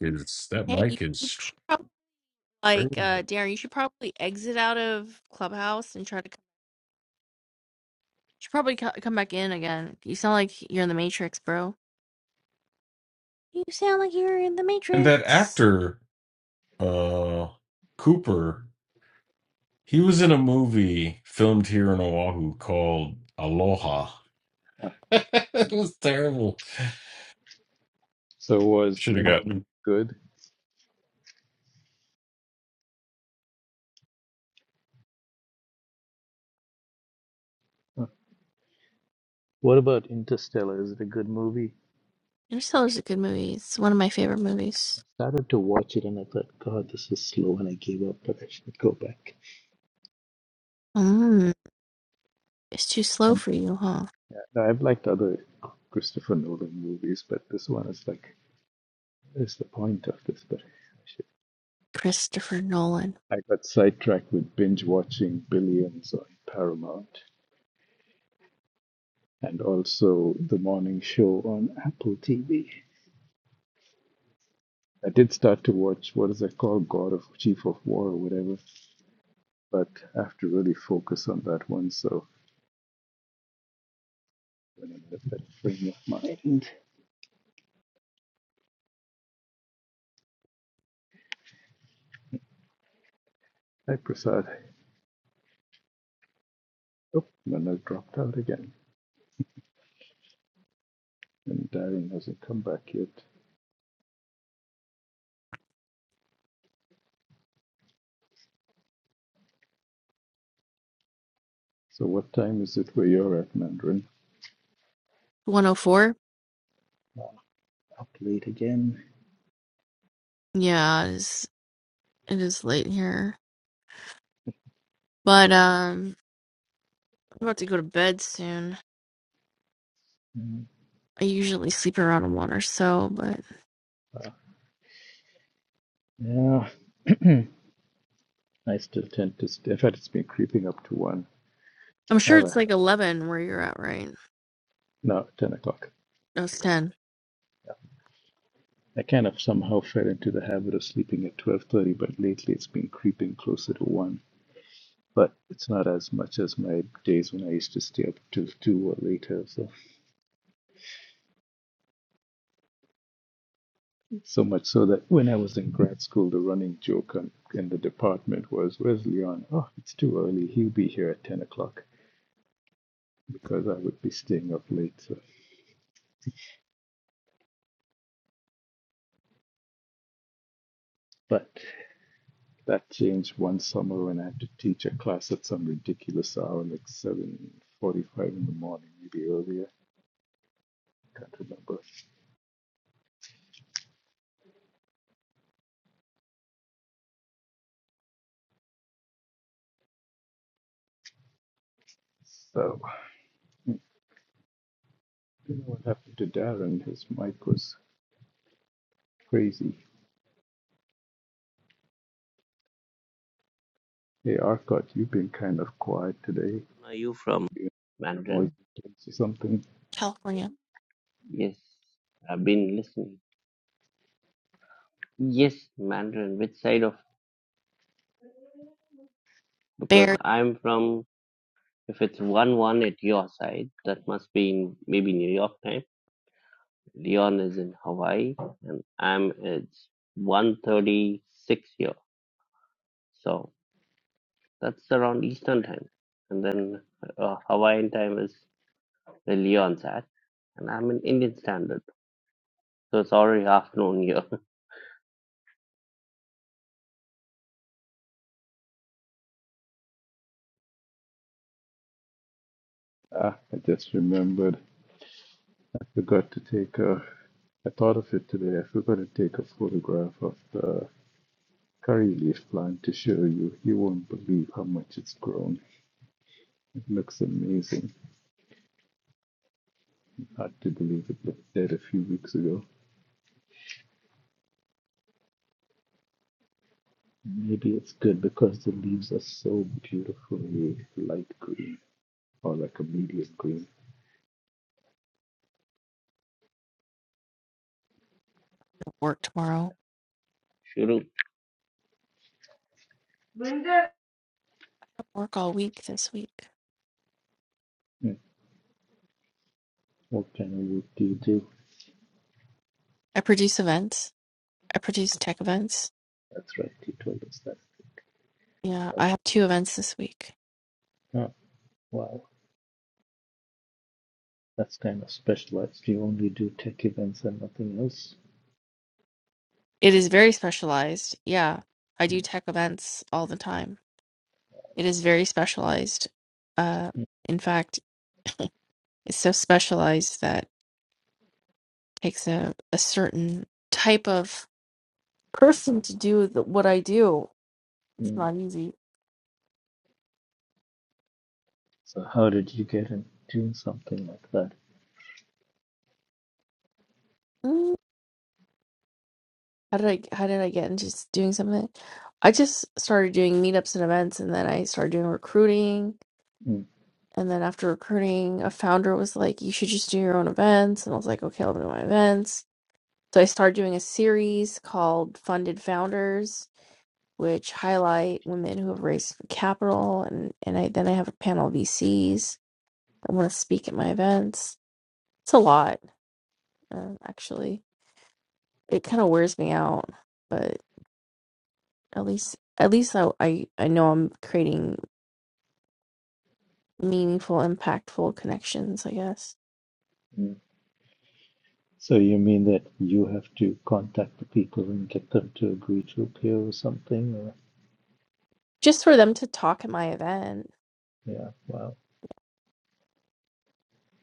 It's that
Hey, you,
mic
you
is
should probably Like,
strange.
uh, Darren, you should probably exit out of Clubhouse and try to. Come, you should probably co- come back in again. You sound like you're in the Matrix, bro. You sound like you're in the
And that
Matrix.
actor, uh, Cooper, he was in a movie filmed here in Oahu called Aloha.
Ah,
it was terrible.
So was
Should have
Limit
gotten
good? What about Interstellar? Is it a good movie?
Interstellar's a good movie. It's one of my favorite movies.
I started to watch it and I thought, God, this is slow, and I gave up that I should go back.
Mm, it's too slow
And
for you, huh?
yeah, no, I've liked other Christopher Nolan movies, but this one is like, there's the point of this? But I, should,
Christopher Nolan.
I got sidetracked with binge watching Billions on Paramount and also The Morning Show on Apple TV. I did start to watch what is it called, God of Chief of War or whatever. but I have to really focus on that one. So when I'm with that frame of mind, I prasad. Oh, and I've dropped out again, and Darren hasn't come back yet. So what time is it where you're at, Mandarin?
104?
Up late again.
Yeah, it is, it is late here. But, um, I'm about to go to bed soon.
Mm,
I usually sleep around one or so, but
Yeah, I still tend to. St- in fact, it's been creeping up to one.
I'm
I
sure
have a
it's like
habit
11 where you're at, right?
now ten o'clock.
No, it's 10.
I kind of somehow fell into the habit of sleeping at twelve thirty, but lately it's been creeping closer to one. but it's not as much as my days when I used to stay up till two or later. So so much so that when I was in grad school, the running joke on, in the department was, "Where's Leon? Oh, it's too early. He'll be here at ten o'clock," because I would be staying up late. So, but that changed one summer when I had to teach a class at some ridiculous hour, like seven forty-five in the morning, maybe earlier. I Can't remember. So, you know what happened to Darren? His mic was crazy. Hey Arcot, you've been kind of quiet today.
Are you from
You in a noisy
Mandarin?
place or something?
California.
Yes, I've been listening. Yes, Mandarin. Which side of? Because
buried
I'm from. If it's one one at your side, that must be in maybe New York time. Leon is in Hawaii and I'm it's 136 here. So that's around Eastern time. And then uh, Hawaiian time is where Leon's at. And I'm in Indian standard. So it's already afternoon here.
Ah, I just remembered. I forgot to take a. I thought of it today. I forgot to take a photograph of the curry leaf plant to show you. You won't believe how much it's grown. It looks amazing. Hard to believe it looked dead a few weeks ago. Maybe it's good because the leaves are so beautifully light green or like a medium green.
work tomorrow.
Shuru. Linda.
Work all week this week.
Hmm, What kind of work do you do?
I produce events. I produce tech events.
That's right, He told us that.
Yeah,
What
I have two events this week.
Wow, that's kind of specialized. You only do tech events and nothing else.
It is very specialized. Yeah, I do tech events all the time. It is very specialized. Uh,
mm
in fact, it's so specialized that it takes a, a certain type of person to do the, what I do. It's
mm.
not easy.
So how did you get into doing something like that?
How did I how did I get into s- doing something? I just started doing meetups and events and then I started doing recruiting.
mm
And then after recruiting, a founder was like, You should just do your own events. And I was like, Okay, I'll do my events. So I started doing a series called Funded Founders, which highlight women who have raised capital and, and I then I have a panel of VCs that want to speak at my events. It's a lot, uh, actually. It kind of wears me out, but. At least, at least I, I, I know I'm creating meaningful, impactful connections, I guess.
mm. So you mean that you have to contact the people and get them to agree to appear or something? Or
Just for them to talk at my event.
yeah, wow,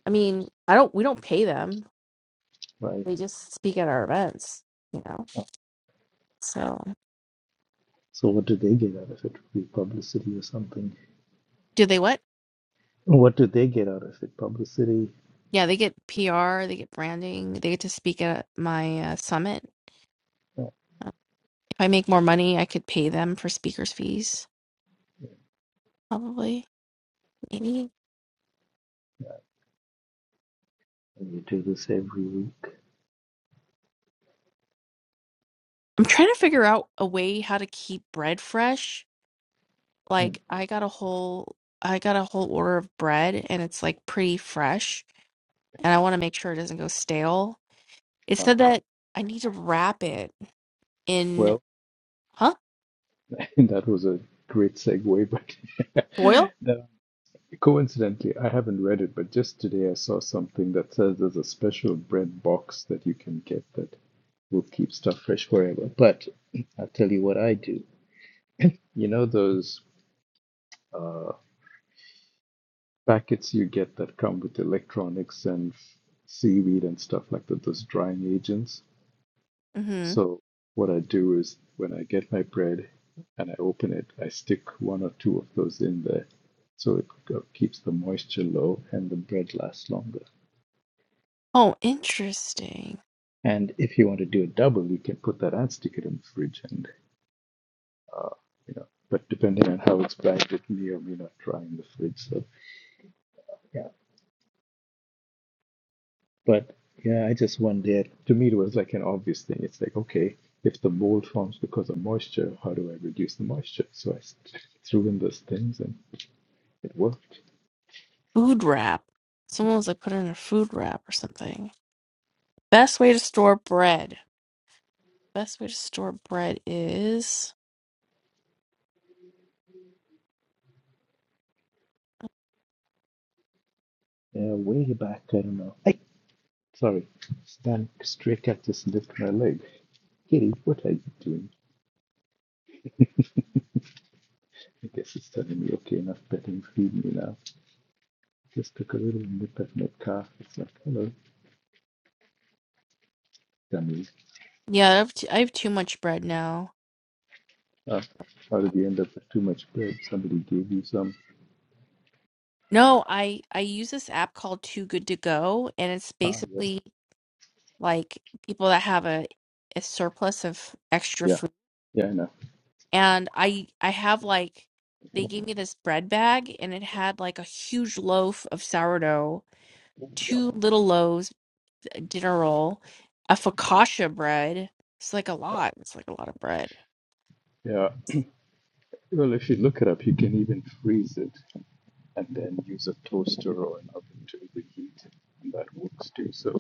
I mean, I don't, we don't pay them.
right.
They just speak at our events, you know?
Oh,
So.
So what do they get out of it? Would be publicity or something?
Do they what?
What do they get out of it? Publicity.
Yeah, they get PR, they get branding, they get to speak at my uh, summit.
Oh,
Uh, If I make more money, I could pay them for speakers' fees, probably, maybe.
and you do this every week.
I'm trying to figure out a way how to keep bread fresh
Mm.
like I got a whole I got a whole order of bread and it's like pretty fresh and I want to make sure it doesn't go stale. It
Ah,
said that I need to wrap it
well.
in huh?
And that was a great segue, but
Foil?
no, coincidentally, I haven't read it, but just today I saw something that says there's a special bread box that you can get that will keep stuff fresh forever. But I'll tell you what I do. You know those uh, packets you get that come with electronics and seaweed and stuff like that, those drying agents?
Mm-hmm.
So what I do is when I get my bread and I open it, I stick one or two of those in there. So it uh, keeps the moisture low and the bread lasts longer.
Oh, interesting.
And if you want to do a double, you can put that and stick it in the fridge and, you know, but depending on how it's bagged, it may or may not dry in the fridge. So, yeah. But yeah, I just one day To me, it was like an obvious thing. It's like, okay, if the mold forms because of moisture, how do I reduce the moisture? So I threw in those things and it worked.
Food wrap. Someone was like put it in a food wrap or something. Best way to store bread. Best way to store bread is
Yeah, way back, I don't know. Hey, sorry. Stand straight up, just lift my leg. Kitty, what are you doing? I guess it's telling me, okay, enough petting, feed me now. Just took a little nip at my calf. It's like, hello, dummy.
yeah, I have, t- I have too much bread now.
Uh, how did you end up with too much bread? Somebody gave you some.
No, I I use this app called Too Good to Go, and it's
Ah, yes.
basically like people that have a, a surplus of extra
Yeah,
food.
yeah, I know.
And I I have like they gave me this bread bag and it had like a huge loaf of sourdough,
Yeah,
two little loaves, a dinner roll, a focaccia bread. It's like a
wow.
lot. It's like a lot of bread.
Yeah, well, if you look it up, you can even freeze it and then use a toaster or an oven to reheat. it. And that works too. So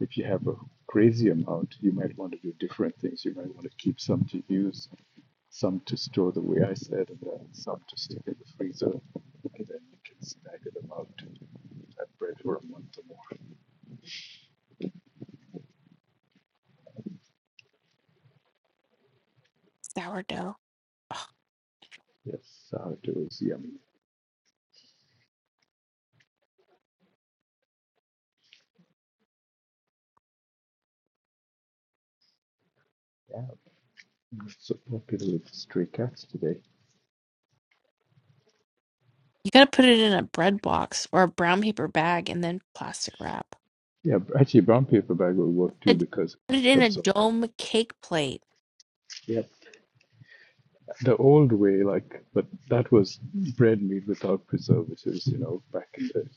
if you have a crazy amount, you might want to do different things. You might want to keep some to use, some to store the way I said, and then some to stick in the freezer, and then you can snag it about that bread for a month or more.
Sourdough.
Yes, sourdough is yummy. Yeah, it's so popular with stray cats today.
You gotta put it in a bread box or a brown paper bag and then plastic wrap.
Yeah, actually, brown paper bag will work too
And
because
Put it
it's
in a
absorbed.
dome cake plate.
Yep. The old way, like, but that was bread made without preservatives, you know, back in the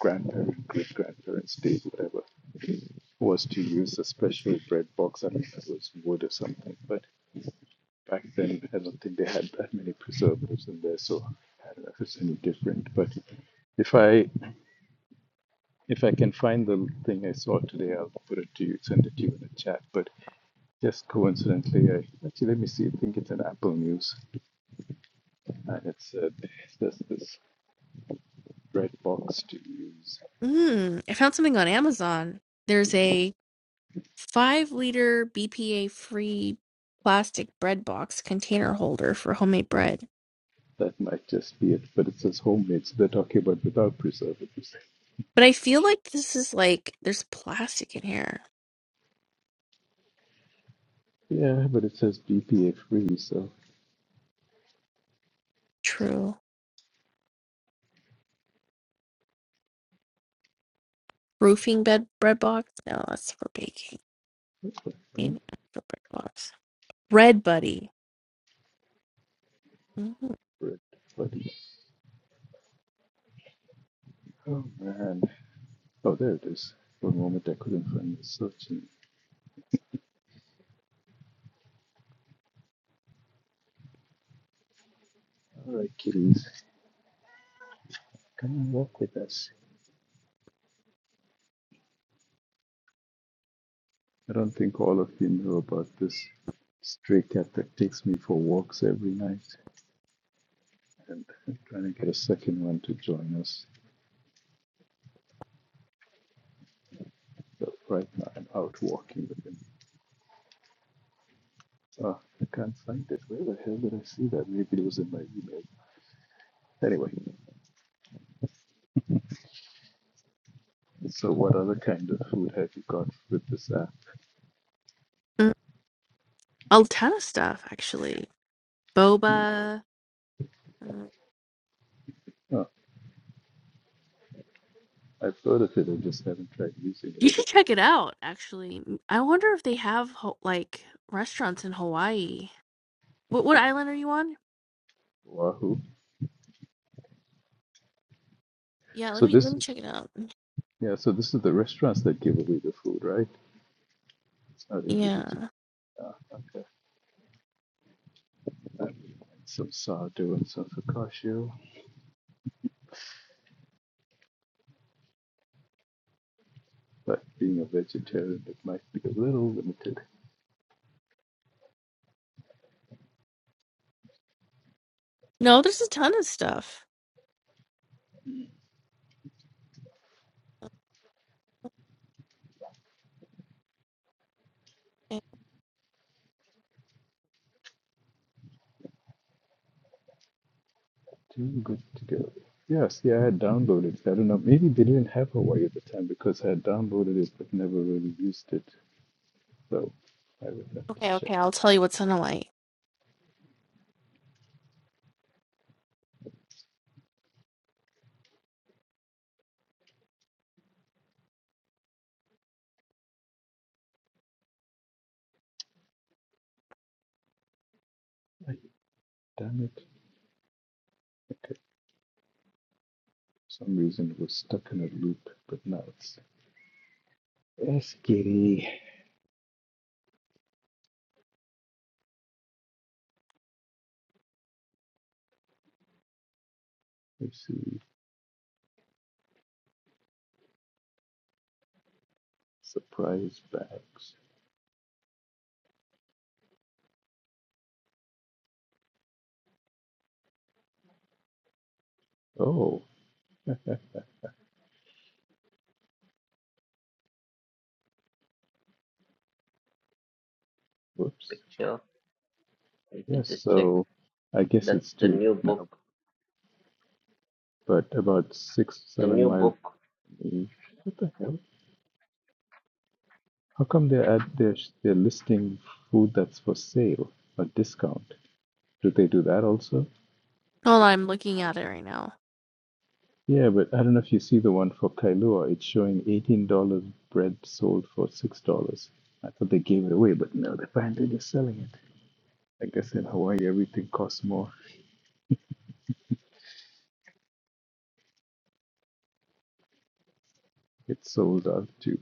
grandparent, great grandparents' days, whatever was to use a special bread box. I mean, it was wood or something. But back then, I don't think they had that many preservatives in there, so I don't know if it's any different. But if I if I can find the thing I saw today, I'll put it to you, send it to you in the chat. But just coincidentally, I actually let me see. I think it's an Apple News, and it's uh, there's this bread box to use.
Mmm. I found something on Amazon. There's a five-liter BPA-free plastic bread box container holder for homemade
Yeah,
bread.
that might just be it. But it says homemade, so they're talking about without preservatives.
But I feel like this is like there's plastic in here.
Yeah, but it says BPA free, so.
True. Roofing bed bread box? No, that's for baking.
Well,
Maybe not for bread box. Bread buddy. Mhm.
Red flooding. Oh man. Oh, there it is. For a moment, I couldn't find it. Searching. All right, kitties, come and walk with us. I don't think all of you know about this stray cat that takes me for walks every night, and I'm trying to get a second one to join us. But right now, I'm out walking with him. Ah, I can't find it. Where the hell did I see that? Maybe it was in my email. Anyway, so what other kind of food have you got with this app?
mm A ton of stuff actually. Boba. Uh,
Oh, I've heard of it. I just haven't tried using it.
you should check it out, actually. M- I wonder if they have ho- like restaurants in Hawaii. What what island are you on?
Wahoo.
Yeah, let
So
me let
this
me
is
check it out.
yeah. So this is the restaurants that give away the food, right? It's not individual.
Yeah.
Ah, okay. And some sourdough and some focaccia. But being a vegetarian, it might be a little limited.
No, there's a ton of stuff. Okay,
Too good to go. Yes, yeah, I had downloaded. I don't know. Maybe they didn't have Hawaii at the time because I had downloaded it but never really used it. So I would have to
okay,
check.
okay, I'll tell you what's on Hawaii.
Ay, Damn it. Okay. For some reason it was stuck in a loop, but now it's. Let's get it. Let's see. Surprise bags. Oh, whoops.
Picture. You can
Yes,
just check.
so I guess
That's
it's
the
two
new
now,
book.
but about six,
The
seven
new
miles
book
from me. What the hell? How come they're at they're, they're listing food that's for sale or discount? Do they do that also?
Hold on, I'm looking at it right now.
Yeah, but I don't know if you see the one for Kailua. It's showing $18 bread sold for $6. I thought they gave it away, but no, apparently they're selling it. I guess in Hawaii everything costs more. It's sold out too.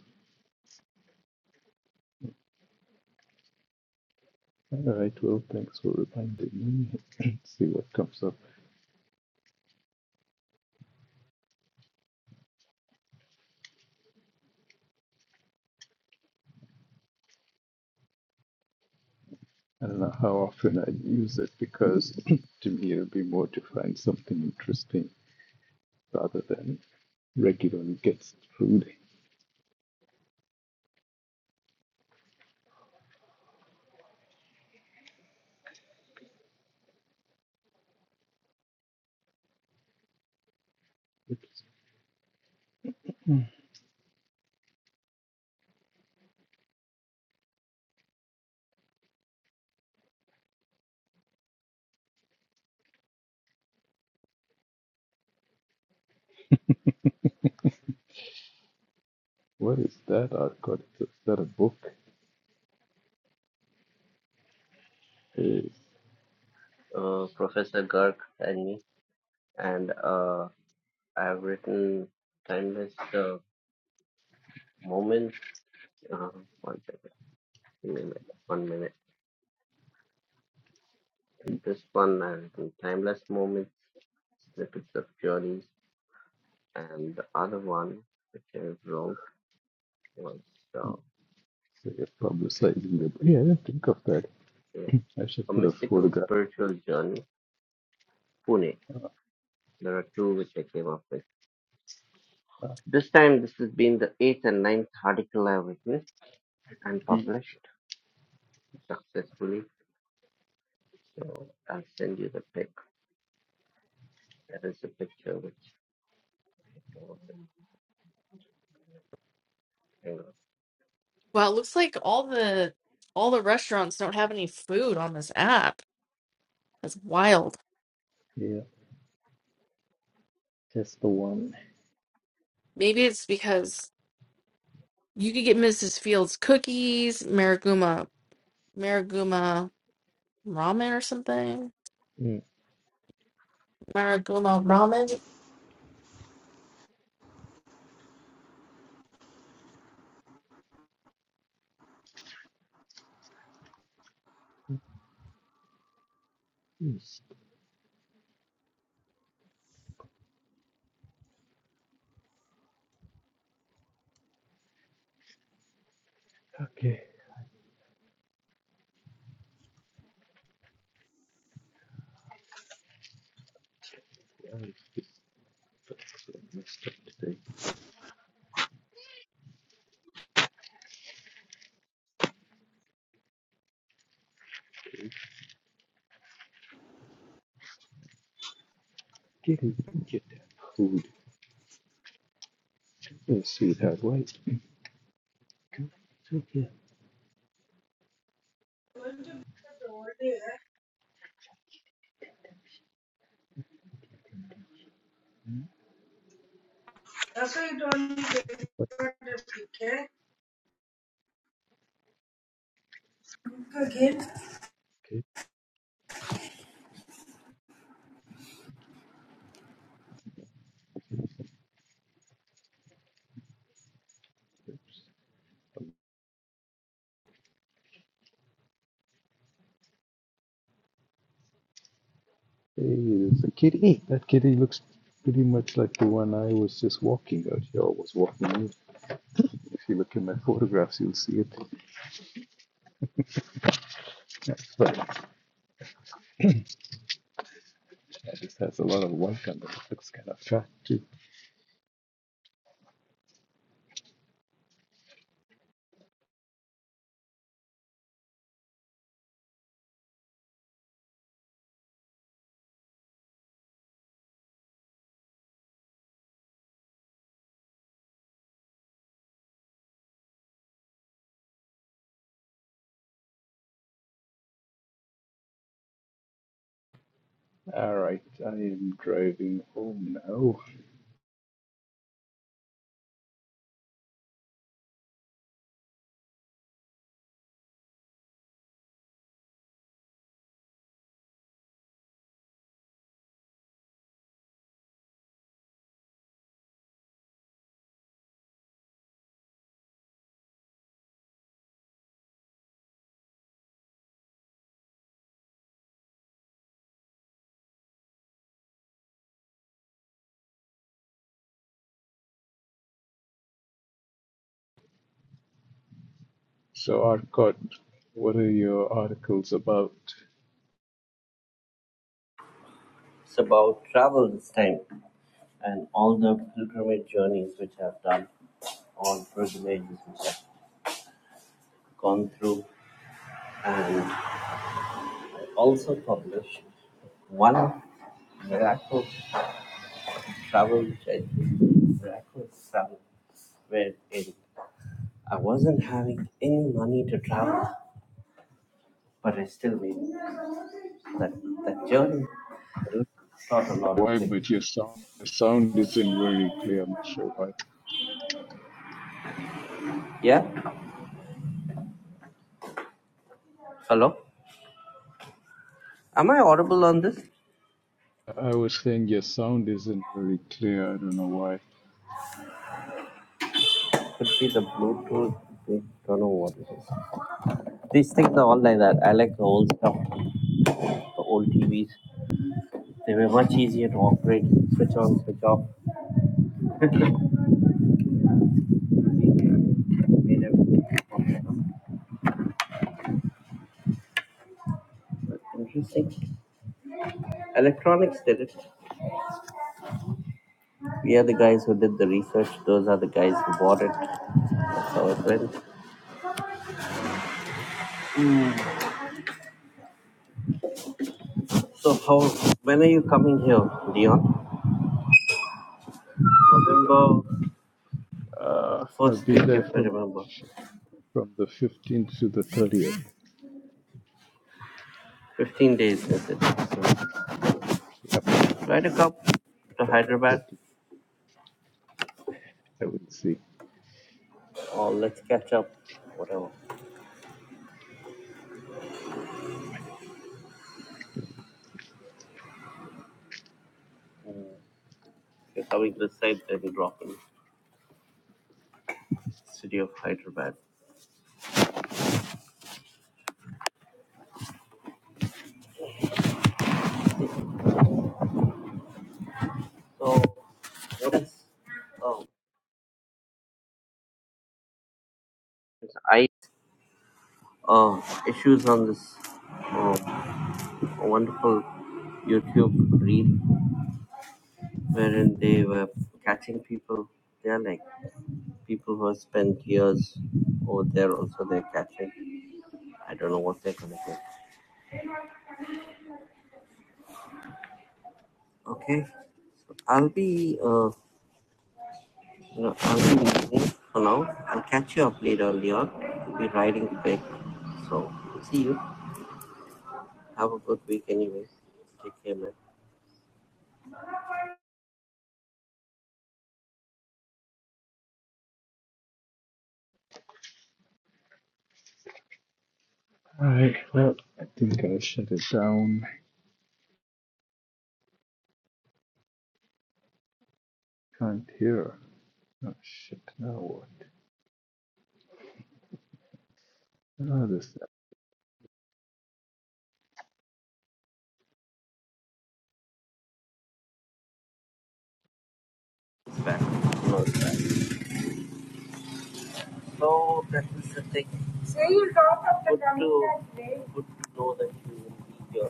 All right, well, thanks for reminding me. See what comes up. I don't know how often I use it because to me it'll be more to find something interesting rather than regular gets food. It's, what is that? Oh God, is that a book? Hey,
uh, Professor Garg and me. And uh, I've written Timeless uh, Moments. Uh, one second. Give me a minute. One minute. In this one, I written timeless moments, snippets of journeys, and the other one, which I wrote, was uh,
so you're publicizing your book? Yeah, I didn't think of that.
yeah,
I should
a
put a
mystical
photograph.
spiritual journey, Pune. There are two which I came up with. This time, this has been the eighth and ninth article I've written and
Mm,
published successfully. So I'll send you the pic. There is a picture which I came up with. Hang
Wow, it looks like all the all the restaurants don't have any food on this app. That's wild.
Yeah, that's the one.
Maybe it's because you could get Mrs. Fields cookies, Mariguma Mariguma ramen or something.
Mm.
Marigold ramen.
Yes. Okay. I just- that's what I messed up today. Get it, get that food. Let's see that white Yeah.
on. That's why you told me It's
Okay, There's a kitty. That kitty looks pretty much like the one I was just walking out here, or was walking with. If you look in my photographs, you'll see it. That's right. That just has a lot of white on it. It looks kind of fat, too. All right, I am driving home now. So, Arcot, what are your articles about?
about travel this time and all the pilgrimage journeys which I've done, all pilgrimages which I've gone through, and also published one miracle travel which I did, miraculous travel, where in I wasn't having any money to travel, but I still made it. that that journey.
I don't
Taught a lot
know
of
why,
things.
but your sound, your sound isn't very clear. I'm not sure why.
Yeah. Hello. Am I audible on this?
I was saying your sound isn't very clear. I don't know why.
Could be the Bluetooth. I don't know what it is. These things are all like that. I like the old stuff, the old TVs. They were much easier to operate, switch on, switch off. Made everything functional. But Interesting. Electronics did it. We are the guys who did the research. Those are the guys who bought it. That's how it went. So how? When are you coming here, Dion? November
Uh, I'll
first
be
week,
there
if I
from
remember.
from the 15th to the 30th.
Fifteen days is it? So
Yep,
try to come to
the
Hyderabad,
14th. I will see.
or let's catch up. Whatever. You're coming this side, then you drop in city of Hyderabad. So, what is um, I uh, issues on this uh, wonderful YouTube reel wherein they were catching people? They are like people who have spent years over there. Also, they're catching. I don't know what they're gonna do. Okay, So, I'll be uh, Yeah, I'll be leaving for now. I'll catch you up later, Leon. I'll be riding back. So, see you. Have a good week, anyway. Take care, man.
All right. Well, I think I'll shut it down. Can't hear. Oh shit! Now what? Ah, this
It's back. No, it's back. So, that is the thing. Good to, good to know that you will be here.